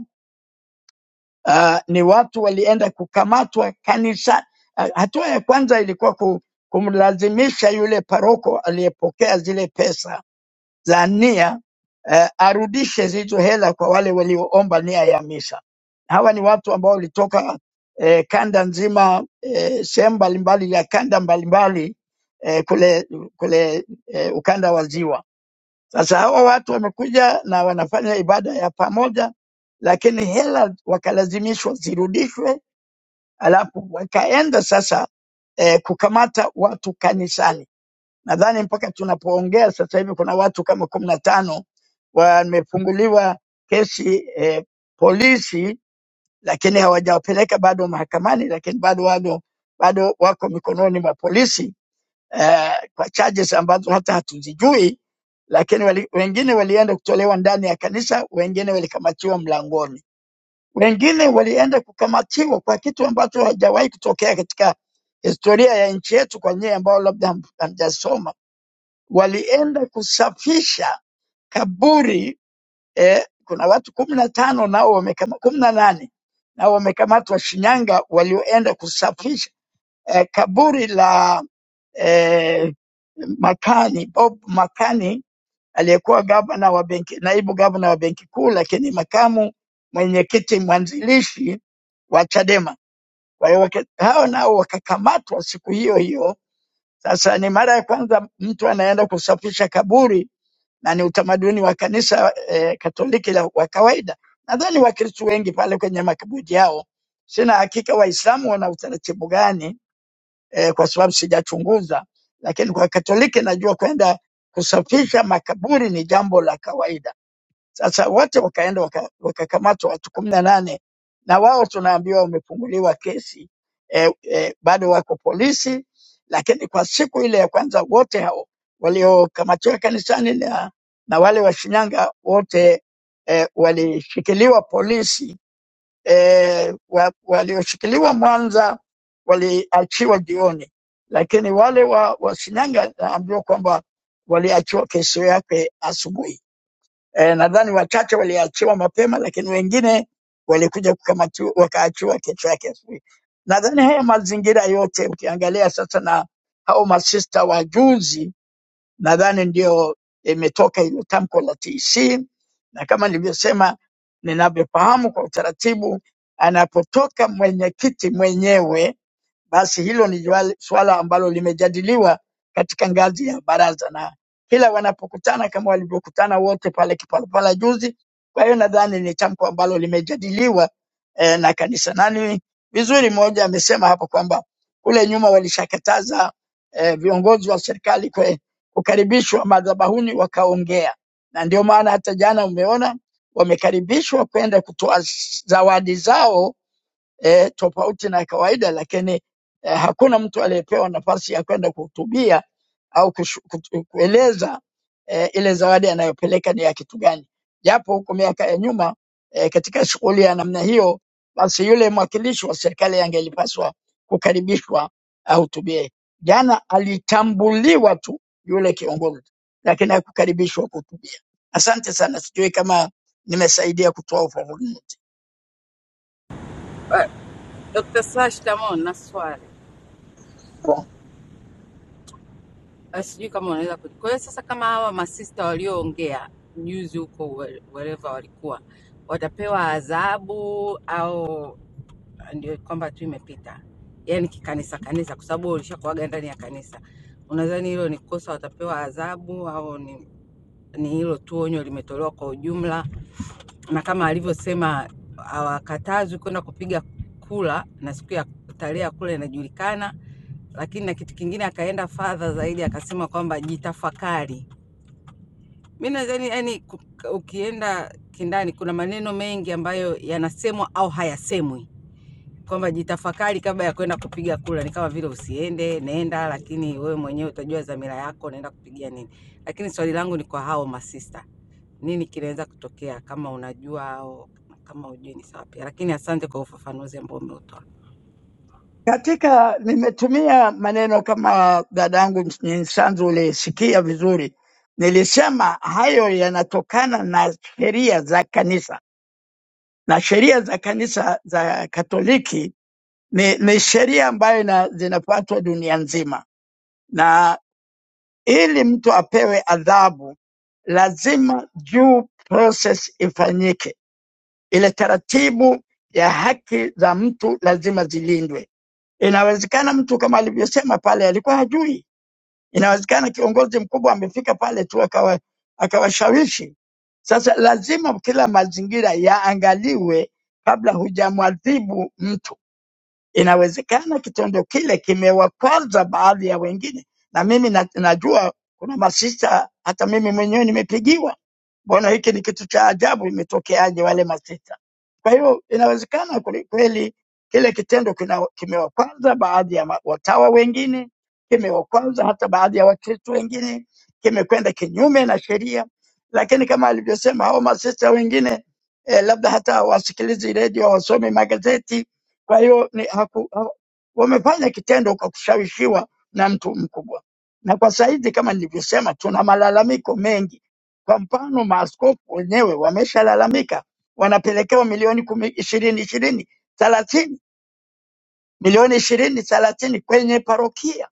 I: uh, ni watu walienda kukamatwa kanisa. Uh, hatua ya kwanza ilikuwa ku, kumlazimisha yule paroko aliyepokea zile pesa za nia eh, arudishe zilizo hela kwa wale walioomba nia ya misa. Hawa ni watu ambao walitoka eh, kanda nzima eh, sehemu mbalimbali ya kanda mbalimbali eh, kule, kule eh, ukanda wa Ziwa. Sasa hawa watu wamekuja na wanafanya ibada ya pamoja, lakini hela wakalazimishwa zirudishwe, alafu wakaenda sasa eh, kukamata watu kanisani Nadhani mpaka tunapoongea sasa hivi kuna watu kama kumi na tano wamefunguliwa kesi eh, polisi, lakini hawajawapeleka bado mahakamani, lakini bado bado bado wako mikononi mwa polisi eh, kwa charges ambazo hata hatuzijui, lakini wali, wengine walienda kutolewa ndani ya kanisa, wengine walikamatiwa mlangoni, wengine walienda kukamatiwa kwa kitu ambacho hajawahi kutokea katika historia ya nchi yetu, kwa nyie ambao labda ham- hamjasoma walienda kusafisha kaburi eh, kuna watu kumi na tano nao wamekama kumi na nane nao wamekamatwa Shinyanga, walioenda kusafisha eh, kaburi la eh, Makani Bob Makani aliyekuwa gavana wa benki, naibu gavana wa benki kuu, lakini makamu mwenyekiti mwanzilishi wa Chadema. Kwa hiyo wake- hao nao wakakamatwa siku hiyo hiyo. Sasa ni mara ya kwanza mtu anaenda kusafisha kaburi na ni utamaduni wa kanisa eh, Katoliki la wa kawaida. Nadhani Wakristo wengi pale kwenye makaburi yao, sina hakika Waislamu wana utaratibu gani eh, kwa sababu sijachunguza, lakini kwa Katoliki najua kwenda kusafisha makaburi ni jambo la kawaida sasa wote wakaenda waka- wakakamatwa watu kumi na nane na wao tunaambiwa wamefunguliwa kesi eh, eh, bado wako polisi, lakini kwa siku ile ya kwanza wote hao waliokamatiwa kanisani na, na wale wa Shinyanga wote eh, walishikiliwa polisi eh, wa, walioshikiliwa Mwanza waliachiwa jioni, lakini wale wa, wa Shinyanga naambiwa kwamba waliachiwa kesho yake asubuhi eh, nadhani wachache waliachiwa mapema, lakini wengine walikuja kukamatiwa wakaachiwa kesho yake asubuhi. Nadhani haya mazingira yote ukiangalia sasa na hao masista wa juzi, nadhani ndio imetoka hilo tamko la TC, na kama nilivyosema, ninavyofahamu kwa utaratibu, anapotoka mwenyekiti mwenyewe basi hilo ni juali- suala ambalo limejadiliwa katika ngazi ya baraza na kila wanapokutana kama walivyokutana wote pale Kipalapala juzi. Kwa hiyo nadhani ni tamko ambalo limejadiliwa eh, na kanisa, na ni vizuri. Mmoja amesema hapo kwamba kule nyuma walishakataza eh, viongozi wa serikali kwe- kukaribishwa madhabahuni wakaongea, na ndio maana hata jana umeona wamekaribishwa kwenda kutoa zawadi zao eh, tofauti na kawaida, lakini eh, hakuna mtu aliyepewa nafasi ya kwenda kuhutubia au kushu, kutu- kueleza eh, ile zawadi anayopeleka ni ya kitu gani, japo huko miaka ya nyuma eh, katika shughuli ya namna hiyo, basi yule mwakilishi wa serikali angelipaswa kukaribishwa ahutubie. Jana alitambuliwa tu yule kiongozi, lakini hakukaribishwa kuhutubia. Asante sana, sijui kama nimesaidia kutoa ufafanuzi.
E: Dr. Sla, shikamoo na swali. Ah, Sijui kama unaweza kuji. Kwa hiyo sasa kama hawa masista walioongea juzi huko wherever walikuwa watapewa adhabu au ndio kwamba tu imepita, yani kikanisa kanisa, kwa sababu ulishakuaga ndani ya kanisa. Unadhani hilo ni kosa, watapewa adhabu au ni, ni hilo tu onyo limetolewa kwa ujumla? Na kama alivyosema, hawakatazwi kwenda kupiga kula, na siku ya tarehe ya kula inajulikana. Lakini na kitu kingine akaenda fadha zaidi, akasema kwamba jitafakari. Mi nadhani yani, ukienda kindani, kuna maneno mengi ambayo yanasemwa au hayasemwi kwamba jitafakari kabla ya kwenda kupiga kura. Ni kama vile usiende, nenda, lakini wewe mwenyewe utajua dhamira yako, naenda kupigia nini. Lakini swali langu ni kwa hao masista, nini kinaweza kutokea kama unajua au kama ujui? Ni sawa pia, lakini asante kwa ufafanuzi ambao umeutoa.
I: Katika nimetumia maneno kama dadangu Nyisanzu ulisikia vizuri, nilisema hayo yanatokana na sheria za kanisa, na sheria za kanisa za Katoliki ni, ni sheria ambayo ina, zinafuatwa dunia nzima, na ili mtu apewe adhabu lazima due process ifanyike, ile taratibu ya haki za mtu lazima zilindwe Inawezekana mtu kama alivyosema pale alikuwa hajui, inawezekana kiongozi mkubwa amefika pale tu akawa akawashawishi. Sasa lazima kila mazingira yaangaliwe kabla hujamwadhibu mtu. Inawezekana kitendo kile kimewakwaza baadhi ya wengine, na mimi na, najua kuna masista, hata mimi mwenyewe nimepigiwa mbona hiki ni kitu cha ajabu, imetokeaje wale masita? Kwa hiyo inawezekana kweli kweli kile kitendo kina- kimewakwaza baadhi ya ma- watawa wengine, kimewakwaza hata baadhi ya Wakristo wengine, kimekwenda kinyume na sheria, lakini kama alivyosema hao masista wengine eh, labda hata wasikilizi redio, wasome magazeti. Kwa hiyo ni haku, ha, wamefanya kitendo kwa kushawishiwa na mtu mkubwa, na kwa saizi kama nilivyosema, tuna malalamiko mengi kwa mfano, maaskofu wenyewe wameshalalamika, wanapelekewa milioni kumi ishirini ishirini thelathini milioni ishirini thelathini kwenye parokia.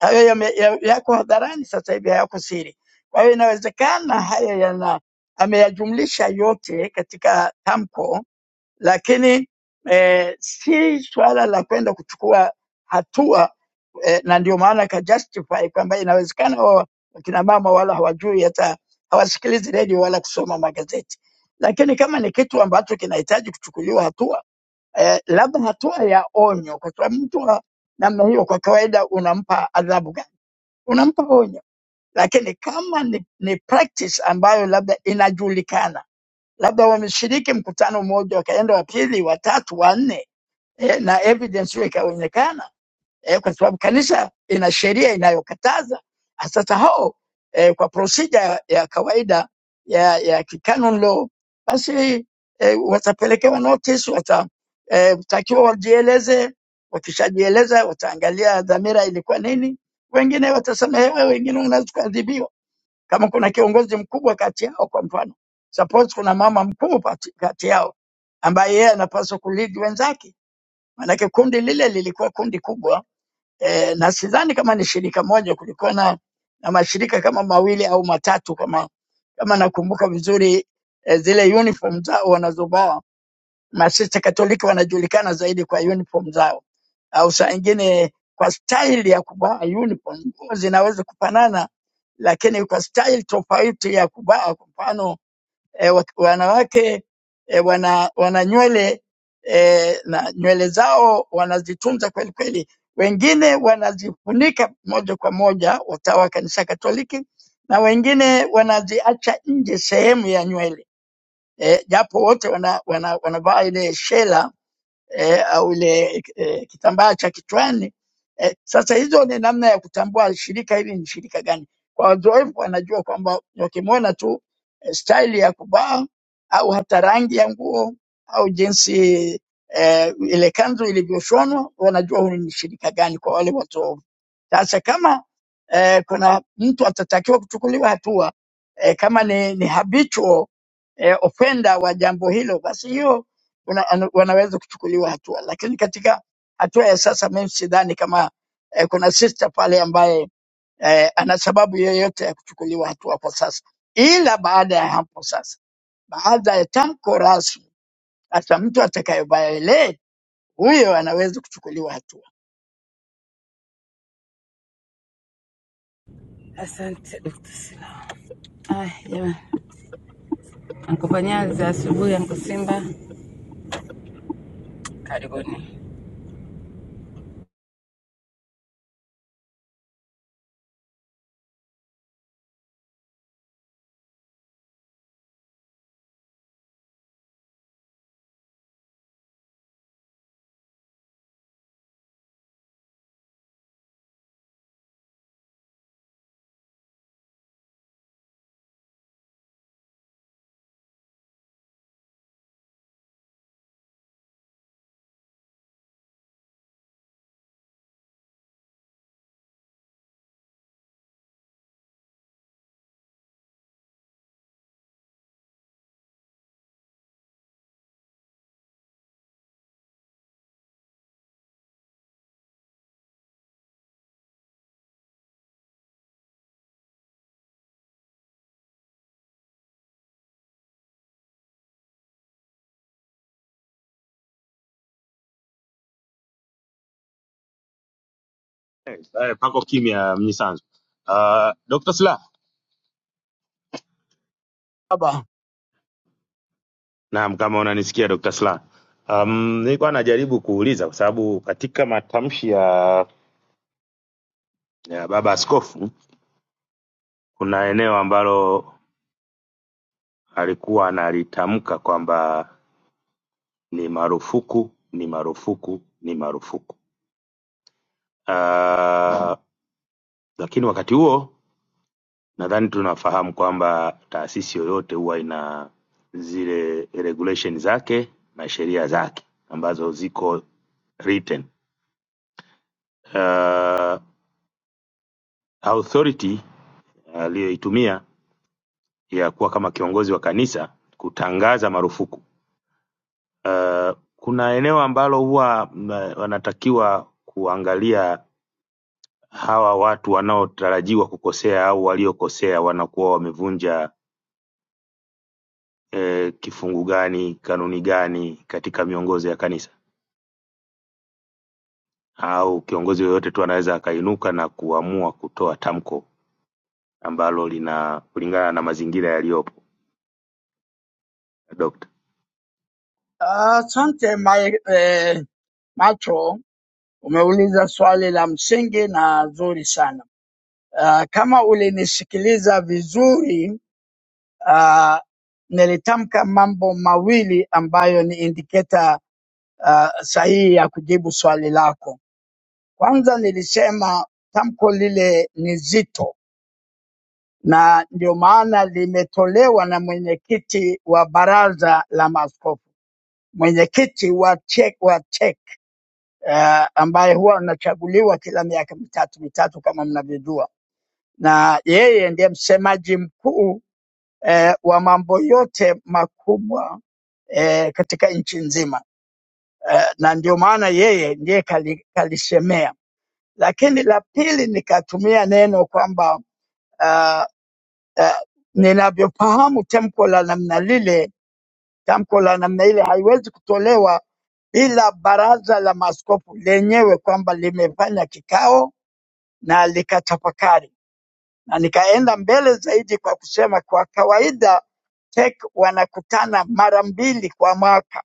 I: Hayo yame- ya- yako hadharani sasa hivi, hayako siri. Kwa hiyo inawezekana haya yana ameyajumlisha yote katika tamko lakini eh, si swala la kwenda kuchukua hatua eh, na ndio maana ka justify kwamba inawezekana wa- wakina mama wala hawajui hata hawasikilizi redio wala kusoma magazeti, lakini kama ni kitu ambacho kinahitaji kuchukuliwa hatua eh, labda hatua ya onyo, kwa sababu mtu wa namna hiyo kwa kawaida unampa adhabu gani? Unampa onyo. Lakini kama ni, ni practice ambayo labda inajulikana labda wameshiriki mkutano mmoja, wakaenda wa pili, wa tatu, wa nne eh, na evidence hiyo ikaonekana eh, kwa sababu kanisa ina sheria inayokataza. Ah, Sasa hao eh, kwa procedure ya ya kawaida ya, ya canon law, basi eh, watapelekewa notice, watatakiwa eh, watakiwa wajieleze. Wakishajieleza wataangalia dhamira ilikuwa nini. Wengine watasamehewa, wengine wanaweza kuadhibiwa. Kama kuna kiongozi mkubwa kati yao, kwa mfano suppose kuna mama mkuu pati- kati yao ambaye yeye anapaswa kulidi wenzake, maanake kundi lile lilikuwa kundi kubwa e, na sidhani kama ni shirika moja, kulikuwa na, na mashirika kama mawili au matatu kama kama nakumbuka vizuri e, zile uniform zao wanazovaa Masista Katoliki wanajulikana zaidi kwa uniform zao, au saa ingine kwa staili ya kuvaa uniform. Nguo zinaweza kufanana, lakini kwa staili tofauti ya kuvaa. Kwa mfano eh, wak- wanawake eh, wana, wana nywele eh, na nywele zao wanazitunza kweli kweli, wengine wanazifunika moja kwa moja, watawa wa kanisa Katoliki, na wengine wanaziacha nje sehemu ya nywele eh, japo wote wana, wana, wanavaa ile shela eh, au ile eh, kitambaa cha kichwani eh, sasa hizo ni namna ya kutambua shirika hili ni shirika gani. Kwa wazoefu wanajua kwamba wakimwona tu eh, staili ya kuvaa au hata rangi ya nguo au jinsi eh, ile kanzu ilivyoshonwa wanajua hili ni shirika gani kwa wale wazoefu. Sasa kama eh, kuna mtu atatakiwa kuchukuliwa hatua eh, kama ni, ni habitual eh, offender wa jambo hilo, basi hiyo una, ana- wanaweza kuchukuliwa hatua, lakini katika hatua ya sasa mimi sidhani kama eh, kuna sister pale ambaye eh, ana sababu yoyote ya kuchukuliwa hatua kwa sasa, ila baada ya hapo sasa, baada ya tamko rasmi, hata mtu atakaye violate huyo anaweza kuchukuliwa hatua.
E: Asante Dr. Sila. Aya jamani, ankopanyali za asubuhi, anko Simba, karibuni.
C: eh, pako kimya mnyisanzu. Uh, Dr. Sla.
I: Baba,
C: Naam, kama unanisikia Dr. Sla. Um, nilikuwa najaribu kuuliza kwa sababu katika matamshi ya, ya baba askofu kuna eneo ambalo alikuwa analitamka kwamba ni marufuku, ni marufuku, ni marufuku. Uh, lakini wakati huo nadhani tunafahamu kwamba taasisi yoyote huwa ina zile regulation zake na sheria zake ambazo ziko written authority uh, aliyoitumia ya kuwa kama kiongozi wa kanisa kutangaza marufuku. Uh, kuna eneo ambalo huwa mm, wanatakiwa kuangalia hawa watu wanaotarajiwa kukosea au waliokosea wanakuwa wamevunja eh, kifungu gani, kanuni gani katika miongozo ya kanisa, au kiongozi yoyote tu anaweza akainuka na kuamua kutoa tamko ambalo lina kulingana na mazingira yaliyopo. Dokta,
I: asante my, eh, Macho, umeuliza swali la msingi na zuri sana. Uh, kama ulinisikiliza vizuri uh, nilitamka mambo mawili ambayo ni indiketa uh, sahihi ya kujibu swali lako. Kwanza nilisema tamko lile ni zito, na ndio maana limetolewa na mwenyekiti wa baraza la maaskofu, mwenyekiti wa CHEC, wa CHEC uh, ambaye huwa anachaguliwa kila miaka mitatu mitatu kama mnavyojua, na yeye ndiye msemaji mkuu eh, wa mambo yote makubwa eh, katika nchi nzima eh, na ndio maana yeye ndiye kali, kalisemea. Lakini la pili nikatumia neno kwamba uh, uh, ninavyofahamu tamko la namna lile, tamko la namna ile haiwezi kutolewa bila baraza la maaskofu lenyewe kwamba limefanya kikao na likatafakari. na nikaenda mbele zaidi kwa kusema kwa kawaida TEC wanakutana mara mbili kwa mwaka,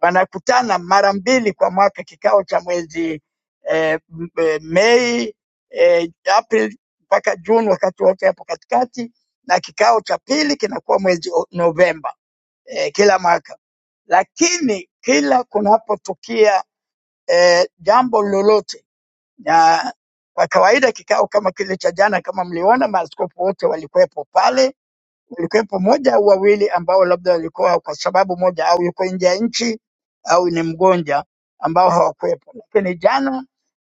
I: wanakutana mara mbili kwa mwaka, kikao cha mwezi eh, m- eh, Mei eh, Aprili mpaka Juni, wakati wote hapo katikati, na kikao cha pili kinakuwa mwezi O- Novemba eh, kila mwaka, lakini kila kunapotukia eh, jambo lolote na kwa kawaida kikao kama kile cha jana, kama mliona, maaskofu wote walikuwepo pale, walikuwepo moja au wawili ambao labda walikuwa kwa sababu moja au yuko nje ya nchi au ni mgonja ambao hawakuwepo, lakini jana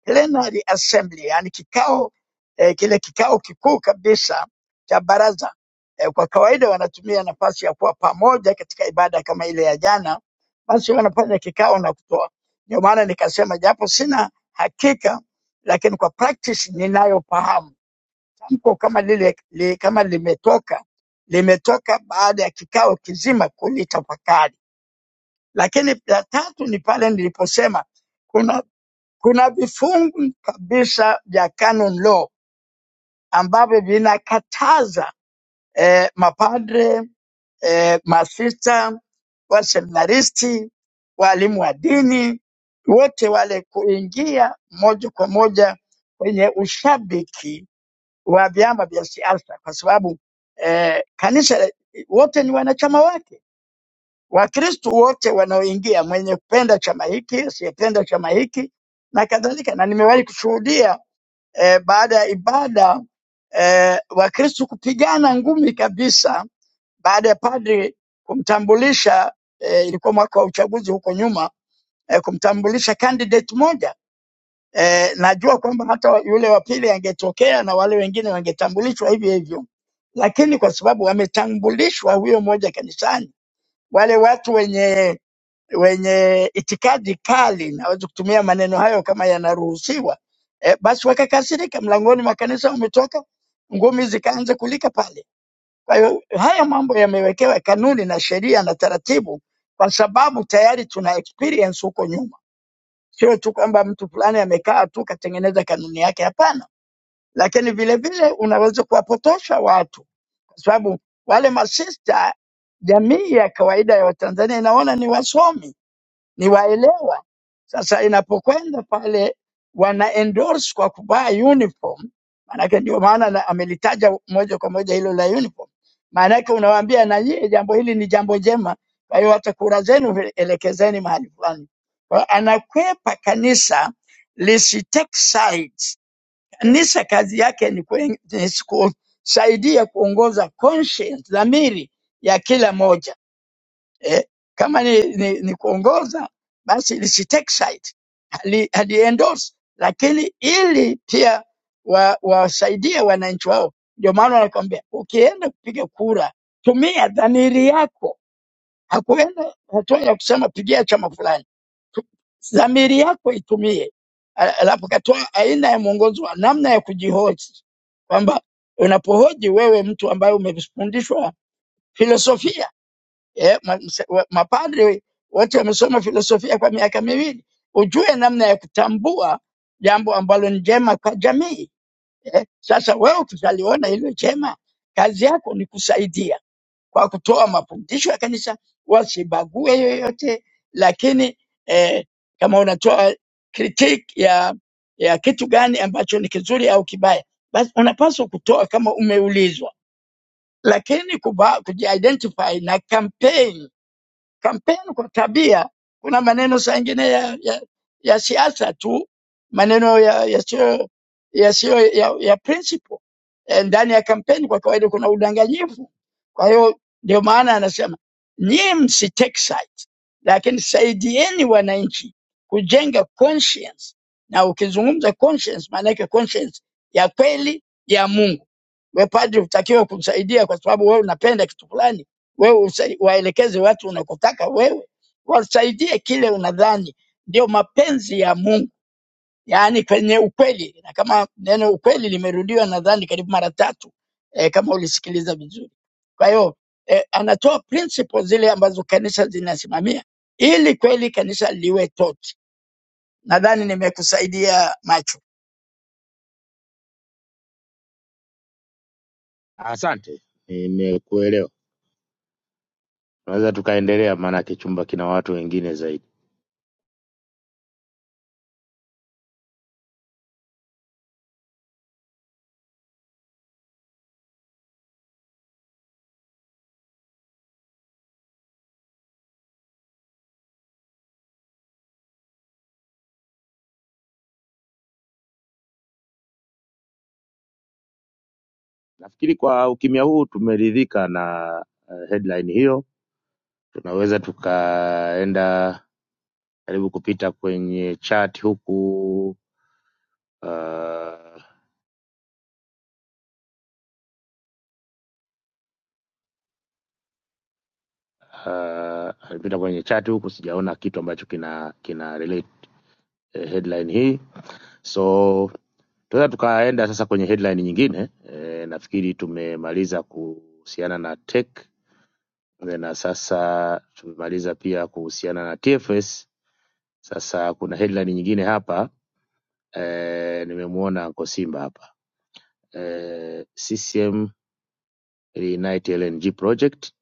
I: plenary assembly, yani kikao eh, kile kikao kikuu kabisa cha baraza eh, kwa kawaida wanatumia nafasi ya kuwa pamoja katika ibada kama ile ya jana, basi wanafanya kikao na kutoa. Ndio maana nikasema japo sina hakika, lakini kwa practice ninayofahamu tamko kama lile li, kama limetoka limetoka baada ya kikao kizima kulitafakari. Lakini la tatu ni pale niliposema kuna kuna vifungu kabisa vya canon law ambavyo vinakataza eh, mapadre eh, masista, waseminaristi, waalimu wa dini, wote wale kuingia moja kwa moja kwenye ushabiki wa vyama vya siasa, kwa sababu eh, kanisa la- wote ni wanachama wake. Wakristo wote wanaoingia, mwenye kupenda chama hiki, asiyependa chama hiki na kadhalika, na nimewahi kushuhudia eh, baada ya ibada eh, Wakristo kupigana ngumi kabisa baada ya padri kumtambulisha eh, ilikuwa mwaka wa uchaguzi huko nyuma eh, kumtambulisha candidate moja eh, najua kwamba hata wa- yule wa pili angetokea na wale wengine wangetambulishwa hivyo hivyo, lakini kwa sababu wametambulishwa huyo mmoja kanisani, wale watu wenye wenye itikadi kali, naweza kutumia maneno hayo kama yanaruhusiwa e, basi wakakasirika, mlangoni mwa kanisa wametoka, ngumi zikaanza kulika pale. Kwa hiyo haya mambo yamewekewa kanuni na sheria na taratibu, kwa sababu tayari tuna experience huko nyuma, sio tu kwamba mtu fulani amekaa tu katengeneza kanuni yake, hapana. Lakini vilevile unaweza kuwapotosha watu, kwa sababu wale masista, jamii ya kawaida ya Watanzania inaona ni wasomi ni waelewa. Sasa inapokwenda pale wana endorse kwa kuvaa uniform, maanake ndio maana na- amelitaja moja kwa moja hilo la uniform, maanake unawaambia na nyie jambo hili ni jambo jema, kwa hiyo hata kura zenu vi- elekezeni mahali fulani. Kwa hiyo Anakwepa kanisa lisi take sides. Kanisa kazi yake ni kuen- ni kusaidia kuongoza conscience, dhamiri ya kila moja eh, kama ni, ni, ni kuongoza basi lisitake side hali, haliendorse, lakini ili pia wa- wawasaidie wananchi wao. Ndio maana wanakwambia ukienda kupiga kura, tumia dhamiri yako. Hakuenda hatua ya kusema pigia chama fulani, Tu- dhamiri yako itumie. Al- Alafu katoa aina ya mwongozo wa namna ya kujihoji, kwamba unapohoji wewe, mtu ambaye umefundishwa filosofia eh, ma- mse- wa- mapadri wote wamesoma filosofia kwa miaka miwili, ujue namna ya kutambua jambo ambalo ni jema kwa jamii eh. Sasa wewe ukishaliona hilo jema, kazi yako ni kusaidia kwa kutoa mafundisho ya kanisa, wasibague yoyote, lakini eh, kama unatoa critique ya ya kitu gani ambacho ni kizuri au kibaya, basi unapaswa kutoa kama umeulizwa, lakini kuba, kujiidentify na campaign Kampeni kwa tabia, kuna maneno saa ingine ya, ya, ya siasa tu, maneno ya- yasiyo yasiyo ya, ya principle. Eh, Ndani ya kampeni kwa kawaida kuna udanganyifu. Kwa hiyo ndio maana anasema nyie msitake sides, lakini saidieni wananchi kujenga conscience, na ukizungumza conscience maana yake conscience ya kweli ya Mungu. Wewe padri utakiwe kusaidia kwa sababu wewe unapenda kitu fulani, wewe usa- waelekeze watu unakotaka wewe, wasaidie kile unadhani ndio mapenzi ya Mungu, yaani kwenye ukweli. Na kama neno ukweli limerudiwa nadhani karibu mara tatu eh, kama ulisikiliza vizuri. Kwa hiyo eh, anatoa principle zile ambazo kanisa zinasimamia ili kweli kanisa liwe toti. Nadhani nimekusaidia macho.
C: Asante, nimekuelewa. tunaweza tukaendelea, maanake chumba kina watu wengine zaidi. Nafikiri kwa ukimya huu tumeridhika na eh, headline hiyo. Tunaweza tukaenda karibu kupita kwenye chat huku uh, uh, alipita kwenye chat huku, sijaona kitu ambacho kina kina relate eh, headline hii so tunaweza tukaenda sasa kwenye headline nyingine e, nafikiri tumemaliza kuhusiana na tech na sasa tumemaliza pia kuhusiana na TFS Sasa kuna headline nyingine hapa eh, nimemwona kwa Simba hapa eh, CCM reunite LNG project,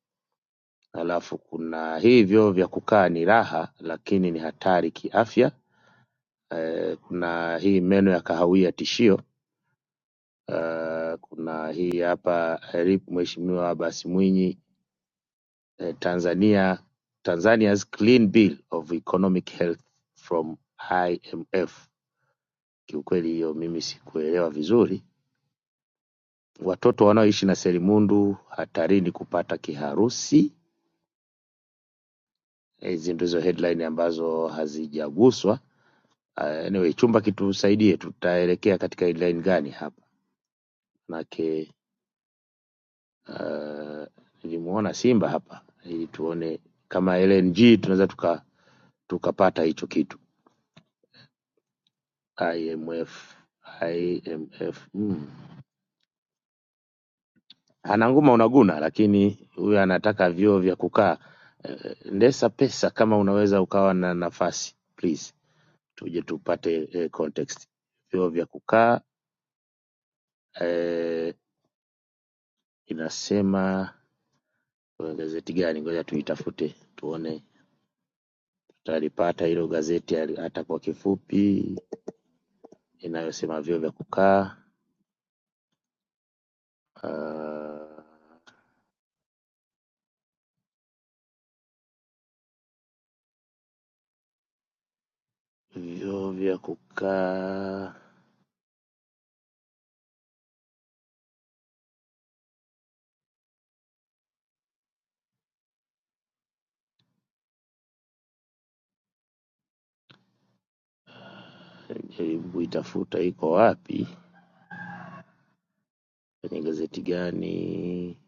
C: alafu kuna hivyo vya kukaa ni raha lakini ni hatari kiafya. Eh, kuna hii meno ya kahawia tishio. Eh, kuna hii hapa eh, RIP Mheshimiwa Abasi Mwinyi eh, Tanzania Tanzania's clean bill of economic health from IMF. Kiukweli hiyo mimi sikuelewa vizuri Watoto wanaoishi na selimundu hatarini kupata kiharusi. Hizi ndizo headline ambazo hazijaguswa. Uh, Anyway, chumba kitusaidie, tutaelekea katika headline gani hapa? Manake uh, nilimuona Simba hapa ili tuone kama LNG tunaweza tuka tukapata hicho kitu. IMF IMF mm. Ananguma unaguna, lakini huyu anataka vyoo vya kukaa. Eh, Ndesa pesa, kama unaweza ukawa na nafasi please. tuje tupate eh, context. Vyoo vya kukaa eh, inasema kwa gazeti gani? Ngoja tuitafute tuone tutalipata hilo gazeti hali- hata kwa kifupi, inayosema vyoo vya kukaa uh, vyoo vya kukaa, jaribu itafuta iko wapi kwenye gazeti gani?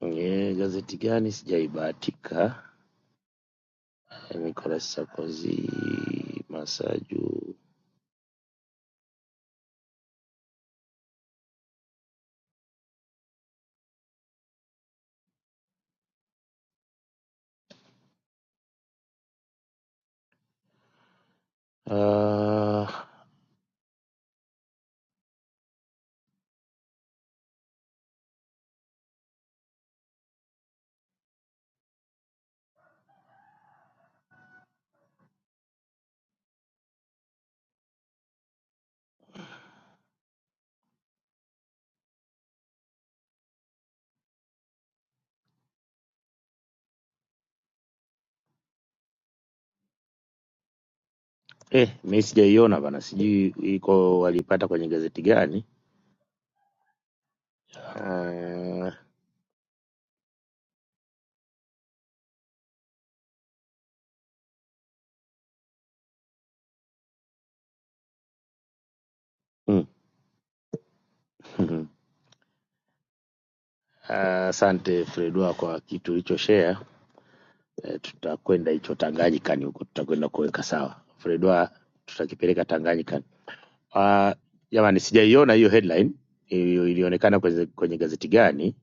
C: Kwenye gazeti gani? Sijaibahatika. Nicolas Sarkozy Masaju. Ah, uh, Eh, mi sijaiona bana, sijui iko walipata kwenye gazeti gani. Ah, mm, [laughs] ah, Asante Fredwa kwa kitu ulichoshare. Eh, tutakwenda hicho Tanganyikani huko, tutakwenda kuweka sawa Fredwa, tutakipeleka Tanganyikani. Ah, Jamani, sijaiona hiyo headline ili- ilionekana kwenye, kwenye gazeti gani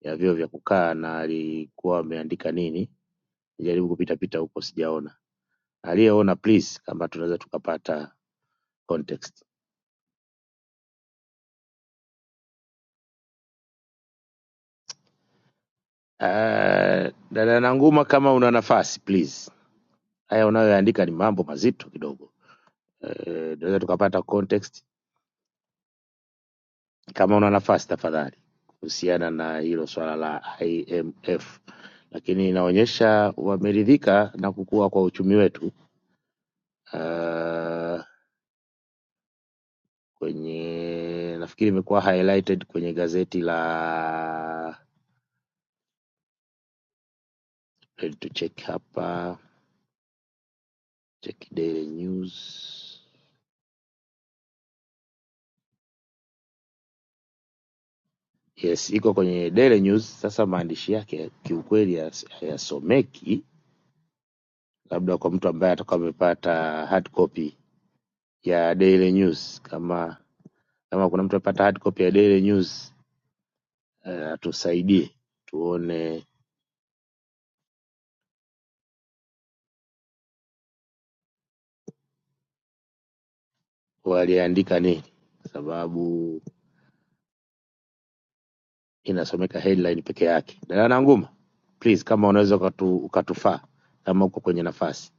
C: ya vyeo vya kukaa na alikuwa ameandika nini. Nijaribu kupita pita huko, sijaona. Aliyeona please, kama tunaweza tukapata context. Uh, dada Nanguma, kama una nafasi please, haya unayoandika ni mambo mazito kidogo. Eh, tunaweza tukapata context kama una nafasi tafadhali, kuhusiana na hilo swala la IMF, lakini inaonyesha wameridhika na kukua kwa uchumi wetu. Uh, kwenye nafikiri imekuwa highlighted kwenye gazeti la let to check hapa, check Daily News Yes, iko kwenye Daily News. Sasa maandishi yake kiukweli hayas- hayasomeki, labda kwa mtu ambaye atakuwa amepata hard copy ya Daily News. Kama kama kuna mtu amepata hard copy ya Daily News eh, atusaidie tuone waliandika nini, sababu inasomeka headline peke yake. Dada Nanguma, please, kama unaweza ukatu, ukatufaa kama uko kwenye nafasi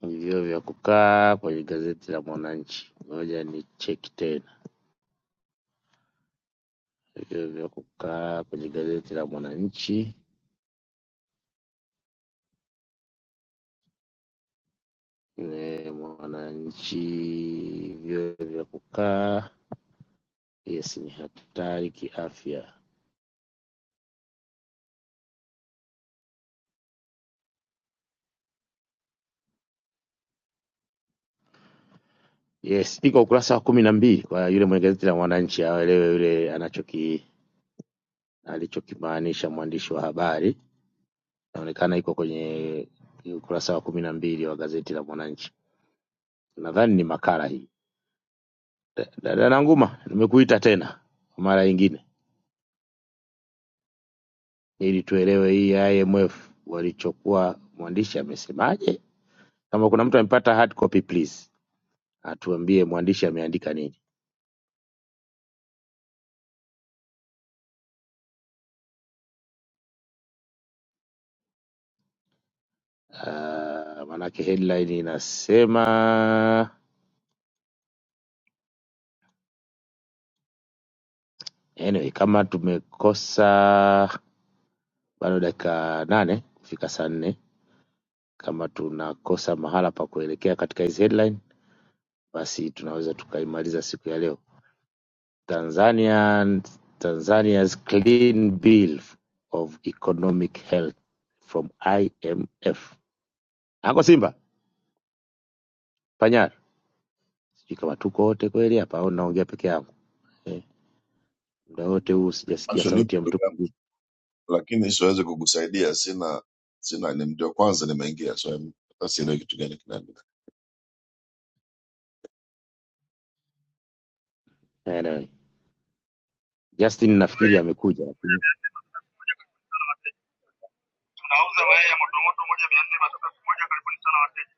C: hivyo vya kukaa kwenye gazeti la Mwananchi, ngoja ni cheki tena. vile vya kukaa kwenye gazeti la Mwananchi eh, Mwananchi vile vya kukaa yes, ni hatari kiafya. Yes, iko ukurasa wa kumi na mbili kwa yule mwenye gazeti la Mwananchi aelewe yule anachoki alichokimaanisha mwandishi wa habari. Inaonekana iko kwenye ukurasa wa kumi na mbili wa gazeti la Mwananchi. Nadhani ni makala hii. Da- Dada Nanguma, nimekuita tena kwa mara nyingine. ili tuelewe hii IMF walichokuwa mwandishi amesemaje. Kama kuna mtu amepata hard copy please atuambie mwandishi ameandika nini. Uh, maanake headline inasema anyway, kama tumekosa bado dakika nane kufika saa nne, kama tunakosa mahala pa kuelekea katika hizi headline, basi tunaweza tukaimaliza siku ya leo. Tanzanian, Tanzania's Clean Bill of Economic Health from IMF. Anko Simba Panyar, sijui kama tuko wote kweli hapa au naongea peke yangu eh, muda wote huu sijasikia
J: Actually nipo
C: sauti ya
J: ndugu
C: mtu
J: yangu,
C: mwingine.
J: lakini siwezi kukusaidia, sina sina, ni ndio kwanza nimeingia, so I'm- hata sielewi kitu gani kinaendelea.
C: Anyway, Justin nafikiri amekuja, lakini
K: Nauza mayai ya motomoto moja mia nne matatu elfu moja Karibuni sana wateja.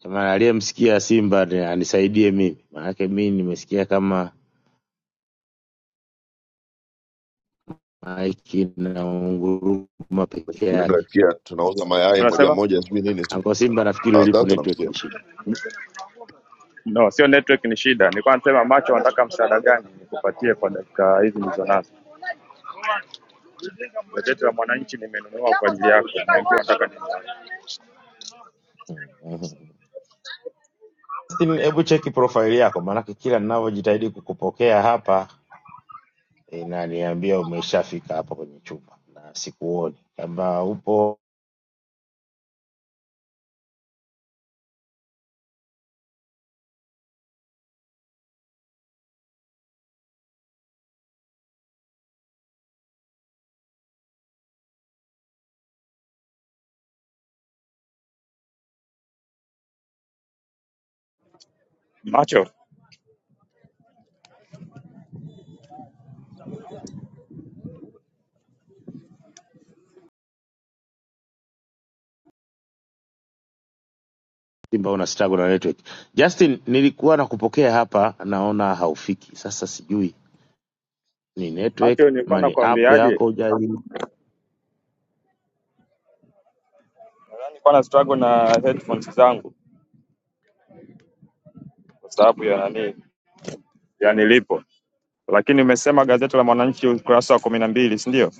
C: jamani, aliyemsikia Simba ni- anisaidie mimi, maanake mi nimesikia kama maiki na unguruma peke
J: Ndio
C: yake.
J: nasikia tunauza mayai moja
K: Unasema
J: moja, sijui nini, sijui
C: Anko Simba, nafikiri
J: ah,
C: ulipo
J: sasa
C: network
J: namsikia.
C: ni shida.
K: no, sio network ni shida. Nilikuwa nasema macho, wanataka msaada gani nikupatie kwa dakika hizi nilizonazo? Gazeti la Mwananchi nimenunua kwa ajili yako, niambie unataka nini.
C: Mm-hmm. Justin, hebu cheki profile yako, maanake kila ninavyojitahidi kukupokea hapa inaniambia umeshafika hapa kwenye chumba na sikuoni kama upo
K: Macho,
C: Simba una struggle na network. Justin, nilikuwa nakupokea hapa, naona haufiki. Sasa sijui ni network
K: macho, nilikuwa
C: ama ni app
K: nakwambiaje,
C: yako hujali
K: nilikuwa na struggle na headphones zangu kwa sababu ya nani ya nilipo, lakini umesema gazeti la Mwananchi ukurasa wa kumi na mbili si ndio?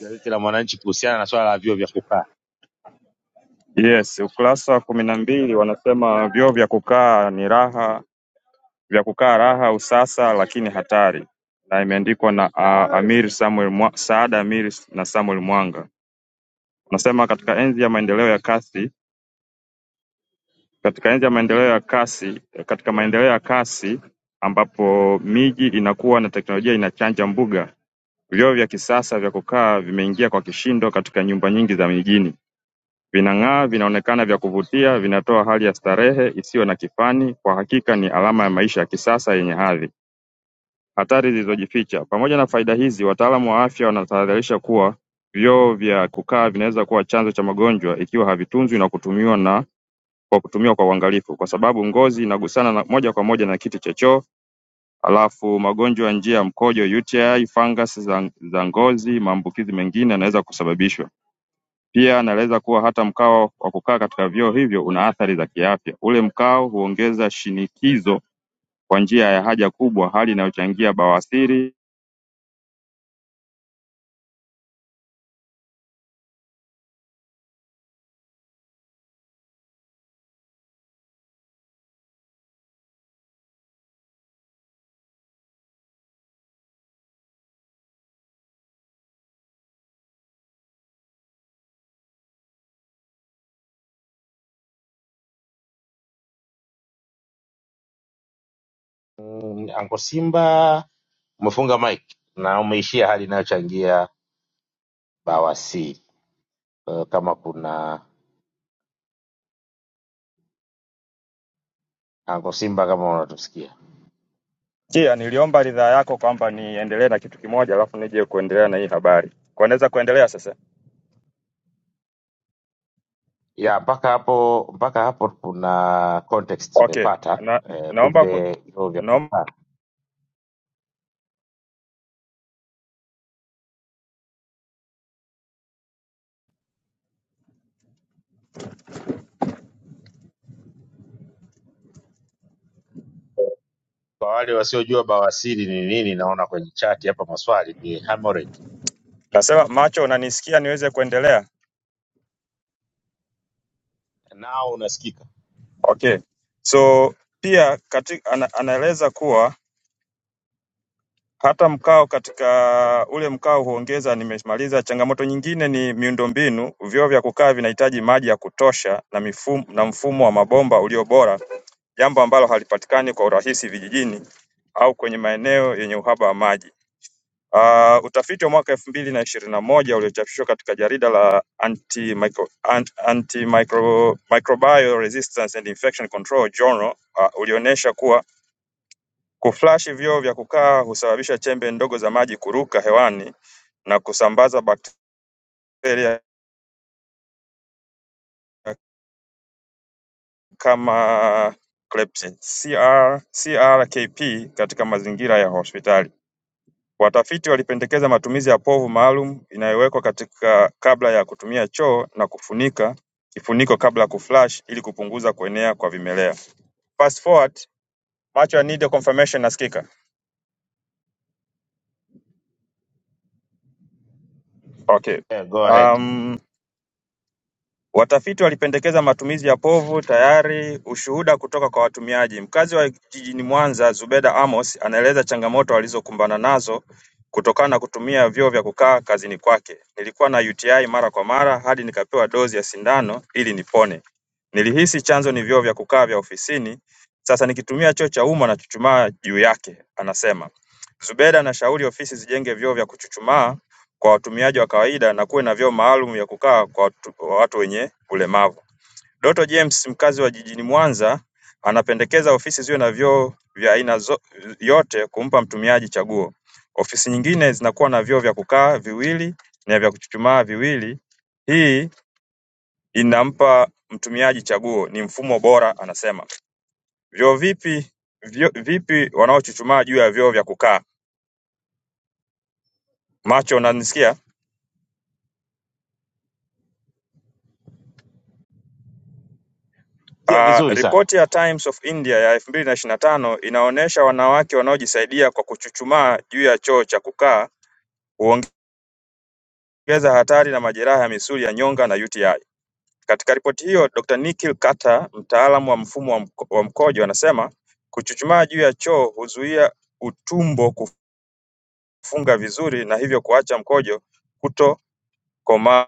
C: gazeti la Mwananchi kuhusiana na swala la vyuo vya kukaa.
K: Yes, ukurasa wa kumi na mbili wanasema vyoo vya kukaa ni raha vya kukaa raha usasa lakini hatari na imeandikwa na Saad Amiri na Samuel Mwanga unasema katika enzi ya maendeleo ya kasi katika enzi ya maendeleo ya kasi katika maendeleo ya kasi ambapo miji inakuwa na teknolojia inachanja mbuga vyoo vya kisasa vya kukaa vimeingia kwa kishindo katika nyumba nyingi za mijini vinang'aa vinaonekana vya kuvutia vinatoa hali ya starehe isiyo na kifani kwa hakika ni alama ya maisha ya kisasa yenye hadhi Hatari zilizojificha Pamoja na faida hizi wataalamu wa afya wanatahadharisha kuwa vyoo vya kukaa vinaweza kuwa chanzo cha magonjwa ikiwa havitunzwi na kutumiwa na kwa kutumiwa kwa uangalifu kwa sababu ngozi inagusana na moja kwa moja na kiti cha choo halafu magonjwa ya njia ya mkojo UTI, fungus za, za ngozi, maambukizi mengine yanaweza kusababishwa. Pia anaeleza kuwa hata mkao wa kukaa katika vyoo hivyo una athari za kiafya. Ule mkao huongeza shinikizo kwa njia ya haja kubwa, hali inayochangia bawasiri
C: Mm, Anko Simba umefunga mic na umeishia hali inayochangia bawasi. Kwa hiyo Kama kuna Anko Simba, kama unatusikia
K: Kia, niliomba ridhaa yako kwamba niendelee na kitu kimoja alafu nije kuendelea na hii habari. Kwa naweza kuendelea sasa?
C: ya mpaka hapo mpaka hapo kuna context
K: Okay.
C: tumepata
K: Na,
C: eh,
K: naomba ku,
C: kumbe vyuo vya
K: naomba
C: kupata kwa wale wasiojua bawasiri ni nini naona kwenye chati hapa maswali ni hemorrhage
K: nasema macho unanisikia niweze kuendelea?
C: nao unasikika
K: Okay. So pia katika, ana, anaeleza kuwa hata mkao katika ule mkao huongeza, nimemaliza. Changamoto nyingine ni miundombinu, vyoo vya kukaa vinahitaji maji ya kutosha na mifumo, na mfumo wa mabomba ulio bora, jambo ambalo halipatikani kwa urahisi vijijini au kwenye maeneo yenye uhaba wa maji. Uh, utafiti wa mwaka elfu mbili na ishirini na moja uliochapishwa katika jarida la Antimicro- Ant- Antimicro- Microbial Resistance and Infection Control Journal uh, ulionyesha kuwa kuflash vyoo vya kukaa husababisha chembe ndogo za maji kuruka hewani na kusambaza bakteria kama Klebsiella- CR, CRKP katika mazingira ya hospitali. Watafiti walipendekeza matumizi ya povu maalum inayowekwa katika kabla ya kutumia choo na kufunika kifuniko kabla ya kuflush ili kupunguza kuenea kwa vimelea. Fast forward macho ya Need confirmation nasikika? Okay.
C: eh, go ahead
K: Um, Watafiti walipendekeza matumizi ya povu tayari ushuhuda kutoka kwa watumiaji. Mkazi wa jijini Mwanza, Zubeda Amos anaeleza changamoto alizokumbana nazo kutokana na kutumia vyoo vya kukaa kazini kwake. Nilikuwa na UTI mara kwa mara hadi nikapewa dozi ya sindano ili nipone. Nilihisi chanzo ni vyoo vya kukaa vya ofisini, sasa nikitumia choo cha umma na chuchumaa juu yake, anasema. Zubeda anashauri ofisi zijenge vyoo vya kuchuchumaa kwa watumiaji wa kawaida na kuwe na vyoo maalum vya kukaa kwa watu- watu wenye ulemavu. Doto James mkazi wa jijini Mwanza anapendekeza ofisi ziwe na vyoo vya aina zo- yote kumpa mtumiaji chaguo. Ofisi nyingine zinakuwa na vyoo vya kukaa viwili na vya kuchuchumaa viwili. Hii inampa mtumiaji chaguo, ni mfumo bora anasema. Vyoo vipi vyo, vipi wanaochuchumaa juu ya vyoo vya kukaa? Macho unanisikia?
C: pia
K: Uh,
C: vizuri sana
K: ripoti ya Times of India ya 2025 inaonyesha wanawake wanaojisaidia kwa kuchuchumaa juu ya choo cha kukaa huongeza hatari na majeraha ya misuli ya nyonga na UTI. Katika ripoti hiyo, Dr. Nikhil Kata, mtaalamu wa mfumo wa mko- wa mkojo, anasema kuchuchumaa juu ya choo huzuia utumbo kufunga vizuri na hivyo kuacha mkojo kutokomaa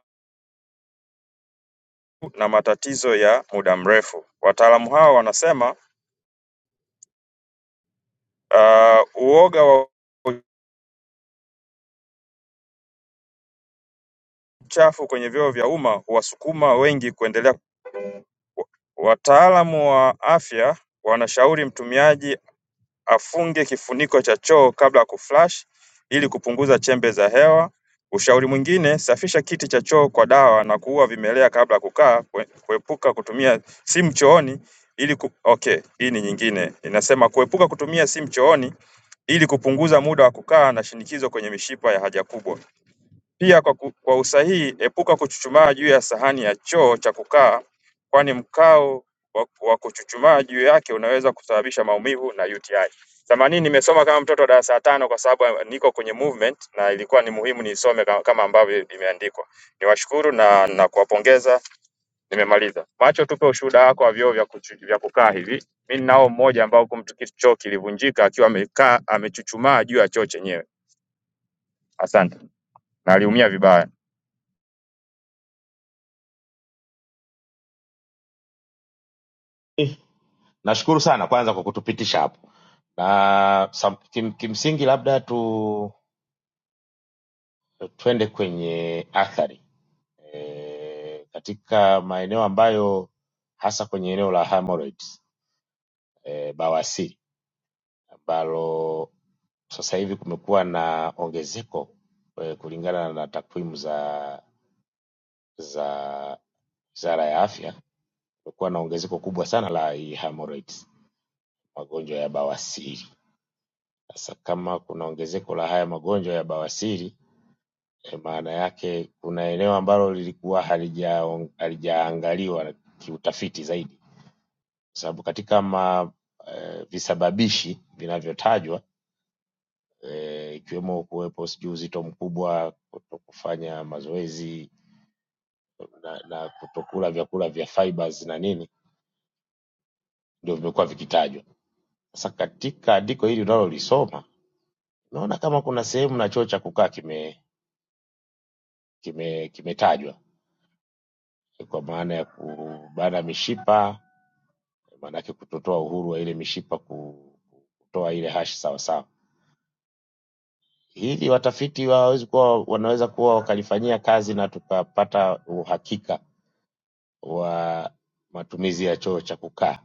K: na matatizo ya muda mrefu. Wataalamu hao wanasema uh, uoga wa Uchafu kwenye vyoo vya umma huwasukuma wengi kuendelea Wataalamu wa afya wanashauri mtumiaji afunge kifuniko cha choo kabla ya kuflush ili kupunguza chembe za hewa. Ushauri mwingine, safisha kiti cha choo kwa dawa na kuua vimelea kabla ya kukaa, kue- kuepuka kutumia simu chooni ili ku... Okay, hii ni nyingine. Inasema kuepuka kutumia simu chooni ili kupunguza muda wa kukaa na shinikizo kwenye mishipa ya haja kubwa. Pia kwa ku, kwa usahihi epuka kuchuchumaa juu ya sahani ya choo cha kukaa kwani mkao wa wa kuchuchumaa juu yake unaweza kusababisha maumivu na UTI. Themanini nimesoma kama mtoto wa darasa la tano kwa sababu eh, niko kwenye movement na ilikuwa ni muhimu nisome ka- kama ambavyo imeandikwa. Niwashukuru na na kuwapongeza, nimemaliza. Macho, tupe ushuhuda wako wa vyoo vya, kuchu- vya kukaa hivi. Mimi ninao mmoja ambao kumtuki choo kilivunjika akiwa amekaa amechuchumaa juu ya choo chenyewe. Asante. Na aliumia vibaya.
C: eh, nashukuru sana kwanza kwa kutupitisha hapo na sam, kim, kimsingi labda tu eh, twende kwenye athari eh, katika maeneo ambayo hasa kwenye eneo la hemorrhage eh, bawasiri ambalo sasa hivi kumekuwa na ongezeko eh, kulingana na takwimu za za wizara ya afya, kumekuwa na ongezeko kubwa sana la hii hemorrhoids, magonjwa ya bawasiri. Sasa kama kuna ongezeko la haya magonjwa ya bawasiri eh, maana yake kuna eneo ambalo lilikuwa halija- halijaangaliwa kiutafiti zaidi, kwa sababu katika ma, eh, visababishi vinavyotajwa eh, ikiwemo kuwepo sijui uzito mkubwa, kutokufanya mazoezi na, na kutokula vyakula vya fibers na nini, ndio vimekuwa vikitajwa. Sasa katika andiko hili unalolisoma naona kama kuna sehemu na choo cha kukaa kime kime kimetajwa kwa maana ya kubana mishipa, maanake kutotoa uhuru wa ile mishipa ku- kutoa ile hash sawasawa. Hili watafiti hawawezi kuwa wanaweza kuwa wakalifanyia kazi na tukapata uhakika wa matumizi ya choo cha kukaa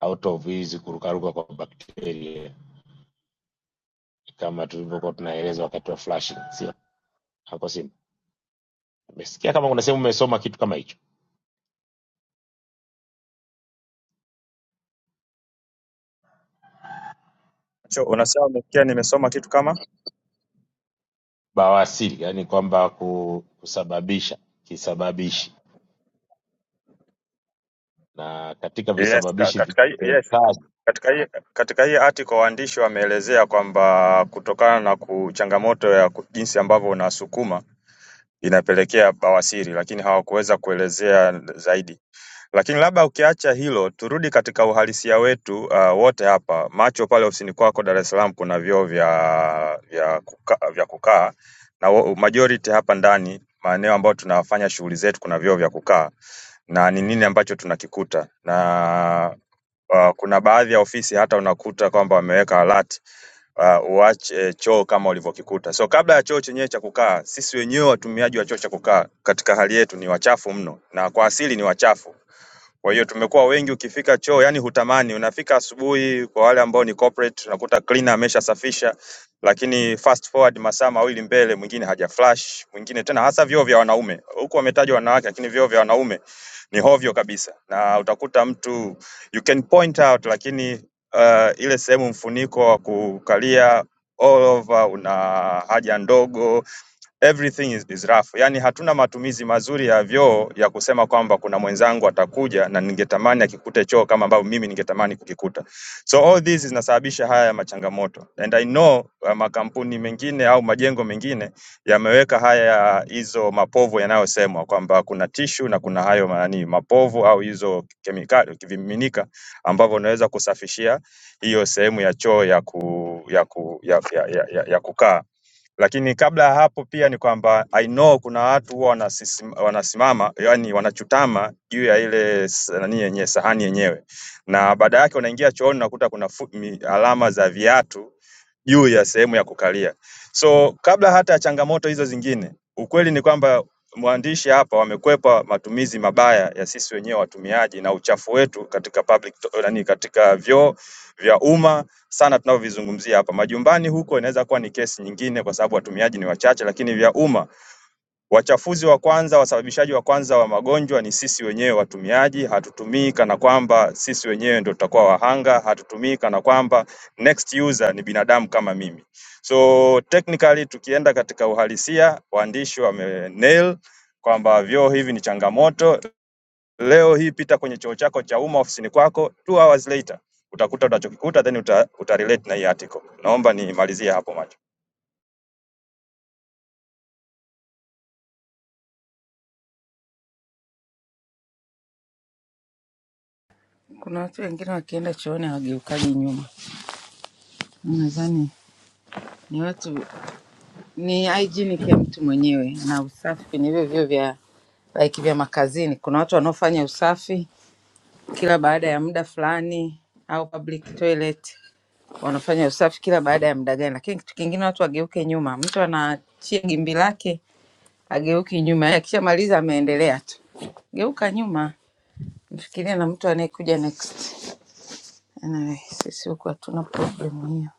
C: out of hizi kurukaruka kwa bakteria kama tulivyokuwa tunaeleza wakati wa flushing, sio hapo? Sina nimesikia kama kuna sehemu umesoma kitu kama hicho
K: Cho, unasema umesikia nimesoma kitu kama
C: bawasiri, yani kwamba ku- kusababisha kisababishi, na katika
K: yes, ka-
C: visababishi
K: katika hii- yes,
C: vinavyotajwa
K: katika hii katika hii article waandishi wameelezea kwamba kutokana na ku- changamoto ya ku- jinsi ambavyo unasukuma inapelekea bawasiri, lakini hawakuweza kuelezea zaidi. Lakini labda ukiacha hilo, turudi katika uhalisia wetu uh, wote hapa macho pale ofisini kwako Dar es Salaam kuna vyoo vya vya kukaa, vya kukaa na wo- majority hapa ndani maeneo ambayo tunafanya shughuli zetu kuna vyoo vya kukaa na ni nini ambacho tunakikuta na uh, kuna baadhi ya ofisi hata unakuta kwamba wameweka alert uh, uache choo kama ulivyokikuta. So kabla ya choo chenyewe cha kukaa, sisi wenyewe watumiaji wa choo cha kukaa katika hali yetu ni wachafu mno, na kwa asili ni wachafu. Kwa hiyo tumekuwa wengi, ukifika choo yani hutamani, unafika asubuhi. Kwa wale ambao ni corporate, unakuta cleaner ameshasafisha, lakini fast forward masaa mawili mbele, mwingine haja flush, mwingine tena, hasa vyoo vya wanaume huku wametajwa wanawake, lakini vyoo vya wanaume ni hovyo kabisa, na utakuta mtu you can point out, lakini uh, ile sehemu mfuniko wa kukalia all over una haja ndogo everything is, is rough. Yani hatuna matumizi mazuri ya vyoo ya kusema kwamba kuna mwenzangu atakuja na ningetamani akikute choo kama ambavyo mimi ningetamani kukikuta. So all this zinasababisha haya machangamoto and I know uh, makampuni mengine au majengo mengine yameweka haya hizo mapovu yanayosemwa kwamba kuna tishu na kuna hayo nani mapovu au hizo kemikali vimiminika ambavyo unaweza kusafishia hiyo sehemu ya choo ya ku, ya, ku, ya, ya, ya, ya, ya kukaa lakini kabla ya hapo pia ni kwamba I know kuna watu huwa wanasim- wanasimama yani wanachutama juu ya ile s- nani yenyewe sahani yenyewe, na baada yake unaingia chooni unakuta kuna fu, mi, alama za viatu juu ya sehemu ya kukalia. So kabla hata ya changamoto hizo zingine, ukweli ni kwamba mwandishi hapa wamekwepa matumizi mabaya ya sisi wenyewe watumiaji na uchafu wetu katika public to, nani, katika vyoo vya umma sana tunavyovizungumzia hapa. Majumbani huko inaweza kuwa ni kesi nyingine, kwa sababu watumiaji ni wachache, lakini vya umma, wachafuzi wa kwanza, wasababishaji wa kwanza wa magonjwa ni sisi wenyewe watumiaji. Hatutumii kana kwamba sisi wenyewe ndio tutakuwa wahanga, hatutumii kana kwamba next user ni binadamu kama mimi. So technically tukienda katika uhalisia, waandishi wame nail kwamba vyoo hivi ni changamoto Leo hii pita kwenye chuo chako cha umma ofisini kwako two hours later utakuta unachokikuta then uta, utarelate na hii article. Naomba nimalizie hapo macho.
E: Kuna watu wengine wakienda chooni hawageukaji nyuma. Nadhani ni watu ni hygienic ya mtu mwenyewe na usafi kwenye hivyo vyoo vya like vya makazini. Kuna watu wanaofanya usafi kila baada ya muda fulani au public toilet wanafanya usafi kila baada ya muda gani, lakini kitu kingine watu wageuke nyuma. Mtu anaachia gimbi lake ageuki nyuma, yaani akishamaliza ameendelea tu. Geuka nyuma, mfikirie na mtu anayekuja next. Anyway, sisi huku hatuna problem hiyo.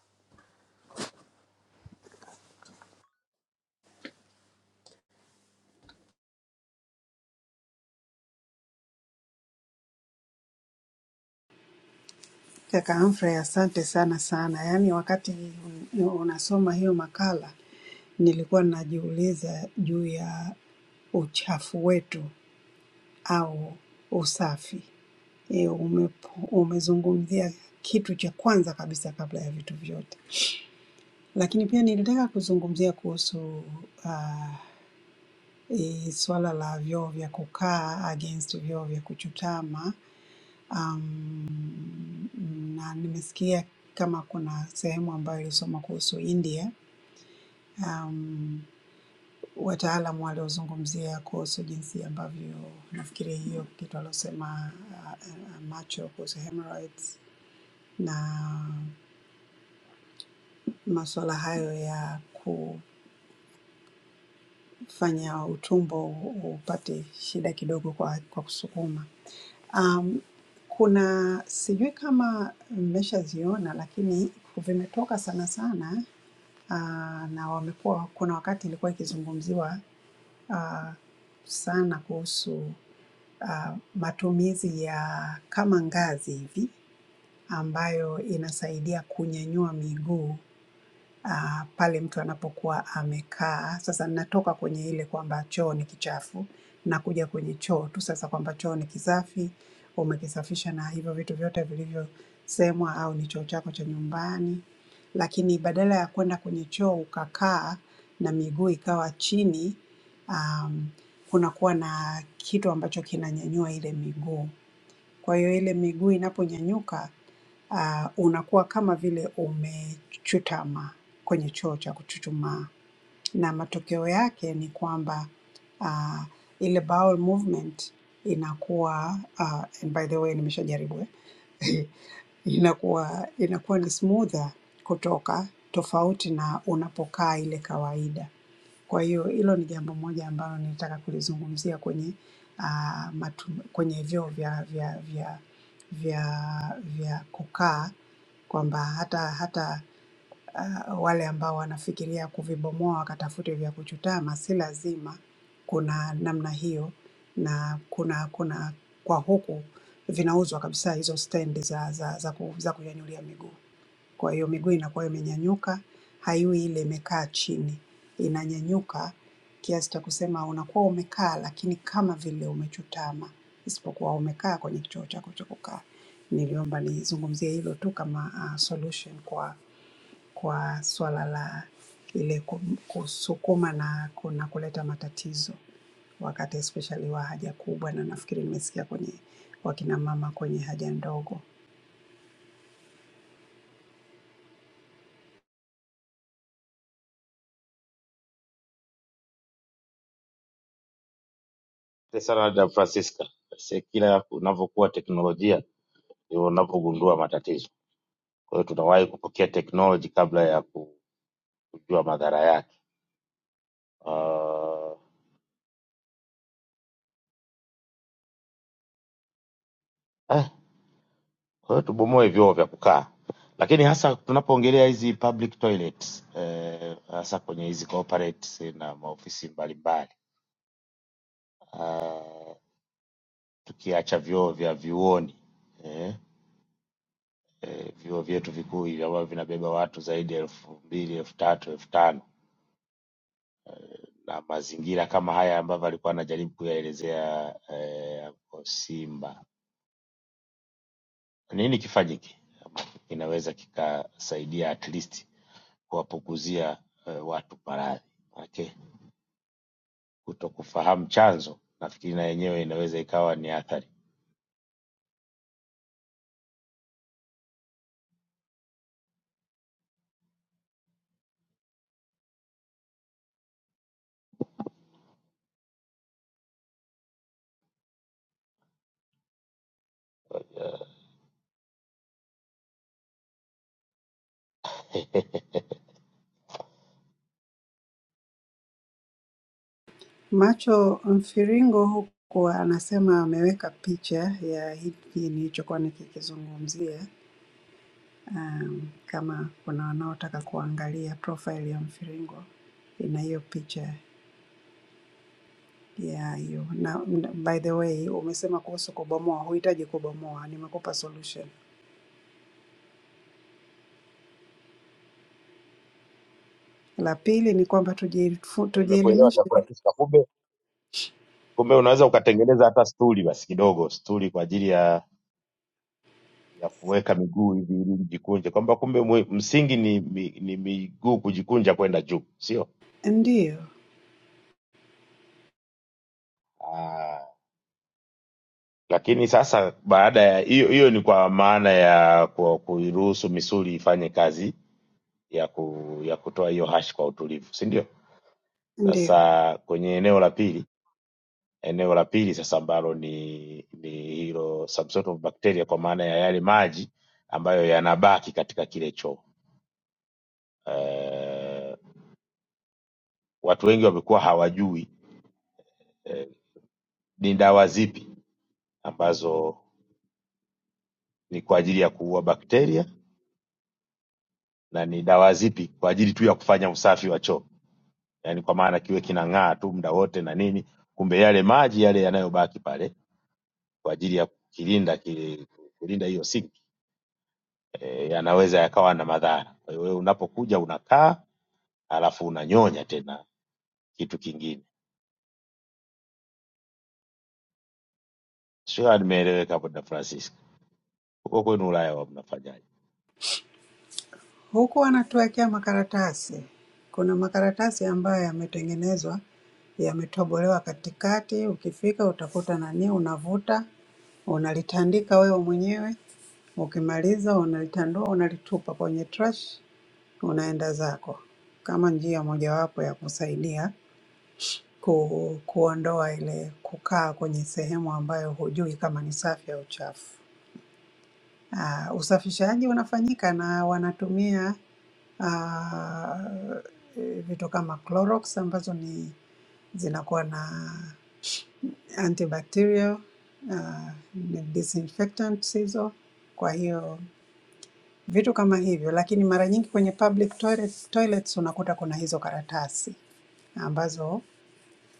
L: Kaka Humphrey, asante sana sana. Yaani wakati unasoma hiyo makala nilikuwa najiuliza juu ya uchafu wetu au usafi. E, ume, umezungumzia kitu cha kwanza kabisa kabla ya vitu vyote, lakini pia nilitaka kuzungumzia kuhusu uh, e, swala la vyoo vya kukaa against vyoo vya kuchutama, Mm, na nimesikia kama kuna sehemu ambayo ilisoma kuhusu India um, wataalamu waliozungumzia kuhusu jinsi ambavyo nafikiri hiyo kitu alosema uh, uh, macho kuhusu hemorrhoids na masuala hayo ya kufanya utumbo upate shida kidogo kwa, kwa kusukuma. Um, kuna sijui kama mmeshaziona lakini vimetoka sana sana uh, na wamekuwa kuna wakati ilikuwa ikizungumziwa uh, sana kuhusu ah, matumizi ya kama ngazi hivi ambayo inasaidia kunyanyua miguu ah, pale mtu anapokuwa amekaa. Sasa ninatoka kwenye ile kwamba choo ni kichafu, nakuja kwenye choo tu sasa kwamba choo ni kisafi, umekisafisha na hivyo vitu vyote vilivyosemwa, au ni choo chako cha nyumbani. Lakini badala ya kwenda kwenye choo ukakaa na miguu ikawa chini, um, kunakuwa na kitu ambacho kinanyanyua ile miguu. Kwa hiyo ile miguu inaponyanyuka ah, unakuwa kama vile umechutama kwenye choo cha kuchuchumaa na matokeo yake ni kwamba uh, ile bowel movement inakuwa uh, and by the way nimeshajaribu eh, [laughs] inakuwa inakuwa ni smoother kutoka tofauti na unapokaa ile kawaida. Kwa hiyo hilo ni jambo moja ambalo nilitaka kulizungumzia kwenye uh, matu, kwenye vyoo vya vya vya vya vya kukaa kwamba hata hata ah, wale ambao wanafikiria kuvibomoa wakatafute vya kuchutama, si lazima. Kuna namna hiyo na kuna kuna kwa huku vinauzwa kabisa hizo stendi za za za, ku, za kunyanyulia miguu. Kwa hiyo miguu inakuwa imenyanyuka, haiwi ile imekaa chini, inanyanyuka kiasi cha kusema unakuwa umekaa lakini kama vile umechutama, isipokuwa umekaa kwenye kichoo chako cha kukaa. Niliomba nizungumzie hilo tu kama ah, solution kwa kwa swala la ile ku- kusukuma na, ku- na kuleta matatizo wakati especially wa haja kubwa, na nafikiri nimesikia kwenye wakina mama kwenye haja ndogo.
C: sana na Francisca, sasa kila unavyokuwa teknolojia ndio unavyogundua matatizo. Kwa hiyo tunawahi kupokea teknoloji kabla ya ku- kujua madhara yake. Uh, eh, Kwa hiyo tubomoe vyoo vya kukaa, lakini hasa tunapoongelea hizi public toilets eh, hasa kwenye hizi corporates na maofisi mbalimbali, tukiacha vyoo vya vyuoni eh, eh, vyuo vyetu vikuu hivi ambavyo vinabeba watu zaidi ya elfu mbili elfu tatu elfu tano na mazingira kama haya ambavyo alikuwa anajaribu kuyaelezea eh, hapo Simba, nini kifanyike ambacho kinaweza kikasaidia at least kuwapunguzia eh, watu maradhi? Okay. kutokufahamu chanzo, nafikiri na yenyewe inaweza ikawa ni athari. [laughs]
L: Macho mfiringo huku anasema ameweka picha ya hiki nilichokuwa nikikizungumzia, um, kama kuna wanaotaka kuangalia profile ya mfiringo ina hiyo picha ya hiyo. Na na- by the way, umesema kuhusu kubomoa, huhitaji kubomoa, nimekupa solution. La pili ni kwamba tujielifu-
C: Nimekuelewa chakula
L: tujielimishe,
C: Francisca, kumbe kumbe unaweza ukatengeneza hata stuli basi kidogo, stuli kwa ajili ya ya kuweka miguu hivi ili ijikunje, kwamba kumbe mwe- msingi ni, ni, ni miguu kujikunja kwenda juu, sio?
L: ndiyo,
C: Ah, Lakini sasa baada ya hiyo hiyo ni kwa maana ya ku- kuiruhusu misuli ifanye kazi ya ku, ya kutoa hiyo hash kwa utulivu, si ndio?
L: ndiyo.
C: Sasa kwenye eneo la pili Eneo la pili sasa ambalo ni ni hilo substratum of bacteria, kwa maana ya yale maji ambayo yanabaki katika kile choo. Eh, watu wengi wamekuwa hawajui ni dawa zipi ambazo ni kwa ajili ya kuua bakteria na ni dawa zipi kwa ajili tu ya kufanya usafi wa choo, yaani kwa maana kiwe kinang'aa tu muda wote na nini, kumbe yale maji yale yanayobaki pale kwa ajili ya kukilinda kile kulinda hiyo sinki eh, yanaweza yakawa na madhara. Kwa hiyo wewe unapokuja unakaa alafu unanyonya tena kitu kingine. Sio kama nimeeleweka hapo, Dada Francisca, huko kwenu Ulaya wa mnafanyaje?
L: Huku wanatuwekea makaratasi. Kuna makaratasi ambayo yametengenezwa, yametobolewa katikati. Ukifika utakuta nani, unavuta, unalitandika wewe mwenyewe. Ukimaliza unalitandua, unalitupa kwenye trash, unaenda zako, kama njia mojawapo ya kusaidia ku, kuondoa ile kukaa kwenye sehemu ambayo hujui kama ni safi au chafu. Ah, usafishaji unafanyika na wanatumia ah, eh, vitu kama Clorox ambazo ni zinakuwa na antibacterial ah, ni disinfectants hizo. Kwa hiyo vitu kama hivyo, lakini mara nyingi kwenye public toilet, toilets unakuta kuna hizo karatasi ambazo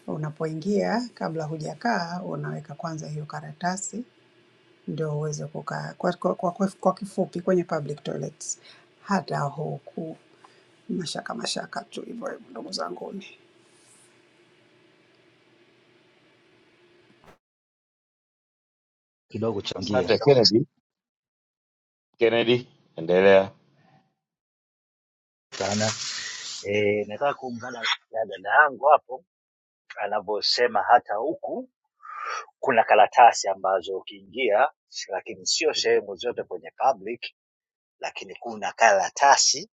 L: unapoingia kabla hujakaa unaweka kwanza hiyo karatasi ndio uweze kukaa. Kwa, kwa, kwa, kwa, kwa kifupi kwenye public toilets hata huku mashaka mashaka tu hivyo hivyo, ndugu zanguni.
M: kidogo changia
C: Asante Kennedy. Kennedy, endelea.
M: sana. E, nataka kuungana na dada yangu hapo anavyosema, hata huku kuna karatasi ambazo ukiingia, lakini sio sehemu zote kwenye public, lakini kuna karatasi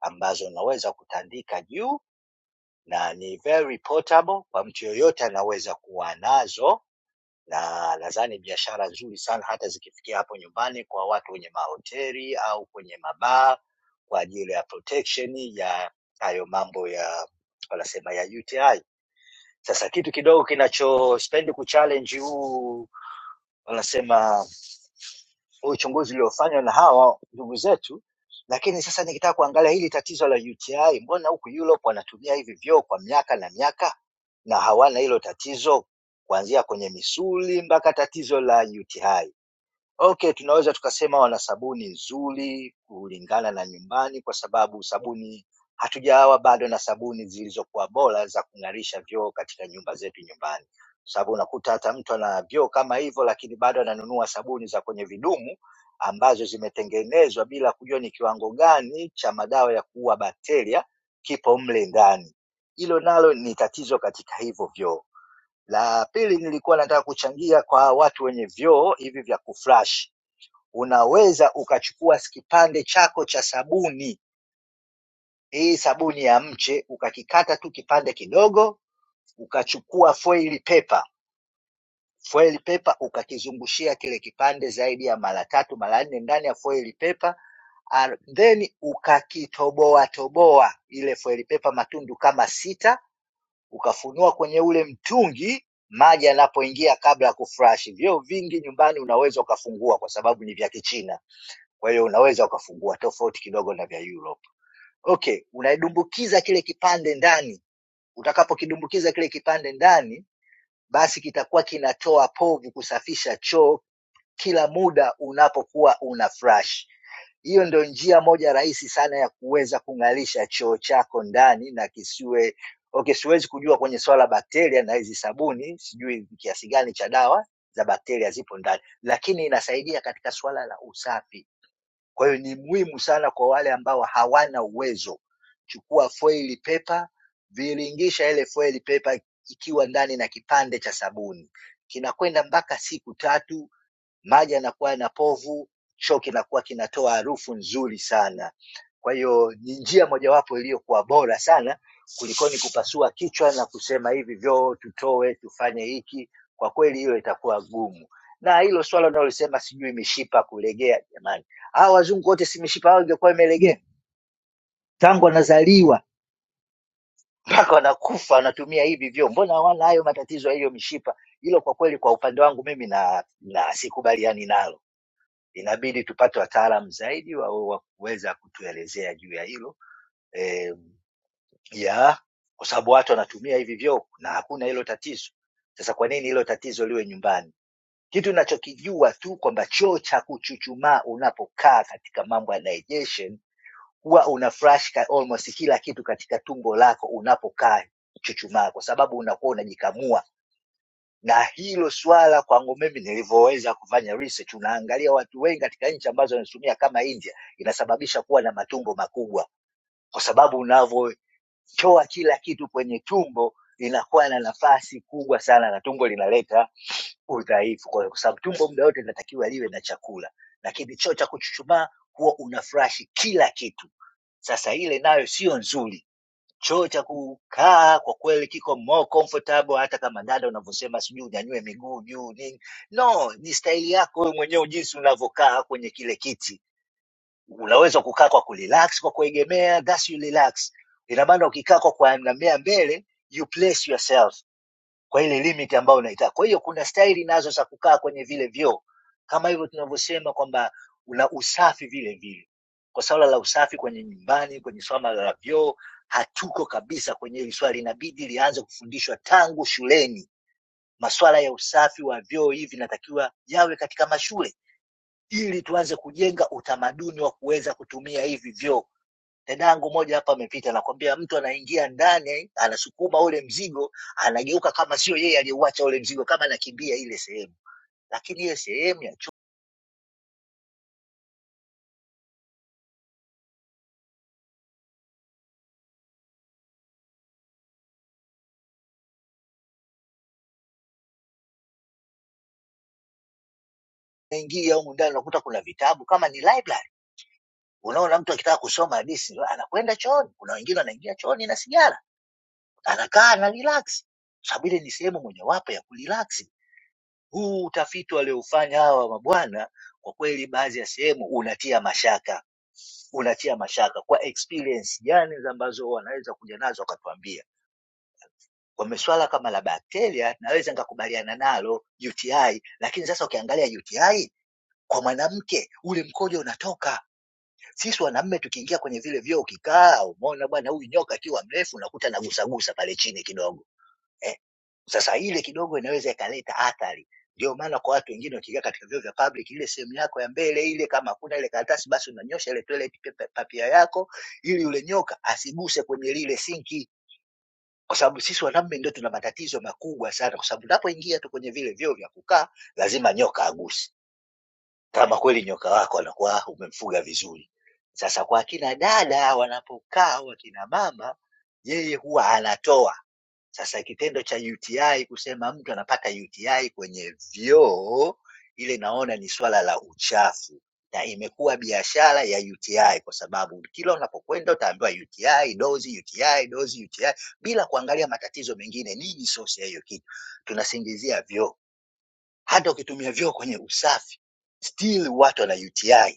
M: ambazo unaweza kutandika juu na ni very portable, kwa mtu yoyote anaweza kuwa nazo na nadhani biashara nzuri sana hata zikifikia hapo nyumbani kwa watu wenye mahoteli au kwenye mabaa kwa ajili ya protection ya hayo mambo ya wanasema ya UTI. Sasa kitu kidogo kinachospendi kuchallenge huu wanasema huu uchunguzi uliofanywa na hawa ndugu zetu, lakini sasa nikitaka kuangalia hili tatizo la UTI, mbona huku Europe wanatumia hivi vyoo kwa miaka na miaka na hawana hilo tatizo, kuanzia kwenye misuli mpaka tatizo la UTI Okay, tunaweza tukasema wana sabuni nzuri kulingana na nyumbani, kwa sababu sabuni hatujawa bado na sabuni zilizokuwa bora za kung'arisha vyoo katika nyumba zetu nyumbani, kwa sababu unakuta hata mtu ana vyoo kama hivyo, lakini bado ananunua sabuni za kwenye vidumu ambazo zimetengenezwa bila kujua ni kiwango gani cha madawa ya kuua bakteria kipo mle ndani. Hilo nalo ni tatizo katika hivyo vyoo. La pili, nilikuwa nataka kuchangia kwa watu wenye vyoo hivi vya kuflash unaweza ukachukua kipande chako cha sabuni hii sabuni ya mche ukakikata tu kipande kidogo ukachukua foil paper foil paper ukakizungushia kile kipande zaidi ya mara tatu mara nne ndani ya foil paper and then ukakitoboa toboa ile foil paper matundu kama sita ukafunua kwenye ule mtungi maji yanapoingia kabla ya kufurashi vyoo vingi nyumbani unaweza ukafungua kwa sababu ni vya kichina Kwa hiyo unaweza ukafungua tofauti kidogo na vya Europe. Okay, unaidumbukiza kile kipande ndani. Utakapokidumbukiza kile kipande ndani, basi kitakuwa kinatoa povu kusafisha choo kila muda unapokuwa una flush. Hiyo ndio njia moja rahisi sana ya kuweza kung'arisha choo chako ndani na kisiwe okay. Siwezi kujua kwenye swala la bakteria na hizi sabuni, sijui kiasi gani cha dawa za bakteria zipo ndani, lakini inasaidia katika swala la usafi. Kwa hiyo ni muhimu sana kwa wale ambao hawana uwezo. Chukua foili pepa, viringisha ile foili pepa ikiwa ndani na kipande cha sabuni, kinakwenda mpaka siku tatu maji yanakuwa yana povu, choo kinakuwa kinatoa harufu nzuri sana. Kwa hiyo ni njia mojawapo iliyokuwa bora sana kulikoni kupasua kichwa na kusema hivi vyoo tutoe tufanye hiki. Kwa kweli hiyo itakuwa gumu, na hilo swala unalosema sijui mishipa kulegea, jamani, hawa wazungu wote si mishipa yao ingekuwa imelegea tangu wanazaliwa mpaka wanakufa wanatumia hivi vyoo, mbona hawana hayo matatizo ya hiyo mishipa? Hilo kwa kweli, kwa upande wangu mimi na, na sikubaliani nalo inabidi tupate wataalam zaidi wa wa kuweza kutuelezea juu ya hilo eh, ya kwa sababu watu wanatumia hivi vyoo na hakuna hilo tatizo. Sasa kwa nini hilo tatizo liwe nyumbani? Kitu ninachokijua tu kwamba choo cha kuchuchumaa unapokaa katika mambo ya digestion, huwa una flush ka- almost kila kitu katika tumbo lako unapokaa chuchumaa, kwa sababu unakuwa unajikamua na hilo swala kwangu mimi nilivyoweza kufanya research, unaangalia watu wengi katika nchi ambazo wanatumia kama India, inasababisha kuwa na matumbo makubwa, kwa sababu unavyotoa kila kitu kwenye tumbo inakuwa na nafasi kubwa sana, na tumbo linaleta udhaifu, kwa kwa sababu tumbo muda wote linatakiwa liwe na chakula, lakini choo cha kuchuchumaa huwa unafurashi kila kitu. Sasa ile nayo sio nzuri Choo cha kukaa kwa kweli kiko more comfortable, hata kama dada unavyosema sijui unyanyue miguu juu nini, no, ni staili yako wewe mwenyewe jinsi unavyokaa kwenye kile kiti. Unaweza kukaa kwa kurelax, kwa kuegemea, that's you relax. Ina maana ukikaa kwa kuegemea mbele, you place yourself kwa ile limit ambayo unaitaka. Kwa hiyo kuna staili nazo za kukaa kwenye vile vyoo, kama hivyo tunavyosema kwamba una usafi vile vile. Kwa swala la usafi kwenye nyumbani, kwenye swala la vyoo, hatuko kabisa kwenye hili swali, inabidi lianze kufundishwa tangu shuleni. Maswala ya usafi wa vyoo hivi inatakiwa yawe katika mashule, ili tuanze kujenga utamaduni wa kuweza kutumia hivi vyoo. Dadangu moja hapa amepita, nakwambia mtu anaingia ndani, eh, anasukuma ule mzigo, anageuka kama sio yeye aliyeuacha ule mzigo, kama anakimbia ile sehemu. Lakini ile sehemu ya chuo, unaingia humu ndani, unakuta kuna vitabu kama ni library. Unaona mtu akitaka kusoma hadithi anakwenda chooni. Kuna wengine wanaingia chooni na sigara, anakaa ana relax, sababu ile ni sehemu mojawapo ya kurelax. Huu utafiti waliofanya hawa mabwana, kwa kweli, baadhi ya sehemu unatia mashaka unatia mashaka kwa experience gani ambazo wanaweza kuja nazo wakatuambia. Kwa miswala kama la bakteria naweza nikakubaliana nalo UTI, lakini sasa ukiangalia UTI kwa mwanamke ule mkojo unatoka. Sisi wanaume tukiingia kwenye vile vyoo, ukikaa umeona bwana, huyu nyoka akiwa mrefu unakuta nagusagusa pale chini kidogo eh. Sasa ile kidogo inaweza ikaleta athari. Ndio maana kwa watu wengine wakiingia katika vyoo vya public, ile sehemu yako ya mbele ile, kama hakuna ile karatasi, basi unanyosha ile toilet paper papia yako, ili yule nyoka asiguse kwenye lile sinki, kwa sababu sisi wanaume ndio tuna matatizo makubwa sana, kwa sababu unapoingia tu kwenye vile vyoo vya kukaa, lazima nyoka aguse, kama kweli nyoka wako anakuwa umemfuga vizuri. Sasa kwa akina dada wanapokaa, wakina mama, yeye huwa anatoa sasa kitendo cha UTI kusema mtu anapata UTI kwenye vyoo, ile naona ni swala la uchafu na imekuwa biashara ya UTI kwa sababu kila unapokwenda utaambiwa UTI dozi, UTI dozi, UTI bila kuangalia matatizo mengine. Nini source ya hiyo kitu? Tunasingizia vyoo, hata ukitumia vyoo kwenye usafi still watu wana UTI.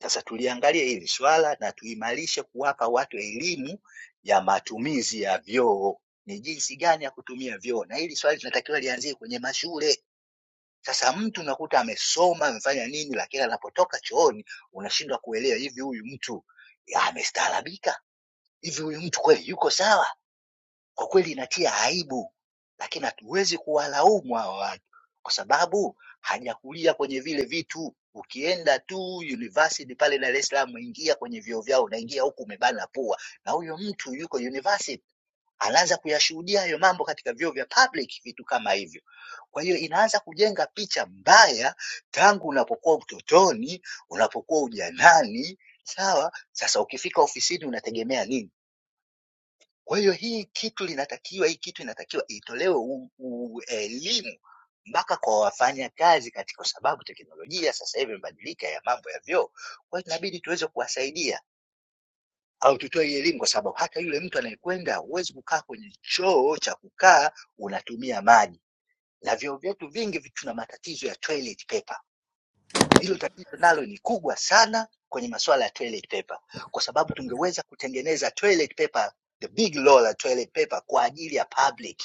M: Sasa tuliangalie hili swala na tuimarishe kuwapa watu elimu ya matumizi ya vyoo, ni jinsi gani ya kutumia vyoo, na hili swali linatakiwa lianzie kwenye mashule. Sasa mtu unakuta amesoma amefanya nini, lakini anapotoka chooni unashindwa kuelewa, hivi huyu mtu ya, amestaarabika? Hivi huyu mtu kweli yuko sawa? Kwa kweli inatia aibu, lakini hatuwezi kuwalaumu hawa watu kwa sababu hajakulia kwenye vile vitu. Ukienda tu university pale Dar es Salaam, ingia kwenye vyoo vyao, unaingia huku umebana pua, na huyo mtu yuko university anaanza kuyashuhudia hayo mambo katika vyoo vya public, vitu kama hivyo. Kwa hiyo inaanza kujenga picha mbaya tangu unapokuwa utotoni, unapokuwa ujanani, sawa. Sasa ukifika ofisini unategemea nini? Kwa hiyo hii kitu linatakiwa hii kitu inatakiwa itolewe u, u, elimu mpaka kwa wafanyakazi kati, kwa sababu teknolojia sasa hivi imebadilika ya mambo ya vyoo. Kwa hiyo inabidi tuweze kuwasaidia au tutoe hii elimu, kwa sababu hata yule mtu anayekwenda, huwezi kukaa kwenye choo cha kukaa unatumia maji, na vyoo vyetu vingi vi- tuna matatizo ya toilet paper hilo tatizo nalo ni kubwa sana kwenye masuala ya toilet paper, kwa sababu tungeweza kutengeneza toilet paper, the big roll la toilet paper kwa ajili ya public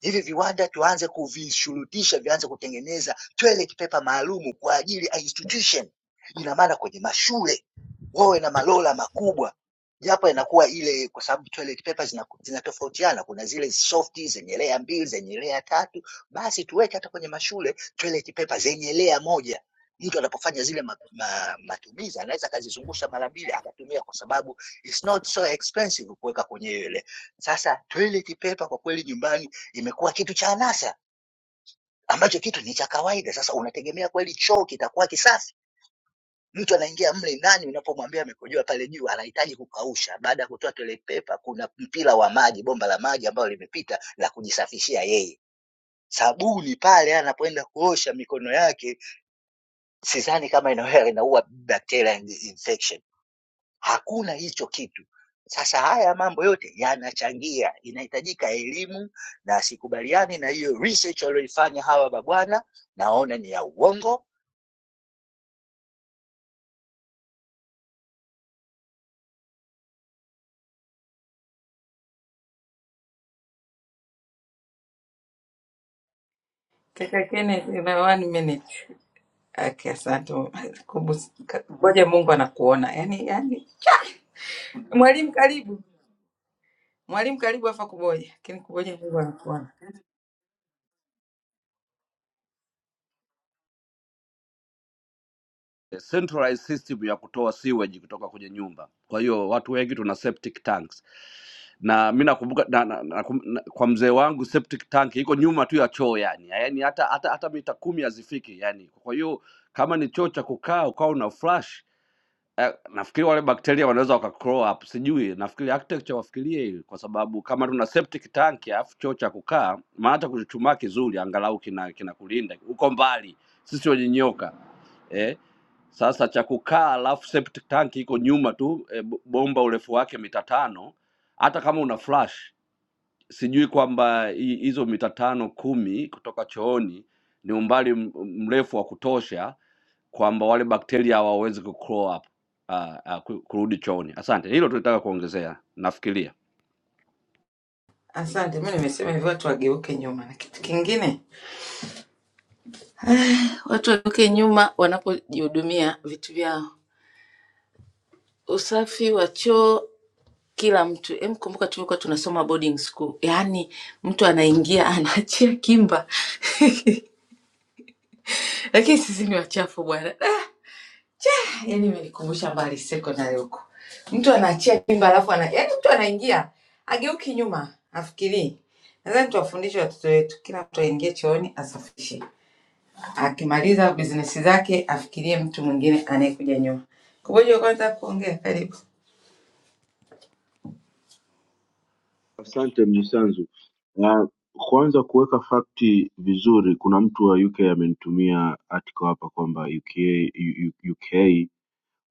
M: hivi viwanda tuanze kuvishurutisha vianze kutengeneza toilet paper maalumu kwa ajili ya institution. Ina maana kwenye mashule wawe na malola makubwa, japo inakuwa ile, kwa sababu toilet paper zina- zinatofautiana, kuna zile soft zenye layer mbili, zenye layer tatu, basi tuweke hata kwenye mashule toilet paper zenye layer moja. Mtu anapofanya zile ma, ma, matumizi anaweza akazizungusha mara mbili akatumia, kwa sababu it's not so expensive kuweka kwenye ile. Sasa toilet paper kwa kweli nyumbani imekuwa kitu cha anasa ambacho kitu ni cha kawaida. Sasa unategemea kweli choo kitakuwa kisafi? Mtu anaingia mle ndani, unapomwambia amekojoa pale juu, anahitaji kukausha. Baada ya kutoa toilet paper, kuna mpira wa maji, bomba la maji ambalo limepita la kujisafishia yeye. Sabuni pale anapoenda kuosha mikono yake, sidhani kama inaua inaua bacteria and infection. hakuna hicho kitu. Sasa haya mambo yote yanachangia, inahitajika elimu, na sikubaliani na hiyo research walioifanya hawa mabwana, naona ni ya uongo
E: Kaka Kenneth, una one minute. Okay, asante. Kubu- Kuboja Mungu anakuona. Yaani yaani mwalimu karibu. Mwalimu karibu afa kuboja. Lakini kuboja Mungu anakuona.
H: eh, centralized system ya kutoa sewage kutoka kwenye nyumba. Kwa hiyo watu wengi tuna septic tanks na mi nakumbuka na, na, na, kum- na, kwa mzee wangu septic tank iko nyuma tu ya choo yani, yani hata, hata, hata mita kumi hazifiki yani. Kwa hiyo kama ni choo cha kukaa ukawa una flush nafikiri wale bakteria wanaweza waka crawl up, sijui. Nafikiri architecture wafikirie hili, kwa sababu kama tuna septic tank alafu choo cha kukaa, maana hata kuchuchumaa kizuri, angalau kina kinakulinda, uko mbali, sisi wenye nyoka eh. Sasa cha kukaa alafu septic tank iko nyuma tu e, bomba urefu wake mita tano. Hata kama una flash, sijui kwamba hi- hizo mita tano kumi kutoka chooni ni umbali m- mrefu wa kutosha kwamba wale bakteria hawawezi ku crawl up uh, uh, ku- kurudi chooni. Asante, hilo tulitaka kuongezea nafikiria.
E: Asante. Mimi nimesema hivi watu wageuke nyuma na kitu kingine. Watu wageuke nyuma wanapojihudumia vitu vyao. Usafi wa choo kila mtu. Hem, kumbuka tulikuwa tunasoma boarding school. Yaani mtu anaingia [laughs] anaachia kimba. Lakini sisi ni wachafu bwana. Yaani imenikumbusha mbali secondary huko, mtu anaachia jimba alafu ana yaani mtu anaingia ageuki nyuma afikirii. Nadhani tuwafundishe watoto wetu, kila mtu aingie chooni asafishe, akimaliza bizinesi zake afikirie mtu mwingine anayekuja nyuma. Kuboja, kwanza kuongea, karibu.
N: Asante Mnyisanzu. Na kwanza kuweka fakti vizuri, kuna mtu wa UK amenitumia article hapa kwamba UK, U- U- UK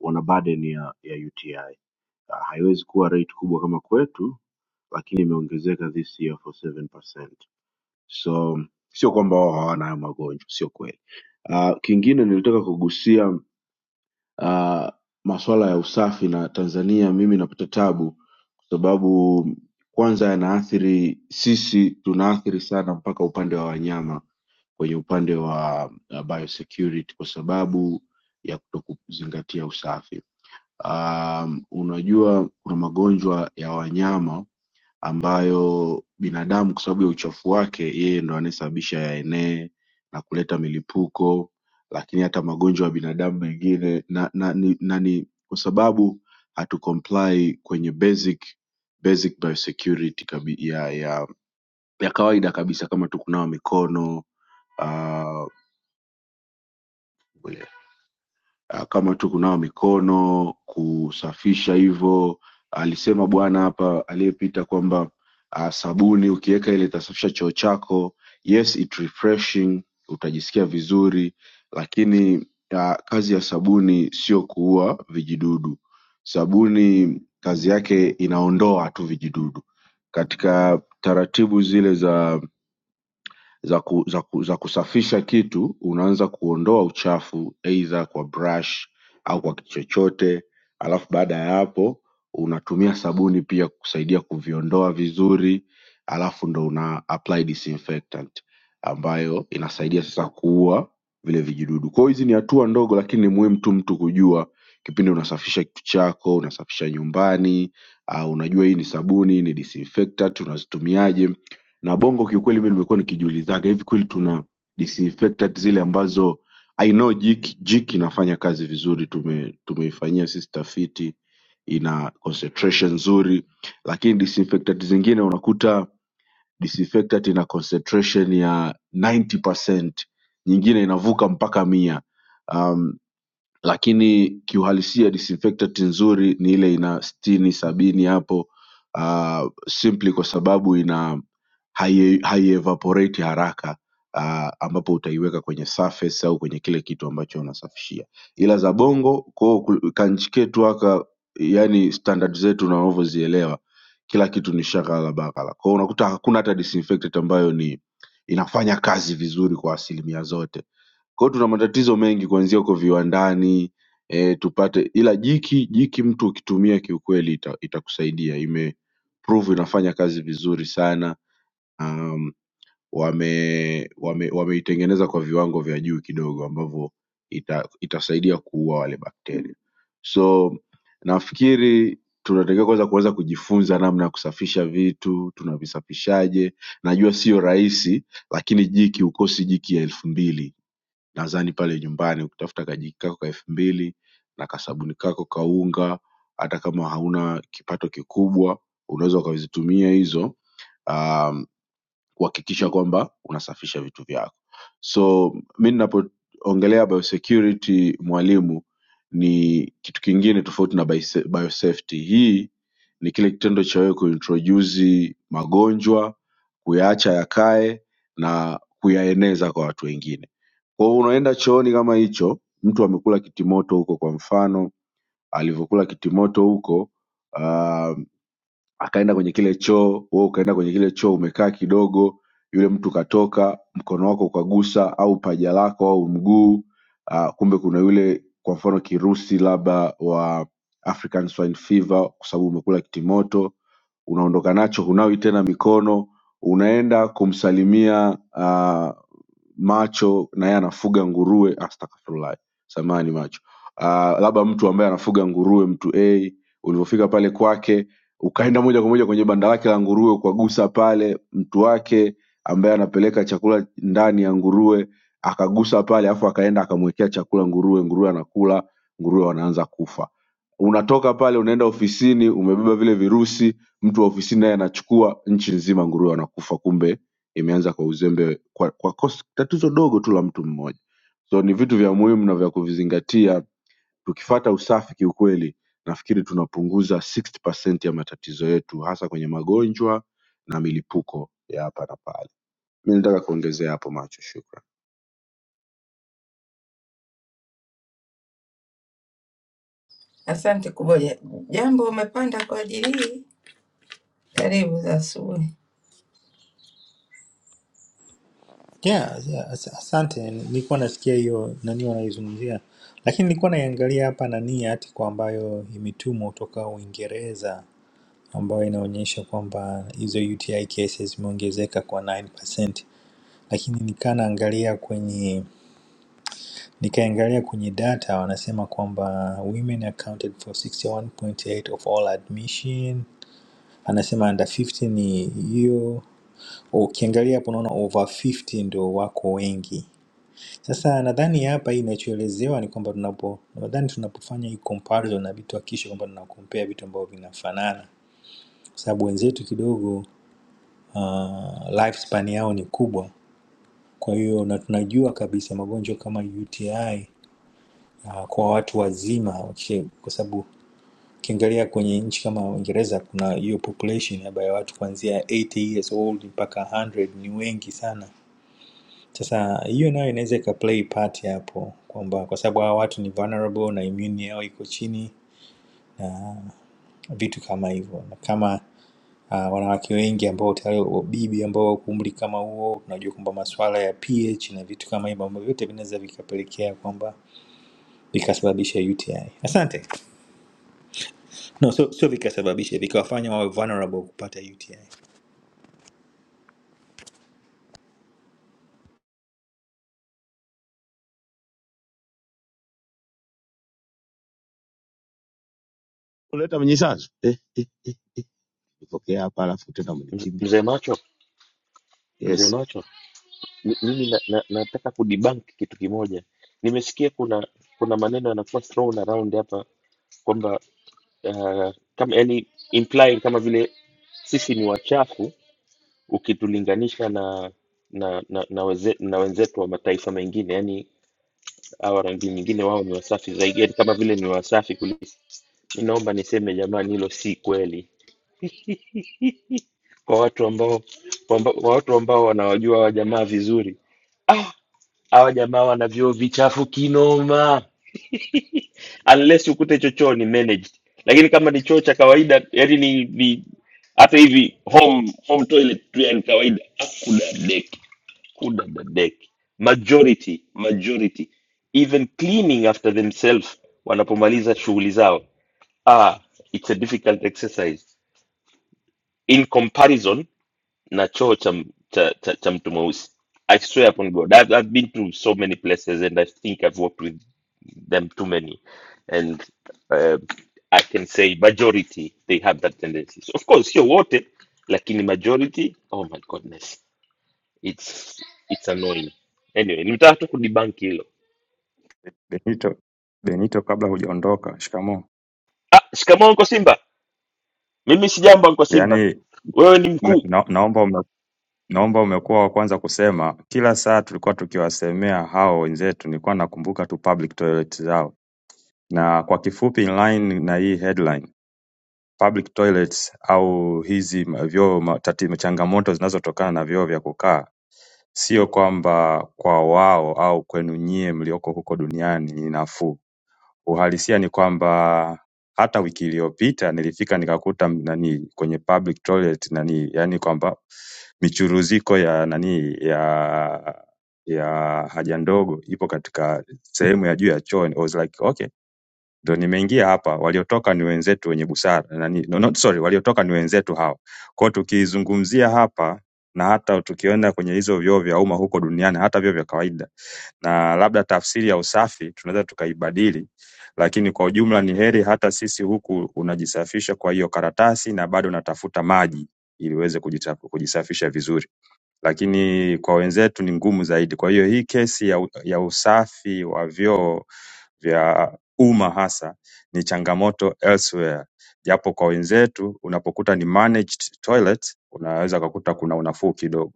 N: wana burden ya, ya UTI. Ah, Haiwezi kuwa rate kubwa kama kwetu, lakini imeongezeka this year for 7%. So sio kwamba wao hawana hayo magonjwa, sio kweli. Uh, kingine nilitaka kugusia uh, maswala ya usafi na tanzania mimi napata tabu kwa sababu kwanza yanaathiri sisi tunaathiri sana mpaka upande wa wanyama kwenye upande wa uh, biosecurity kwa sababu ya kutokuzingatia usafi um, unajua kuna magonjwa ya wanyama ambayo binadamu kwa sababu ya uchafu wake yeye ndo anayesababisha yaenee na kuleta milipuko lakini hata magonjwa ya binadamu mengine na, na, ni, na ni kwa sababu hatu comply kwenye basic basic biosecurity kabi, ya, ya, ya kawaida kabisa kama tu kunawa mikono uh, ah, kama tu kunawa mikono kusafisha hivyo alisema bwana hapa aliyepita kwamba ah, sabuni ukiweka ile itasafisha choo chako yes it refreshing utajisikia vizuri lakini ah, kazi ya sabuni sio kuua vijidudu sabuni kazi yake inaondoa tu vijidudu katika taratibu zile za za, ku, za, ku, za kusafisha kitu unaanza kuondoa uchafu aidha kwa brush au kwa kitu chochote alafu baada ya hapo unatumia sabuni pia kusaidia kuviondoa vizuri alafu ndo una apply disinfectant ambayo inasaidia sasa kuua vile vijidudu kwa hiyo hizi ni hatua ndogo lakini ni muhimu tu mtu kujua kipindi unasafisha kitu chako unasafisha nyumbani uh, unajua hii ni sabuni hii ni disinfectant unazitumiaje na bongo kiukweli mimi nimekuwa nikijiulizaga hivi kweli tuna disinfectant zile ambazo I know jiki, jiki inafanya kazi vizuri tume, tumeifanyia sisi tafiti ina concentration nzuri lakini disinfectant zingine unakuta disinfectant ina concentration ya 90% nyingine inavuka mpaka mia Um, lakini kiuhalisia disinfectant nzuri ni ile ina stini sabini hapo uh, simply kwa sababu ina hai haievaporate haraka uh, ambapo utaiweka kwenye surface au kwenye kile kitu ambacho unasafishia ila za bongo ko kanchi ketu haka yani standard zetu unavyozielewa kila kitu ni shaghala baghala kwao unakuta hakuna hata disinfectant ambayo ni inafanya kazi vizuri kwa asilimia zote kwa hiyo tuna matatizo mengi kuanzia huko viwandani eh, tupate ila jiki jiki mtu ukitumia kiukweli ita, itakusaidia ime prove inafanya kazi vizuri sana um, wame wame wameitengeneza kwa viwango vya juu kidogo ambavyo ita, itasaidia kuua wale bakteria so nafikiri tunatakiwa kwanza kuweza kujifunza namna ya kusafisha vitu tunavisafishaje najua sio rahisi lakini jiki hukosi jiki ya elfu mbili nadhani pale nyumbani ukitafuta kajiki kako ka elfu mbili na kasabuni kako ka unga hata kama hauna kipato kikubwa unaweza ukazitumia hizo um, kuhakikisha kwamba unasafisha vitu vyako so mi ninapoongelea biosecurity mwalimu ni kitu kingine tofauti na biose- biosafety hii ni kile kitendo cha wewe kuintrodusi magonjwa kuyaacha yakae na kuyaeneza kwa watu wengine kwao unaenda chooni kama hicho mtu amekula kitimoto huko kwa mfano alivyokula kitimoto huko um, akaenda kwenye kile choo wewe ukaenda kwenye kile choo umekaa kidogo yule mtu katoka mkono wako ukagusa au paja lako au mguu uh, kumbe kuna yule kwa mfano kirusi labda wa african swine fever kwa sababu umekula kitimoto unaondoka nacho hunawi tena mikono unaenda kumsalimia uh, macho na yeye anafuga nguruwe astafurlahi samani macho uh, labda mtu ambaye anafuga nguruwe mtu a ulivyofika pale kwake ukaenda moja kwa moja kwenye banda lake la nguruwe ukagusa pale mtu wake ambaye anapeleka chakula ndani ya nguruwe akagusa pale afu akaenda akamwekea chakula nguruwe nguruwe anakula nguruwe wanaanza kufa unatoka pale unaenda ofisini umebeba vile virusi mtu wa ofisini naye anachukua nchi nzima nguruwe wanakufa kumbe imeanza kwa uzembe kwa, kwa kosa, tatizo dogo tu la mtu mmoja so ni vitu vya muhimu na vya kuvizingatia tukifata usafi kiukweli nafikiri tunapunguza 60% ya matatizo yetu hasa kwenye magonjwa na milipuko ya hapa na pale. Mimi nataka kuongezea hapo macho, shukran.
E: Asante Kuboja, jambo umepanda kwa ajili hii, karibu za asubuhi.
O: Yeah, yeah, as- asante. Nilikuwa nasikia hiyo nani wanaizungumzia, lakini nilikuwa naiangalia hapa nani article ambayo imetumwa kutoka Uingereza ambayo inaonyesha kwamba hizo UTI cases zimeongezeka kwa 9%, lakini nikaa naangalia kwenye nikaangalia kwenye data wanasema kwamba women accounted for 61.8 of all admission, anasema under 50 ni hiyo, ukiangalia hapo unaona over 50 ndio wako wengi Sasa nadhani hapa inachoelezewa ni kwamba tunapo nadhani tunapofanya hii comparison na vitu hakikisha kwamba tunakompea vitu ambavyo vinafanana, kwa sababu wenzetu kidogo uh, lifespan yao ni kubwa. Kwa hiyo na tunajua kabisa magonjwa kama UTI uh, kwa watu wazima okay, kwa sababu ukiangalia kwenye nchi kama Uingereza kuna hiyo population ambayo ya watu kuanzia 80 years old mpaka 100 ni wengi sana Sasa hiyo nayo inaweza ikaplay part hapo kwamba kwa sababu hawa watu ni vulnerable na immune yao iko chini, vitu kama hivyo, na kama uh, wanawake wengi ambao tayari wa- bibi ambao wako umri kama huo, tunajua kwamba masuala ya pH na vitu kama hivyo ambavyo vyote vinaweza vikapelekea kwamba vikasababisha UTI. Asante. No, so sio vikasababisha, vikawafanya wawe vulnerable kupata UTI.
C: Kuleta mnyisanzu eh, eh, eh, eh. Nipokea hapa alafu tena
G: Mz-
C: mnikimbia.
G: Mzee Macho, mzee
C: Yes.
G: Macho Mi- mimi na, na, nataka kudebunk kitu kimoja. Nimesikia kuna kuna maneno yanakuwa thrown around hapa kwamba uh, kama yani implying kama vile sisi ni wachafu ukitulinganisha na na na, na, weze, na wenzetu wa mataifa mengine, yani hawa rangi nyingine wao ni wasafi zaidi, yani kama vile ni wasafi kuliko. Mi naomba niseme jamani, hilo si kweli kwa watu ambao kwa amba- kwa watu ambao wanawajua hawa jamaa vizuri. Ah, hawa jamaa wana vyoo vichafu kinoma [laughs] unless ukute hicho choo ni managed lakini kama ni choo cha kawaida yani ni, ni hata hivi home home toilet tu yani kawaida hakuna deki hakuna dadeki majority majority even cleaning after themselves wanapomaliza shughuli zao ah, it's a difficult exercise in comparison na choo cha, m- cha, cha, cha mtu mweusi i swear upon god I've, i've been to so many places and i think i've worked with them too many and uh, i can say majority they have that tendency so of course sio wote lakini majority oh my goodness it's it's annoying anyway nimetaka tu kudibank hilo
K: Benito, Benito, kabla hujaondoka, shikamoo.
G: ah shikamoo uncle simba mimi si jambo uncle simba
K: Yaani
G: wewe ni
K: na,
G: mkuu
K: na- naomba ume, naomba umekuwa wa kwanza kusema. Kila saa tulikuwa tukiwasemea hao wenzetu, nilikuwa nakumbuka tu public toilet zao, na kwa kifupi, inline na hii headline public toilets au hizi ma- vyoo ma- tati- changamoto zinazotokana na vyoo vya kukaa Sio kwamba kwa wao au kwenu nyie mlioko huko duniani ni nafuu uhalisia ni kwamba hata wiki iliyopita nilifika nikakuta m- nani kwenye public toilet nani yani kwamba michuruziko ya nani ya ya haja ndogo ipo katika sehemu ya juu ya choo I was like okay ndio nimeingia hapa, waliotoka ni wenzetu wenye busara nani, no, not sorry, waliotoka ni wenzetu hawa. Kwa hiyo tukiizungumzia hapa na hata tukienda kwenye hizo vyoo vya umma huko duniani, hata vyoo vya kawaida, na labda tafsiri ya usafi tunaweza tukaibadili, lakini kwa ujumla ni heri hata sisi huku unajisafisha kwa hiyo karatasi na bado unatafuta maji ili uweze kujita- kujisafisha vizuri, lakini kwa wenzetu ni ngumu zaidi. Kwa hiyo hii kesi ya, u- ya usafi wa vyoo vya umma hasa ni changamoto elsewhere japo kwa wenzetu unapokuta ni managed toilets unaweza ukakuta kuna unafuu kidogo.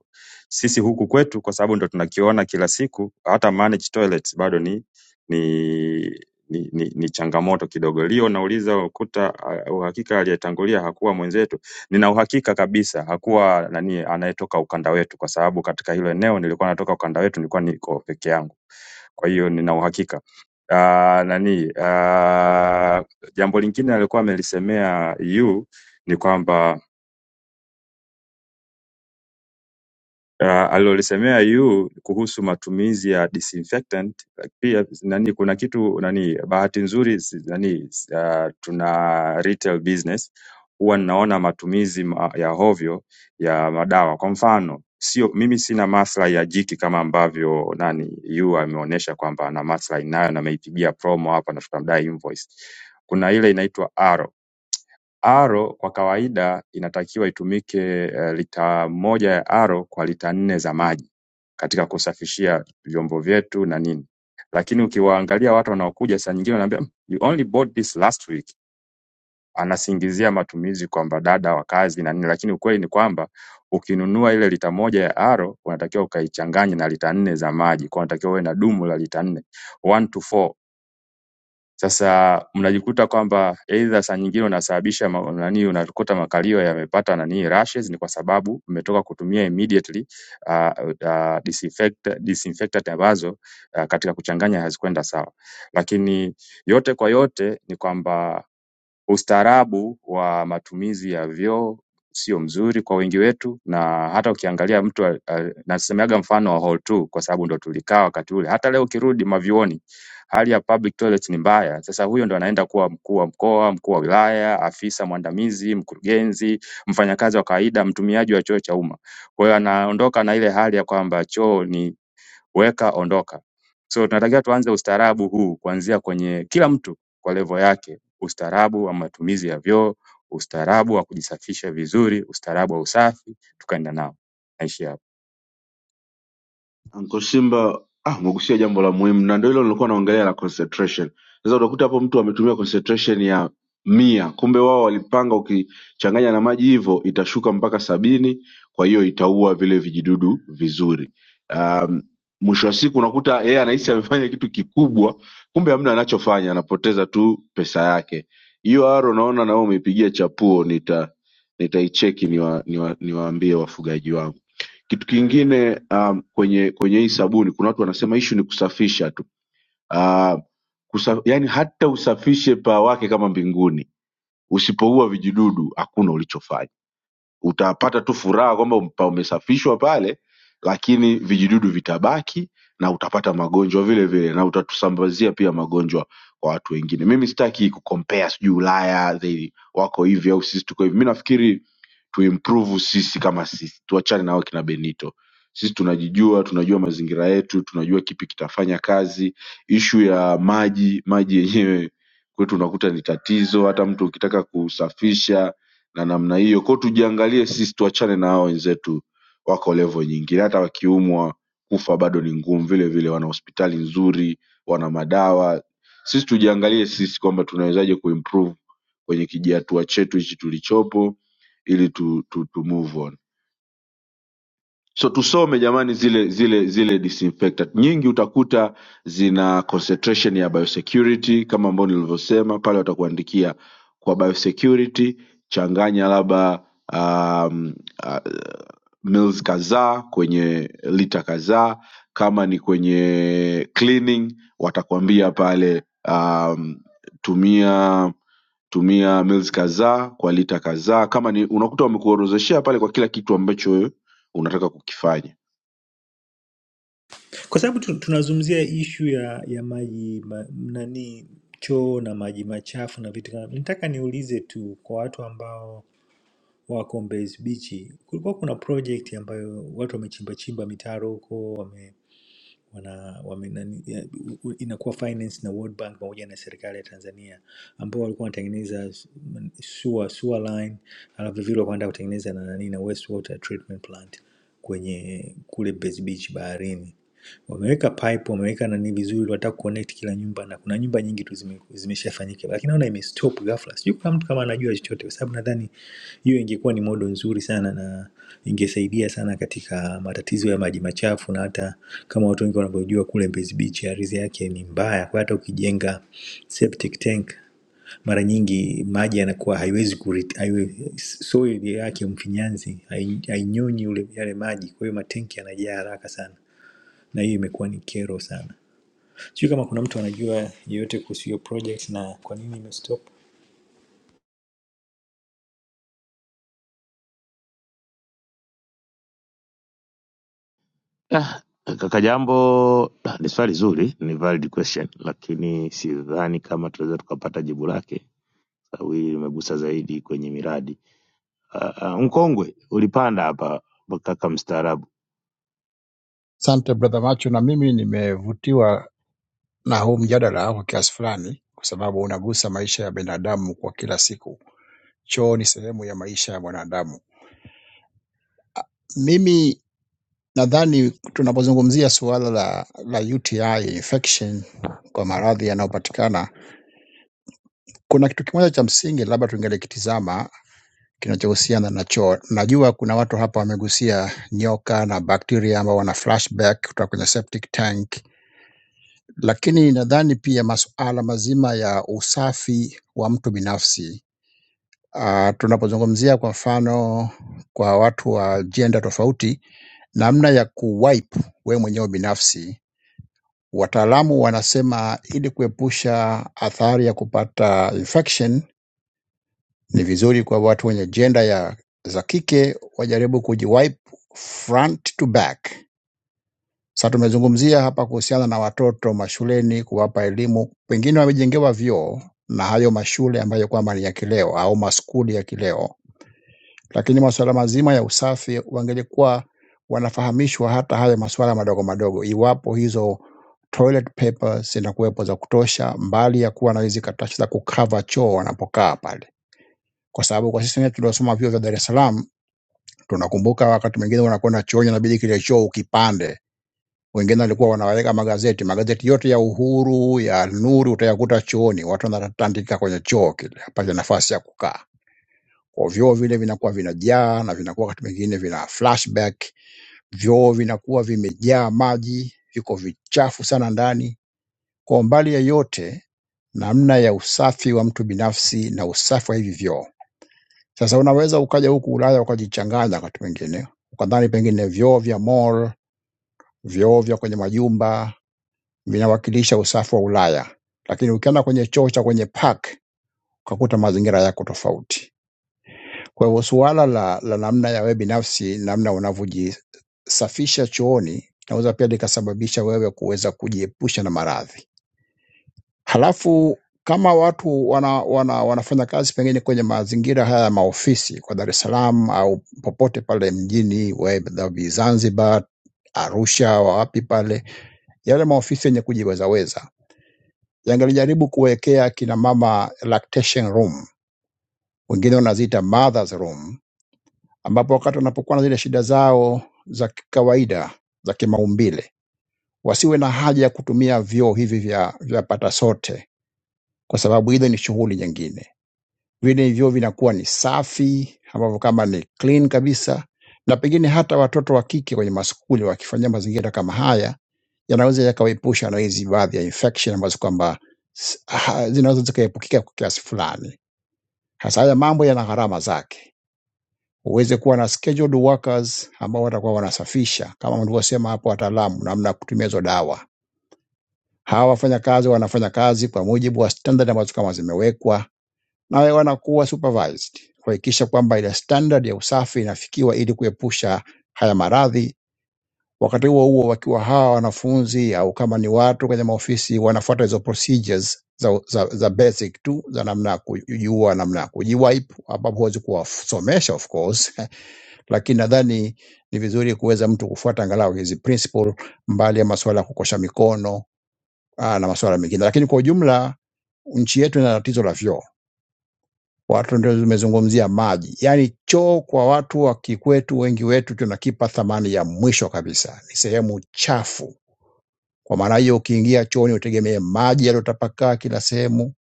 K: Sisi huku kwetu kwa sababu ndo tunakiona kila siku hata managed toilets bado ni ni ni, ni, ni changamoto kidogo. Leo nauliza ukuta uh, uhakika aliyetangulia hakuwa mwenzetu. Nina uhakika kabisa hakuwa nani anayetoka ukanda wetu, kwa sababu katika hilo eneo nilikuwa natoka ukanda wetu, nilikuwa niko peke yangu. Kwa hiyo nina uhakika Ah, nani ah, jambo lingine alikuwa amelisemea yu ni kwamba uh, alilolisemea yu kuhusu matumizi ya disinfectant pia nani kuna kitu nani bahati nzuri si- nani uh, tuna retail business huwa ninaona matumizi ma- ya hovyo ya madawa kwa mfano sio mimi sina maslahi ya jiki kama ambavyo nani yu ameonyesha kwamba ana maslahi nayo na ameipigia promo hapa na tutamdai invoice kuna ile inaitwa Aro R kwa kawaida inatakiwa itumike eh, lita moja ya R kwa lita nne za maji katika kusafishia vyombo vyetu na nini. Lakini ukiwaangalia watu wanaokuja saa nyingine wanaambia "Mm, you only bought this last week. Anasingizia matumizi kwamba dada wa kazi na nini, lakini ukweli ni kwamba ukinunua ile lita moja ya R unatakiwa ukaichanganye na lita nne za maji, kwa unatakiwa uwe na dumu la lita nne one to four sasa mnajikuta kwamba either saa nyingine unasababisha ma- nani, unakuta makalio yamepata nani rashes, ni kwa sababu mmetoka kutumia immediately uh, uh, disinfect, disinfectant ambazo uh, katika kuchanganya hazikwenda sawa, lakini yote kwa yote ni kwamba Ustaarabu wa matumizi ya vyoo sio mzuri kwa wengi wetu na hata ukiangalia mtu al- al- nasemeaga mfano wa hall 2 kwa sababu ndo tulikaa wakati ule. Hata leo ukirudi mavyuoni hali ya public toilet ni mbaya. Sasa huyo ndo anaenda kuwa mkuu wa mkoa, mkuu wa wilaya, afisa mwandamizi, mkurugenzi, mfanyakazi wa kawaida, mtumiaji wa choo cha umma. Kwa hiyo anaondoka na ile hali ya kwamba choo ni weka ondoka. So tunatakiwa tuanze ustaarabu huu kuanzia kwenye kila mtu kwa level yake, ustaarabu wa matumizi ya vyoo, ustaarabu wa kujisafisha vizuri, ustaarabu wa usafi, tukaenda nao. Naishi hapo.
N: Anko Simba ah, umegusia jambo la muhimu na ndio hilo nilikuwa naongelea la concentration. Sasa utakuta hapo mtu ametumia concentration ya mia, kumbe wao walipanga, ukichanganya na maji hivyo itashuka mpaka sabini, kwa hiyo itaua vile vijidudu vizuri. Um, mwisho wa siku unakuta yeye anahisi amefanya kitu kikubwa, kumbe hamna anachofanya, anapoteza tu pesa yake. Hiyo aro naona na wewe umeipigia chapuo, nita nitaicheki niwa, niwa, niwaambie wafugaji wangu. Kitu kingine um, kwenye kwenye hii sabuni kuna watu wanasema issue ni kusafisha tu. Uh, kusa, yani hata usafishe paa wake kama mbinguni, usipoua vijidudu hakuna ulichofanya utapata tu furaha kwamba um- pa- umesafishwa pale lakini vijidudu vitabaki na utapata magonjwa vile vile na utatusambazia pia magonjwa kwa watu wengine mimi sitaki kukompea sijui ulaya they wako hivi au sisi tuko hivi mi nafikiri tuimprove sisi kama sisi tuachane nao kina benito sisi tunajijua tunajua mazingira yetu tunajua kipi kitafanya kazi ishu ya maji maji yenyewe kwetu unakuta ni tatizo hata mtu ukitaka kusafisha na namna hiyo kwao tujiangalie sisi tuachane na hao wenzetu wako level nyingine hata wakiumwa kufa bado ni ngumu vile vile wana hospitali nzuri wana madawa sisi tujiangalie sisi kwamba tunawezaje kuimprove kwenye kijihatua chetu hichi tulichopo ili tu, tu, tu move on so tusome jamani zile zile zile disinfectant nyingi utakuta zina concentration ya biosecurity kama ambao nilivyosema pale watakuandikia kwa biosecurity changanya labda um, uh, mils kadhaa kwenye lita kadhaa kama ni kwenye cleaning watakwambia pale um, tumia tumia mils kadhaa kwa lita kadhaa kama ni unakuta wamekuorozeshea pale kwa kila kitu ambacho unataka kukifanya
O: kwa sababu tu- tunazungumzia ishu ya ya maji ma, nani choo na maji machafu na vitu kama nitaka niulize tu kwa watu ambao wako Mbezi Beach, kulikuwa kuna project ambayo watu wamechimba chimba mitaro huko wame, wana, wame, nani, ya, u- u- inakuwa finance na World Bank pamoja na serikali ya Tanzania ambao walikuwa wanatengeneza s- m- sewer, sewer line alafu vile vile wakaenda kutengeneza na nani na wastewater treatment plant kwenye kule Mbezi Beach baharini wameweka pipe wameweka nani vizuri, wanataka kuconnect kila nyumba, na kuna nyumba nyingi tu zime- zimeshafanyika, lakini naona imestop ghafla. Sijui kama mtu kama anajua chochote, kwa sababu nadhani hiyo ingekuwa ni modo nzuri sana na ingesaidia sana katika matatizo ya maji machafu, na hata kama watu wengi wanavyojua kule Mbezi Beach ardhi yake ni mbaya, kwa hata ukijenga septic tank mara nyingi maji yanakuwa haiwezi kurit, haiwe, soil yake mfinyanzi hai- hainyonyi ule yale maji, kwa hiyo matenki yanajaa haraka sana na hiyo imekuwa ni kero sana. Sijui kama kuna mtu anajua yeyote kuhusu hiyo project na kwa nini imestop.
C: Ah, kaka Jambo, ah, ni swali zuri, ni valid question, lakini sidhani kama tunaweza tukapata jibu lake sababu hili limegusa zaidi kwenye miradi. Ah, ah, Mkongwe ulipanda hapa kaka mstaarabu
P: Asante brother Macho, na mimi nimevutiwa na huu mjadala kwa kiasi fulani, kwa sababu unagusa maisha ya binadamu kwa kila siku. Choo ni sehemu ya maisha ya mwanadamu. Mimi nadhani tunapozungumzia suala la, la UTI infection kwa maradhi yanayopatikana, kuna kitu kimoja cha msingi labda tungelikitizama kinachohusiana na choo. Najua kuna watu hapa wamegusia nyoka na bakteria ambao wana flashback kutoka kwenye septic tank Lakini nadhani pia masuala mazima ya usafi wa mtu binafsi, ah, tunapozungumzia kwa mfano kwa watu wa jenda tofauti, namna ya kuwipe wewe mwenyewe binafsi, wataalamu wanasema ili kuepusha athari ya kupata infection, ni vizuri kwa watu wenye jenda ya za kike wajaribu kujiwipe front to back Sasa tumezungumzia hapa kuhusiana na watoto mashuleni, kuwapa elimu, pengine wamejengewa vyoo na hayo mashule ambayo kwamba ni ya kileo au maskuli ya kileo, lakini masuala mazima ya usafi wangelikuwa wanafahamishwa hata hayo masuala madogo madogo, iwapo hizo toilet paper zinakuwepo za kutosha, mbali ya kuwa na hizi karatasi za kukava choo wanapokaa pale, kwa sababu kwa sisi wenyewe tuliosoma vyuo vya Dar es Salaam tunakumbuka wakati mwingine unakwenda chooni, inabidi kile choo ukipande wengine walikuwa wanaweka magazeti magazeti yote ya Uhuru ya Nuru utayakuta chooni, watu wanatandika kwenye choo kile, hapana nafasi ya kukaa. Kwa vyoo vile vinakuwa vinajaa na vinakuwa wakati mwingine vina flashback, vyoo vinakuwa vimejaa maji, viko vichafu sana ndani. Kwa mbali ya yote, namna ya usafi wa mtu binafsi na usafi wa hivi vyoo. Sasa unaweza ukaja huku Ulaya ukajichanganya wakati mwingine, ukadhani pengine vyoo vya mall, vyoo vya kwenye majumba vinawakilisha usafi wa Ulaya, lakini ukienda kwenye choo cha kwenye park ukakuta mazingira yako tofauti. Kwa hivyo suala la, la namna ya wewe binafsi, namna unavyojisafisha chooni naweza pia likasababisha wewe kuweza kujiepusha na maradhi. Halafu kama watu wana, wana, wanafanya kazi pengine kwenye mazingira haya ya maofisi kwa Dar es Salaam au popote pale mjini, wewe Zanzibar, Arusha, wapi pale, yale maofisi yenye kujiwezaweza yangelijaribu kuwekea kina mama lactation room, wengine wanaziita mothers room, ambapo wakati wanapokuwa na zile shida zao za kawaida za kimaumbile wasiwe na haja ya kutumia vyoo hivi vya, vya pata sote, kwa sababu ile ni shughuli nyingine. Vile vyoo vinakuwa ni safi, ambavyo kama ni clean kabisa, na pengine hata watoto wa kike kwenye maskuli wakifanyia mazingira kama haya yanaweza yakawaepusha na hizi baadhi ya infection ambazo kwamba s- ha- zinaweza zikaepukika kwa kiasi fulani Sasa haya mambo yana gharama zake, uweze kuwa na scheduled workers ambao watakuwa wanasafisha kama mlivyosema hapo, wataalamu namna ya kutumia hizo dawa. Hawa wafanyakazi wanafanya kazi kwa mujibu wa standard ambazo kama zimewekwa, nawe wanakuwa supervised kuhakikisha kwamba ile standard ya usafi inafikiwa ili kuepusha haya maradhi Wakati huo huo, wakiwa hawa wanafunzi au kama ni watu kwenye maofisi wanafuata hizo procedures za, za, za basic tu za namna ya kujua namna ya kujiwipe, ambapo huwezi kuwasomesha of course, [laughs] lakini nadhani ni vizuri kuweza mtu kufuata angalau hizi principle, mbali ya masuala ya kukosha mikono aa, na masuala mengine. Lakini kwa ujumla nchi yetu ina tatizo la vyoo. Watu ndio tumezungumzia maji, yaani choo kwa watu wa kikwetu, wengi wetu tunakipa thamani ya mwisho kabisa, ni sehemu chafu kwa maana hiyo, ukiingia chooni utegemee maji yaliyotapakaa kila sehemu,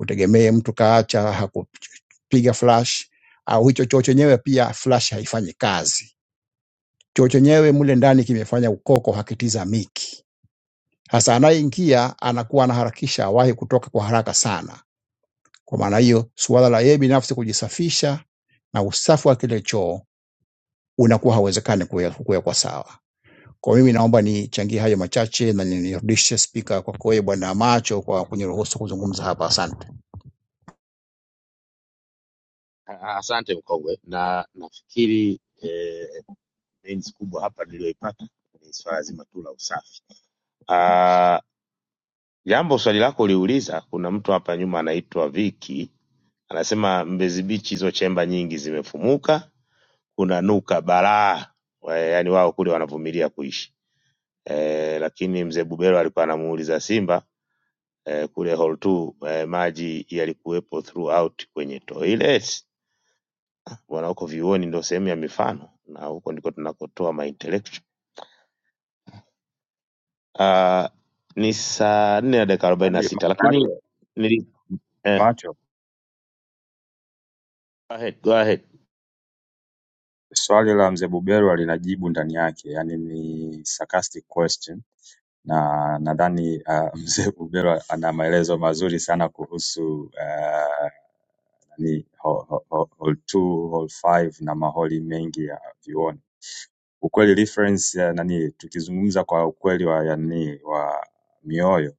P: utegemee mtu kaacha hakupiga flash au hicho choo chenyewe pia flash haifanyi kazi. Choo chenyewe mule ndani kimefanya ukoko, hakitizamiki. Hasa anayeingia anakuwa anaharakisha awahi kutoka kwa haraka sana. Kwa maana hiyo, suala la yeye binafsi kujisafisha na usafi wa kile choo unakuwa hauwezekani kuwe- kuwekwa sawa. Kwa mimi naomba nichangie hayo machache na nirudishe spika kwako wewe Bwana Macho kwa kuniruhusu kuzungumza hapa. Asante.
C: Ah, Asante mkongwe, na nafikiri eh, mains kubwa hapa niliyoipata ni swala zima tu la usafi. Ah, jambo swali lako uliuliza, kuna mtu hapa nyuma anaitwa Viki anasema Mbezi Beach hizo chemba nyingi zimefumuka, kuna nuka balaa, Wa- yaani wao kule wanavumilia kuishi eh, lakini mzee Bubero alikuwa anamuuliza Simba eh, kule hall 2 eh, maji yalikuwepo throughout kwenye toilet wanaoko vyuoni ndio sehemu ya mifano na huko ndiko tunakotoa my intellectual. Uh, ni saa nne na dakika arobaini na
K: Nani ma-
C: sita lakini
K: macho
C: nili, eh,
K: macho
C: go ahead, go ahead.
K: swali la mzee Buberwa linajibu ndani yake, yani ni sarcastic question na nadhani uh, [laughs] mzee Buberwa ana maelezo mazuri sana kuhusu uh, ni hall 2 hall 5 na maholi mengi ya vyuoni. ukweli reference ya nani tukizungumza kwa ukweli wa ya nani wa mioyo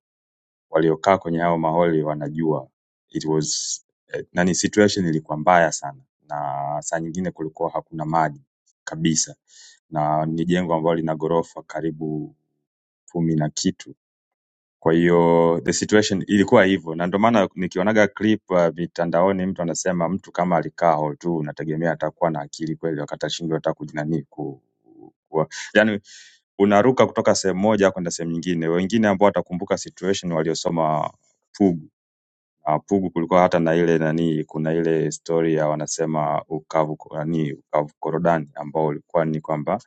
K: waliokaa kwenye hao maholi wanajua it was eh, nani situation ilikuwa mbaya sana na saa nyingine kulikuwa hakuna maji kabisa na ni jengo ambalo lina ghorofa karibu kumi na kitu kwa hiyo the situation ilikuwa hivyo, na ndio maana nikionaga clip uh, mitandaoni mtu anasema mtu kama alikaa hall tu, unategemea atakuwa na akili kweli, wakati ashindwe hata kujinani ku, ku, yani unaruka kutoka sehemu moja kwenda sehemu nyingine. Wengine ambao watakumbuka situation waliosoma Pugu. Ah, Pugu kulikuwa hata na ile nani, kuna ile story ya wanasema ukavu nani, ukavu korodani ambao ulikuwa ni kwamba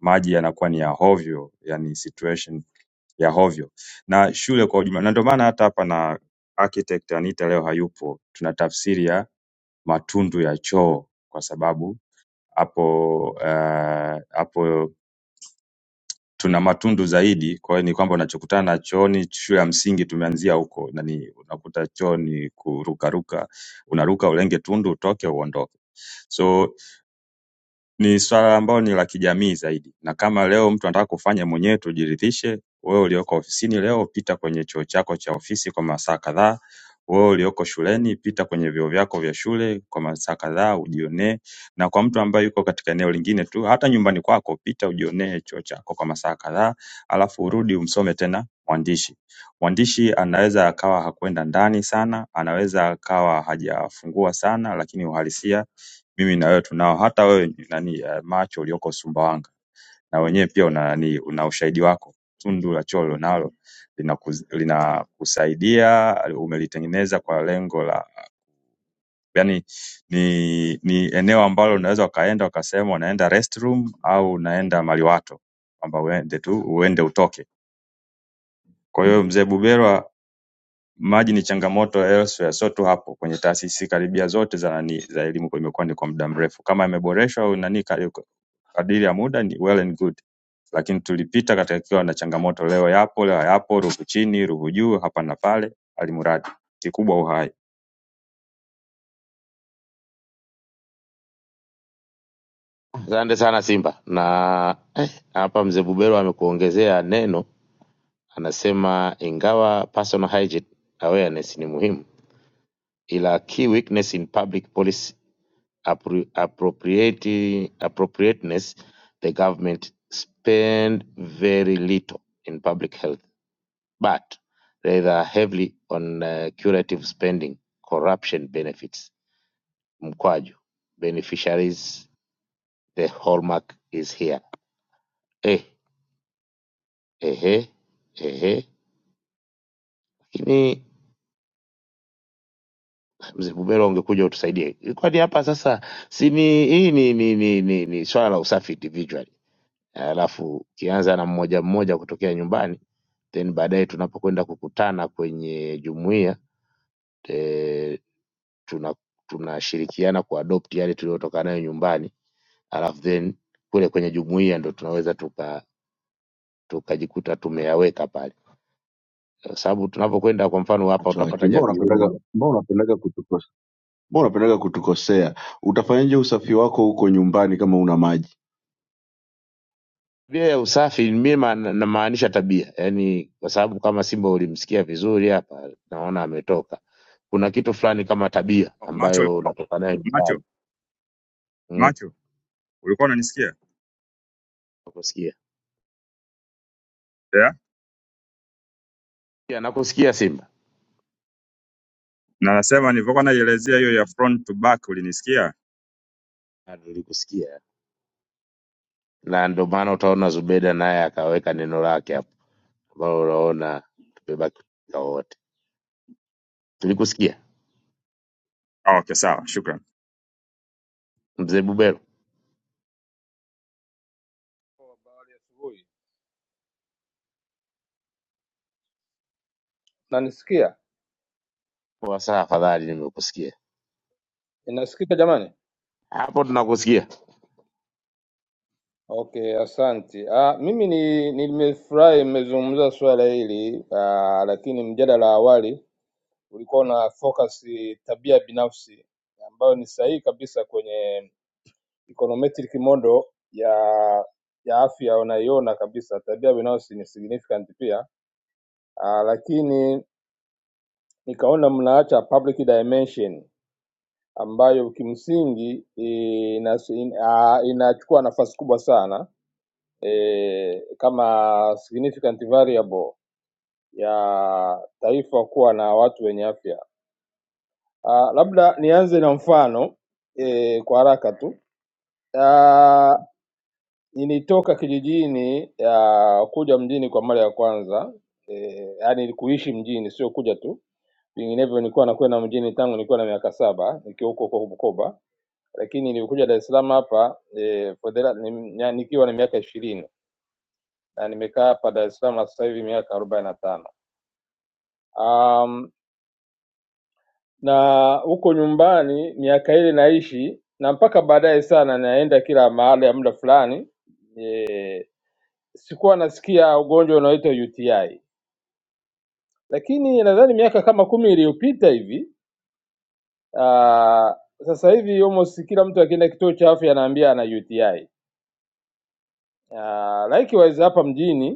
K: maji yanakuwa ni ya hovyo, yani situation ya hovyo na shule kwa ujumla. Na ndio maana hata hapa na architect Anita leo hayupo, tuna tafsiri ya matundu ya choo kwa sababu hapo eh, hapo tuna matundu zaidi. Kwa hiyo ni kwamba unachokutana na chooni, shule ya msingi tumeanzia huko, na ni unakuta choo ni kurukaruka, unaruka ulenge tundu utoke uondoke. So ni swala ambalo ni la kijamii zaidi na kama leo mtu anataka kufanya mwenyewe tujiridhishe wewe ulioko ofisini leo pita kwenye chuo chako cha ofisi kwa masaa kadhaa wewe ulioko shuleni pita kwenye vyuo vyako vya shule kwa masaa kadhaa ujionee na kwa mtu ambaye yuko katika eneo lingine tu hata nyumbani kwako pita ujionee chuo chako kwa masaa kadhaa alafu urudi umsome tena mwandishi mwandishi anaweza akawa hakwenda ndani sana anaweza akawa hajafungua sana lakini uhalisia mimi na wewe tunao, hata wewe ni nani eh, macho ulioko Sumbawanga na wenyewe pia una nani, una ushahidi wako. Tundu la Cholo nalo linakus- linakusaidia, umelitengeneza kwa lengo la yani ni ni eneo ambalo unaweza ukaenda ukasema unaenda restroom au unaenda maliwato, kwamba uende tu uende utoke. Kwa hiyo mzee Buberwa, maji ni changamoto elsewhere, sio tu hapo. Kwenye taasisi karibia zote za nani za elimu imekuwa ni kwa muda mrefu. Kama imeboreshwa au nani kadiri ya muda ni well and good lakini tulipita katika kiwa na changamoto leo yapo leo hayapo ruvu chini ruvu juu hapa na pale alimradi kikubwa uhai
C: Asante sana Simba na eh, hapa mzee Bubero amekuongezea neno, anasema ingawa personal hygiene awareness ni muhimu, ila key weakness in public policy appro- appropriate, appropriateness the government spend very little in public health but rather heavily on uh, curative spending, corruption benefits, mkwaju, beneficiaries, the hallmark is here. Eh, ehe, ehe. Lakini mzee Bubero ungekuja utusaidie, kwani hapa sasa si ni hii ni, ni, ni, ni, ni swala la usafi individually, alafu ukianza na mmoja mmoja kutokea nyumbani, then baadaye tunapokwenda kukutana kwenye jumuiya eh, tuna tunashirikiana kuadopt yale tuliyotoka nayo nyumbani alafu then kule kwenye jumuiya ndo tunaweza tuka tukajikuta tumeyaweka pale kwa sababu tunapokwenda kwa mfano hapa
N: Acha waki.
C: utapata
N: Mbona unapendaga
C: javioni
N: mbona unapendaga kutukosea? Mbona unapendaga kutukosea? Utafanyaje usafi wako huko nyumbani kama una maji?
C: tabia ya usafi mimi ma- namaanisha tabia yani kwa sababu kama simba ulimsikia vizuri hapa naona ametoka kuna kitu fulani kama tabia
K: Oh, macho
C: ambayo unatoka nayo
K: macho
C: nyumbani mm,
K: macho ulikuwa unanisikia
C: nakusikia
K: yeah?
C: Yeah, nakusikia simba
K: na nasema nilivyokuwa naielezea hiyo ya front to back ulinisikia
C: Ah, nilikusikia na ndio maana utaona Zubeda naye akaweka neno lake hapo ambalo unaona tumebaki wote. Tulikusikia
K: Ah, okay sawa shukran
C: mzee Bubero,
Q: Habari ya asubuhi. Nanisikia?
C: poa sana, afadhali nimekusikia
Q: Inasikika jamani?
C: hapo, tunakusikia.
Q: Okay, asante. Ah, mimi ni nimefurahi mmezungumza swala hili ah, lakini mjadala wa awali ulikuwa na focus tabia binafsi ambayo ni sahihi kabisa kwenye econometric model ya ya afya unaiona kabisa tabia binafsi ni significant pia ah, lakini nikaona mnaacha public dimension ambayo kimsingi inas- in- ah, inachukua nafasi kubwa sana eh, kama significant variable ya taifa kuwa na watu wenye afya. Ah, Labda nianze na mfano eh, kwa haraka tu. Ah, nilitoka kijijini ya kuja mjini kwa mara ya kwanza eh, yaani kuishi mjini sio kuja tu, vinginevyo nilikuwa nakwenda mjini tangu nilikuwa na miaka saba nikiwa huko huko Bukoba lakini nilikuja Dar es Salaam hapa eh, for the la- ni- nya- nikiwa na miaka ishirini na nimekaa hapa Dar es Salaam sasa hivi miaka arobaini na tano um, na huko nyumbani miaka ile naishi na mpaka baadaye sana naenda kila mahali ya muda fulani, sikuwa nasikia ugonjwa unaoitwa UTI, lakini nadhani miaka kama kumi iliyopita hivi uh, sasa hivi almost kila mtu akienda kituo cha afya anaambia ana UTI. Uh, likewise hapa mjini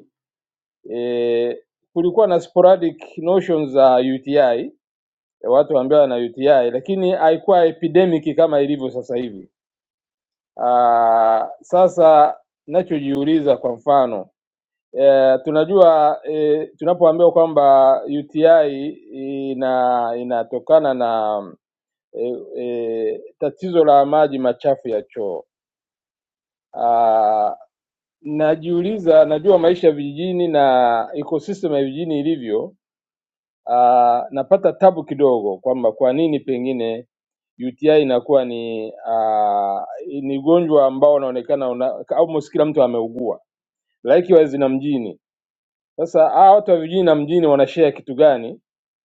Q: e, kulikuwa na sporadic notions za UTI ya watu ambao wana UTI, lakini haikuwa epidemic kama ilivyo sasa hivi. Ah, sasa nachojiuliza kwa mfano eh, tunajua eh, tunapoambiwa kwamba UTI ina inatokana na eh, eh, tatizo la maji machafu ya choo. Ah, najiuliza, najua maisha ya vijijini na ecosystem ya vijijini ilivyo, uh, napata tabu kidogo kwamba kwa nini pengine UTI inakuwa ni uh, ni ugonjwa ambao unaonekana una, almost kila mtu ameugua likewise na mjini. Sasa hawa watu wa vijijini na mjini wanashare kitu gani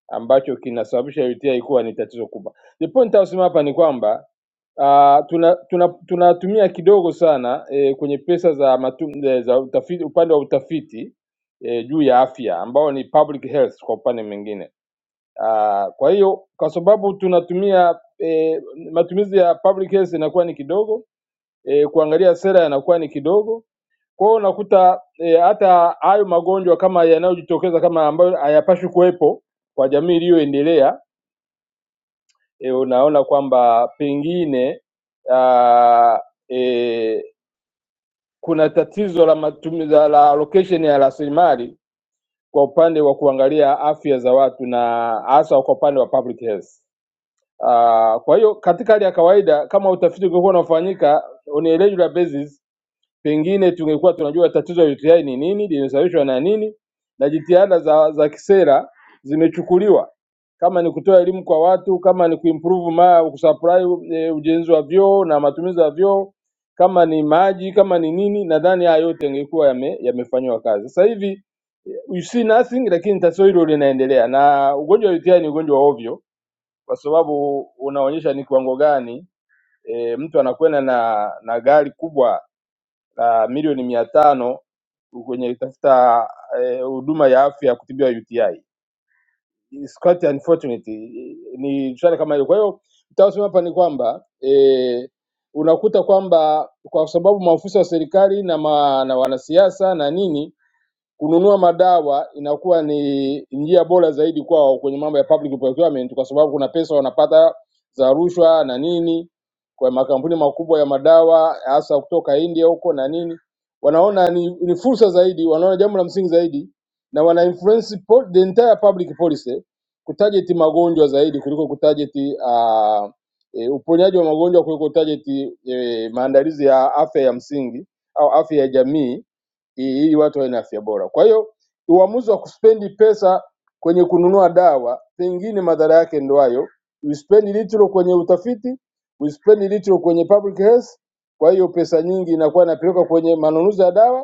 Q: ambacho kinasababisha UTI kuwa ni tatizo kubwa? The point ausema hapa ni kwamba Uh, tuna tunatumia tuna tunatumia kidogo sana eh, kwenye pesa za matum, eh, za utafiti upande wa utafiti eh, juu ya afya ambao ni public health kwa upande mwingine Ah, Kwa hiyo kwa sababu tunatumia eh, matumizi ya public health inakuwa ni kidogo eh, kuangalia sera yanakuwa ni kidogo. Kwa hiyo unakuta eh, hata hayo magonjwa kama yanayojitokeza kama ambayo hayapaswi kuwepo kwa jamii iliyoendelea eh, unaona kwamba pengine ah, eh, kuna tatizo la matumizi la allocation ya rasilimali kwa upande wa kuangalia afya za watu na hasa kwa upande wa public health. Uh, kwa hiyo katika hali ya kawaida kama utafiti ungekuwa unafanyika on a regular basis, pengine tungekuwa tunajua tatizo la UTI ni nini, linasababishwa na nini, na jitihada za, za kisera zimechukuliwa, kama ni kutoa elimu kwa watu, kama ni kuimprove ma kusupply e, ujenzi wa vyoo na matumizi ya vyoo, kama ni maji, kama ni nini, nadhani haya yote yangekuwa yame, yamefanyiwa kazi. Sasa hivi eh, you see nothing, lakini tatizo hilo linaendelea, na ugonjwa wa UTI ni ugonjwa wa ovyo kwa sababu unaonyesha ni kiwango gani e, mtu anakwenda na na gari kubwa la milioni mia tano kwenye tafuta eh, huduma ya afya ya kutibiwa UTI. It's quite unfortunate. Ni swala kama hilo. Kwa hiyo nitasema hapa ni kwamba eh, unakuta kwamba kwa sababu maafisa wa serikali na, ma, na wanasiasa na nini kununua madawa inakuwa ni njia bora zaidi kwao kwenye mambo ya public procurement, kwa sababu kuna pesa wanapata za rushwa na nini, kwa makampuni makubwa ya madawa hasa kutoka India huko na nini, wanaona ni, ni fursa zaidi, wanaona jambo la msingi zaidi, na wana influence po, the entire public policy kutarget magonjwa zaidi kuliko kutarget uh, e, uponyaji wa magonjwa kuliko kutarget e, maandalizi ya afya ya msingi au afya ya jamii i- ili watu wawe na afya bora. Kwa hiyo uamuzi wa kuspendi pesa kwenye kununua dawa, pengine madhara yake ndo hayo. Uspendi litro kwenye utafiti, uspendi litro kwenye public health. Kwa hiyo pesa nyingi inakuwa inapelekwa kwenye manunuzi ya dawa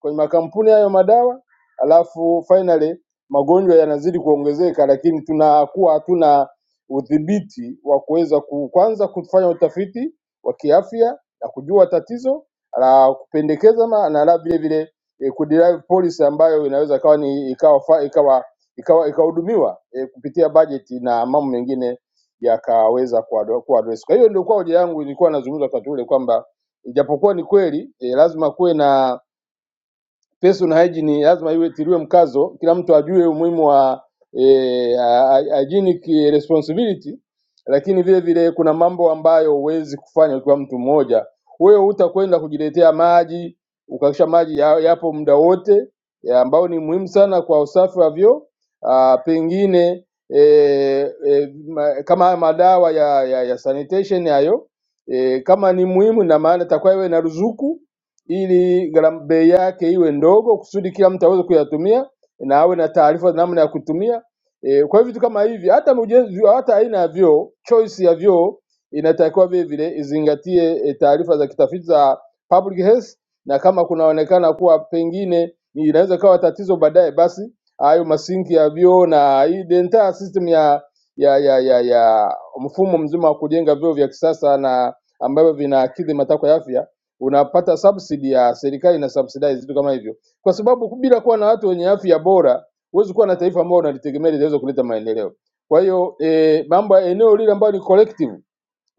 Q: kwenye makampuni hayo madawa, alafu finally magonjwa yanazidi kuongezeka, lakini tunakuwa hatuna udhibiti wa kuweza ku- kwanza kufanya utafiti wa kiafya na kujua tatizo la kupendekeza ma- na la vile vile eh, kuderive policy ambayo inaweza ikawa ni ikawa fa- ikawa ikawa ikahudumiwa eh, kupitia bajeti na mambo mengine yakaweza kuado- kuaddress. Kwa hiyo ndio kwa hoja yangu ilikuwa nazungumza wakati ule kwamba ijapokuwa ni kweli eh, lazima kuwe na personal hygiene lazima iwe tiliwe mkazo, kila mtu ajue umuhimu wa e, hygienic responsibility, lakini vile vile kuna mambo ambayo huwezi kufanya ukiwa mtu mmoja. Wewe hutakwenda kujiletea maji ukakisha maji ya- yapo muda wote ya ambao ni muhimu sana kwa usafi wa vyoo. Ah, Pengine e, e, ma, kama haya madawa ya, ya, ya sanitation hayo e, kama ni muhimu, na maana itakuwa iwe na ruzuku ili gharama bei yake iwe ndogo, kusudi kila mtu aweze kuyatumia na awe na taarifa za namna ya kutumia. E, kwa hiyo vitu kama hivi, hata ujenzi, hata aina ya vyoo, choice ya vyoo inatakiwa vile vile izingatie e, taarifa za kitafiti za public health, na kama kunaonekana kuwa pengine inaweza ikawa tatizo baadaye, basi hayo masinki ya vyoo na hii the entire system ya ya ya ya ya mfumo mzima wa kujenga vyoo vya kisasa na ambavyo vinakidhi matakwa ya afya unapata subsidy ya serikali ina subsidize vitu kama hivyo, kwa sababu bila kuwa na watu wenye afya bora huwezi kuwa na taifa ambalo unalitegemea linaweza kuleta maendeleo. Kwa hiyo eh, mambo ya eneo lile ambayo ni collective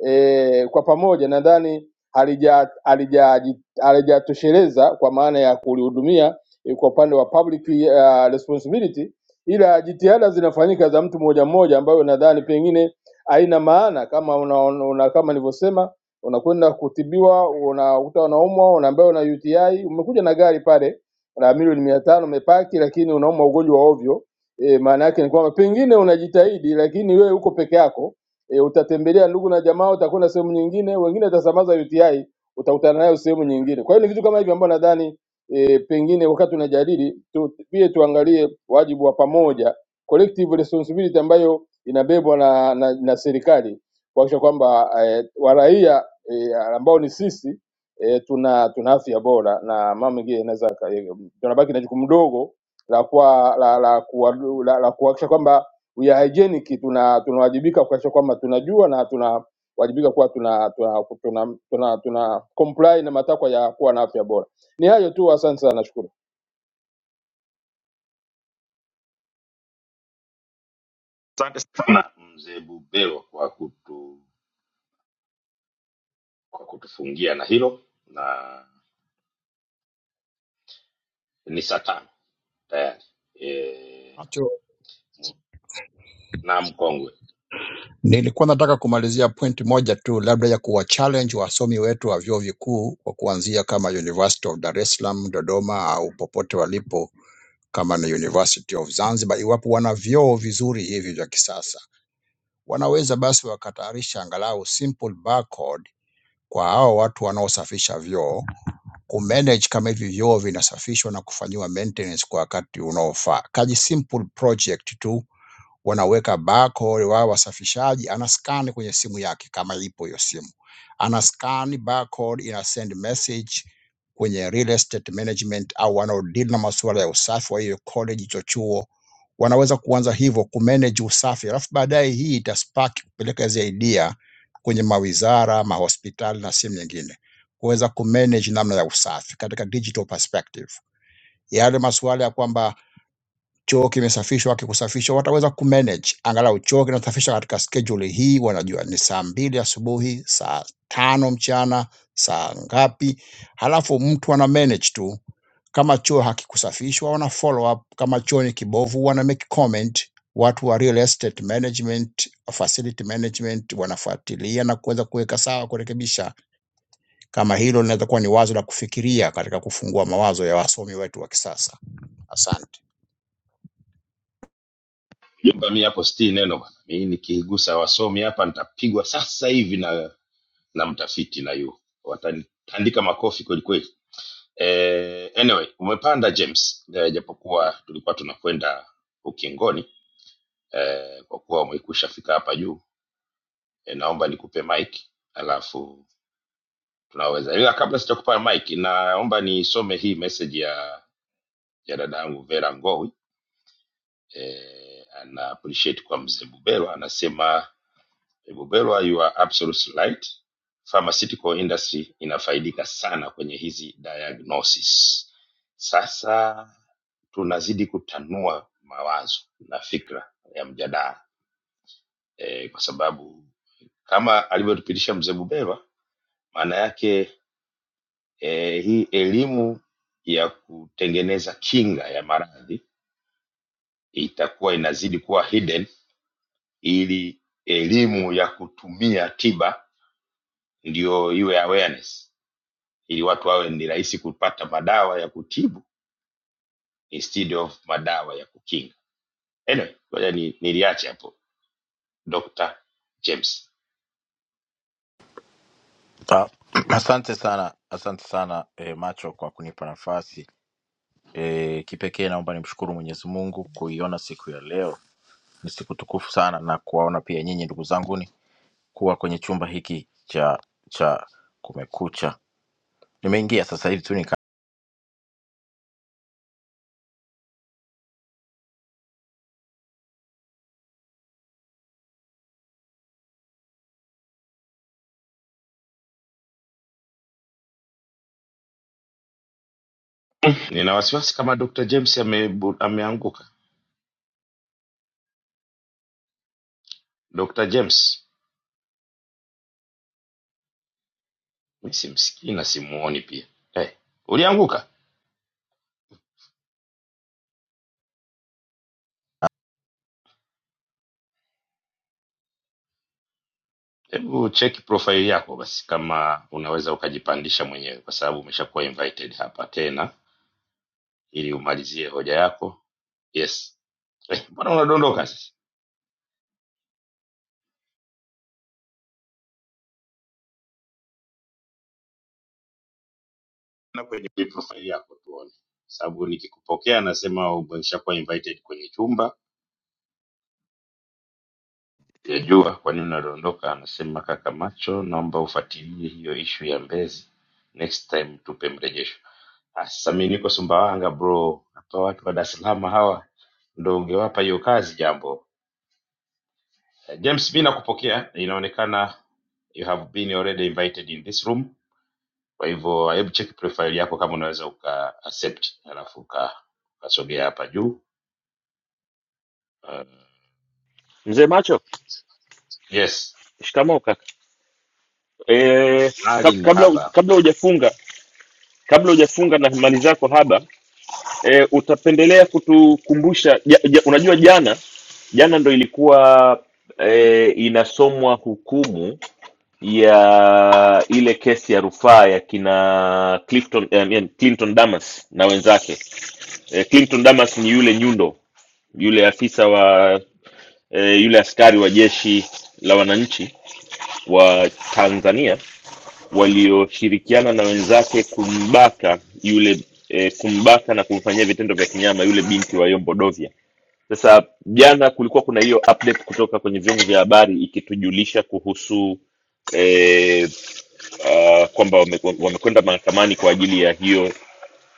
Q: e, kwa pamoja nadhani halija- halija- halijatosheleza kwa maana ya kulihudumia eh, kwa upande wa public uh, responsibility, ila jitihada zinafanyika za mtu mmoja mmoja, ambayo nadhani pengine haina maana kama una, una, kama nilivyosema unakwenda kutibiwa, unakuta unaumwa, unaambiwa una UTI, umekuja na gari pale la milioni mia tano umepaki, lakini unaumwa ugonjwa wa ovyo. E, maana yake ni kwamba pengine unajitahidi, lakini wewe uko peke yako e, utatembelea ndugu na jamaa, utakwenda sehemu nyingine, wengine utasambaza UTI, utakutana nayo sehemu nyingine. Kwa hiyo ni vitu kama hivi ambavyo nadhani e, pengine wakati tunajadili tu, pia tuangalie wajibu wa pamoja, collective responsibility ambayo inabebwa na, na, na serikali kuhakikisha kwamba e, waraia e, ambao ni sisi e, tuna tuna afya bora, na mama mwingine inaweza aka- tunabaki na jukumu dogo la kuwa la la kuwa- la, la kuhakikisha kwamba we are hygienic tuna tunawajibika kuhakikisha kwamba tunajua na tunawajibika kuwa tuna tuna, tuna, tuna, tuna comply na matakwa ya kuwa na afya bora. Ni hayo tu, asante sana, nashukuru.
P: Macho, nilikuwa nataka kumalizia point moja tu, labda ya kuwa challenge wasomi wetu wa vyuo vikuu kwa kuanzia kama University of Dar es Salaam, Dodoma au popote walipo, kama na University of Zanzibar, iwapo wana vyoo vizuri hivi vya kisasa, wanaweza basi wakatayarisha angalau simple barcode kwa hao watu wanaosafisha vyoo kumanage kama hivi vyoo vinasafishwa na kufanyiwa maintenance kwa wakati unaofaa. Kaji simple project tu wanaweka barcode wao wasafishaji anascan kwenye simu yake kama ipo hiyo simu. Anascan barcode ina send message kwenye real estate management au wanaodeal na masuala ya usafi wa hiyo college hicho chuo wanaweza kuanza hivyo kumanage usafi, alafu baadaye hii itaspark kupeleka hizi idea kwenye mawizara, mahospitali na sehemu nyingine kuweza kumanage namna ya usafi katika digital perspective. Yale masuala ya kwamba choo kimesafishwa kikusafishwa wataweza kumanage angalau choo kinasafishwa katika schedule hii wanajua ni saa mbili asubuhi saa tano mchana saa ngapi halafu mtu ana manage tu kama choo hakikusafishwa wana follow up kama choo ni kibovu wana make comment watu wa real estate management facility management wanafuatilia na kuweza kuweka sawa kurekebisha kama hilo linaweza kuwa ni wazo la kufikiria katika kufungua mawazo ya wasomi wetu wa kisasa asante
R: Ah, [clears throat] Asante sana, asante sana e, Macho kwa kunipa nafasi e, kipekee. Naomba nimshukuru Mwenyezi Mungu kuiona siku ya leo, ni siku tukufu sana, na kuwaona pia nyinyi ndugu zanguni kuwa kwenye chumba hiki cha cha Kumekucha. Nimeingia sasa hivi tu
G: mzee macho shikamoo kaka eh, kab- kabla kabla hujafunga kabla hujafunga na mali zako haba e, utapendelea kutukumbusha ja, ja, unajua jana jana ndo ilikuwa e, inasomwa hukumu ya ile kesi ya rufaa ya kina Clifton, eh, yaani Clinton Damas na wenzake e, Clinton Damas ni yule nyundo yule afisa wa e, yule askari wa jeshi la wananchi wa Tanzania walioshirikiana na wenzake kumbaka yule e, kumbaka na kumfanyia vitendo vya kinyama yule binti wa Yombo Dovya sasa jana kulikuwa kuna hiyo update kutoka kwenye vyombo vya habari ikitujulisha kuhusu eh, uh, kwamba wame- wamekwenda mahakamani kwa ajili ya hiyo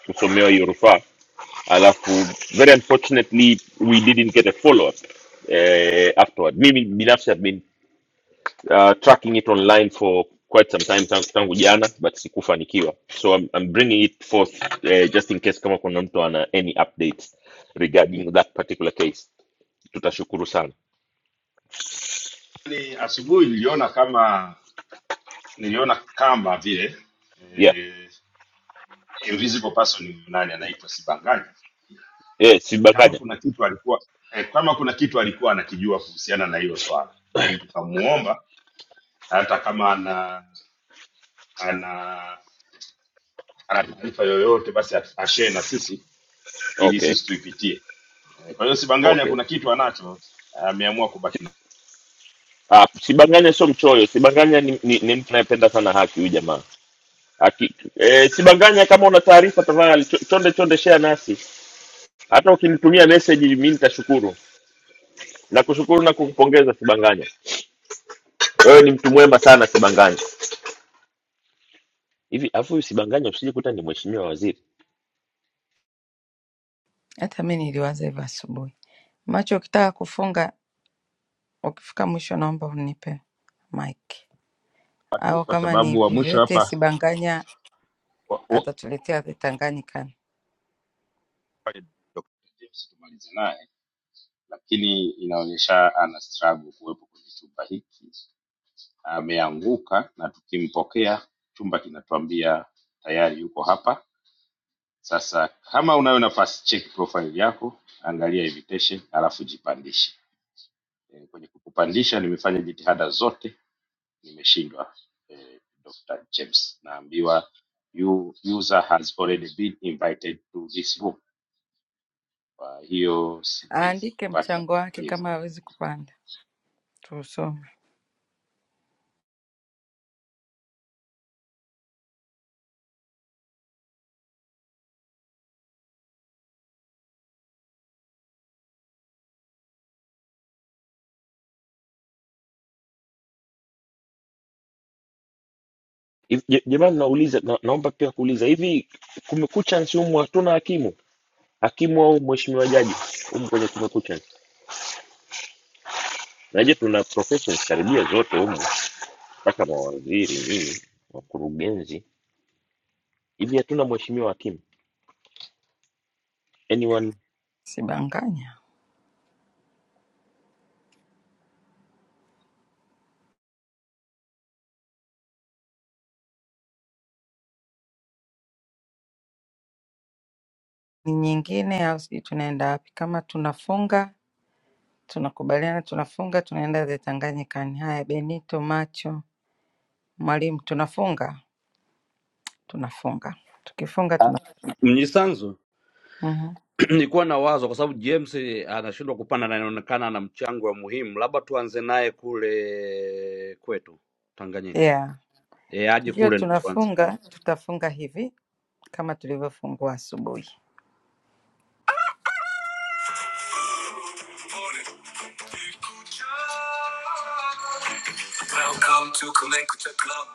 G: kusomewa hiyo rufaa, alafu very unfortunately we didn't get a follow up eh, afterward. Mimi binafsi I've been uh, tracking it online for quite some time tangu, tangu jana but sikufanikiwa, so I'm, I'm bringing it forth eh, just in case kama kuna mtu ana any updates regarding that particular case, tutashukuru sana. yeah. yeah, sibanganya okay okay ah, sibanganya sio mchoyo sibanganya ni, ni, ni mtu anayependa sana haki huyu jamaa Aki, eh, sibanganya kama una taarifa tafadhali cho- chonde chonde share nasi hata ukinitumia message mimi nitashukuru na kushukuru na kukupongeza sibanganya wewe ni mtu mwema sana sibanganya hivi afu sibanganya usije kuta ni mheshimiwa waziri Hivi, je- jamani nauliza na, naomba pia kuuliza hivi kumekucha nsi humu hatuna hakimu hakimu au mheshimiwa jaji humu kwenye kumekucha Najua tuna professions karibia zote humu, mpaka mawaziri nini, wakurugenzi hivi, hatuna mheshimiwa hakimu anyone
H: Ah, Mnyisanzu, [clears throat] nilikuwa na wazo kwa sababu James anashindwa kupanda na inaonekana ana mchango wa muhimu, labda tuanze naye kule kwetu Tanganyika. Eh, aje kule ndo tuanze naye.
A: Welcome to Kumekucha Club.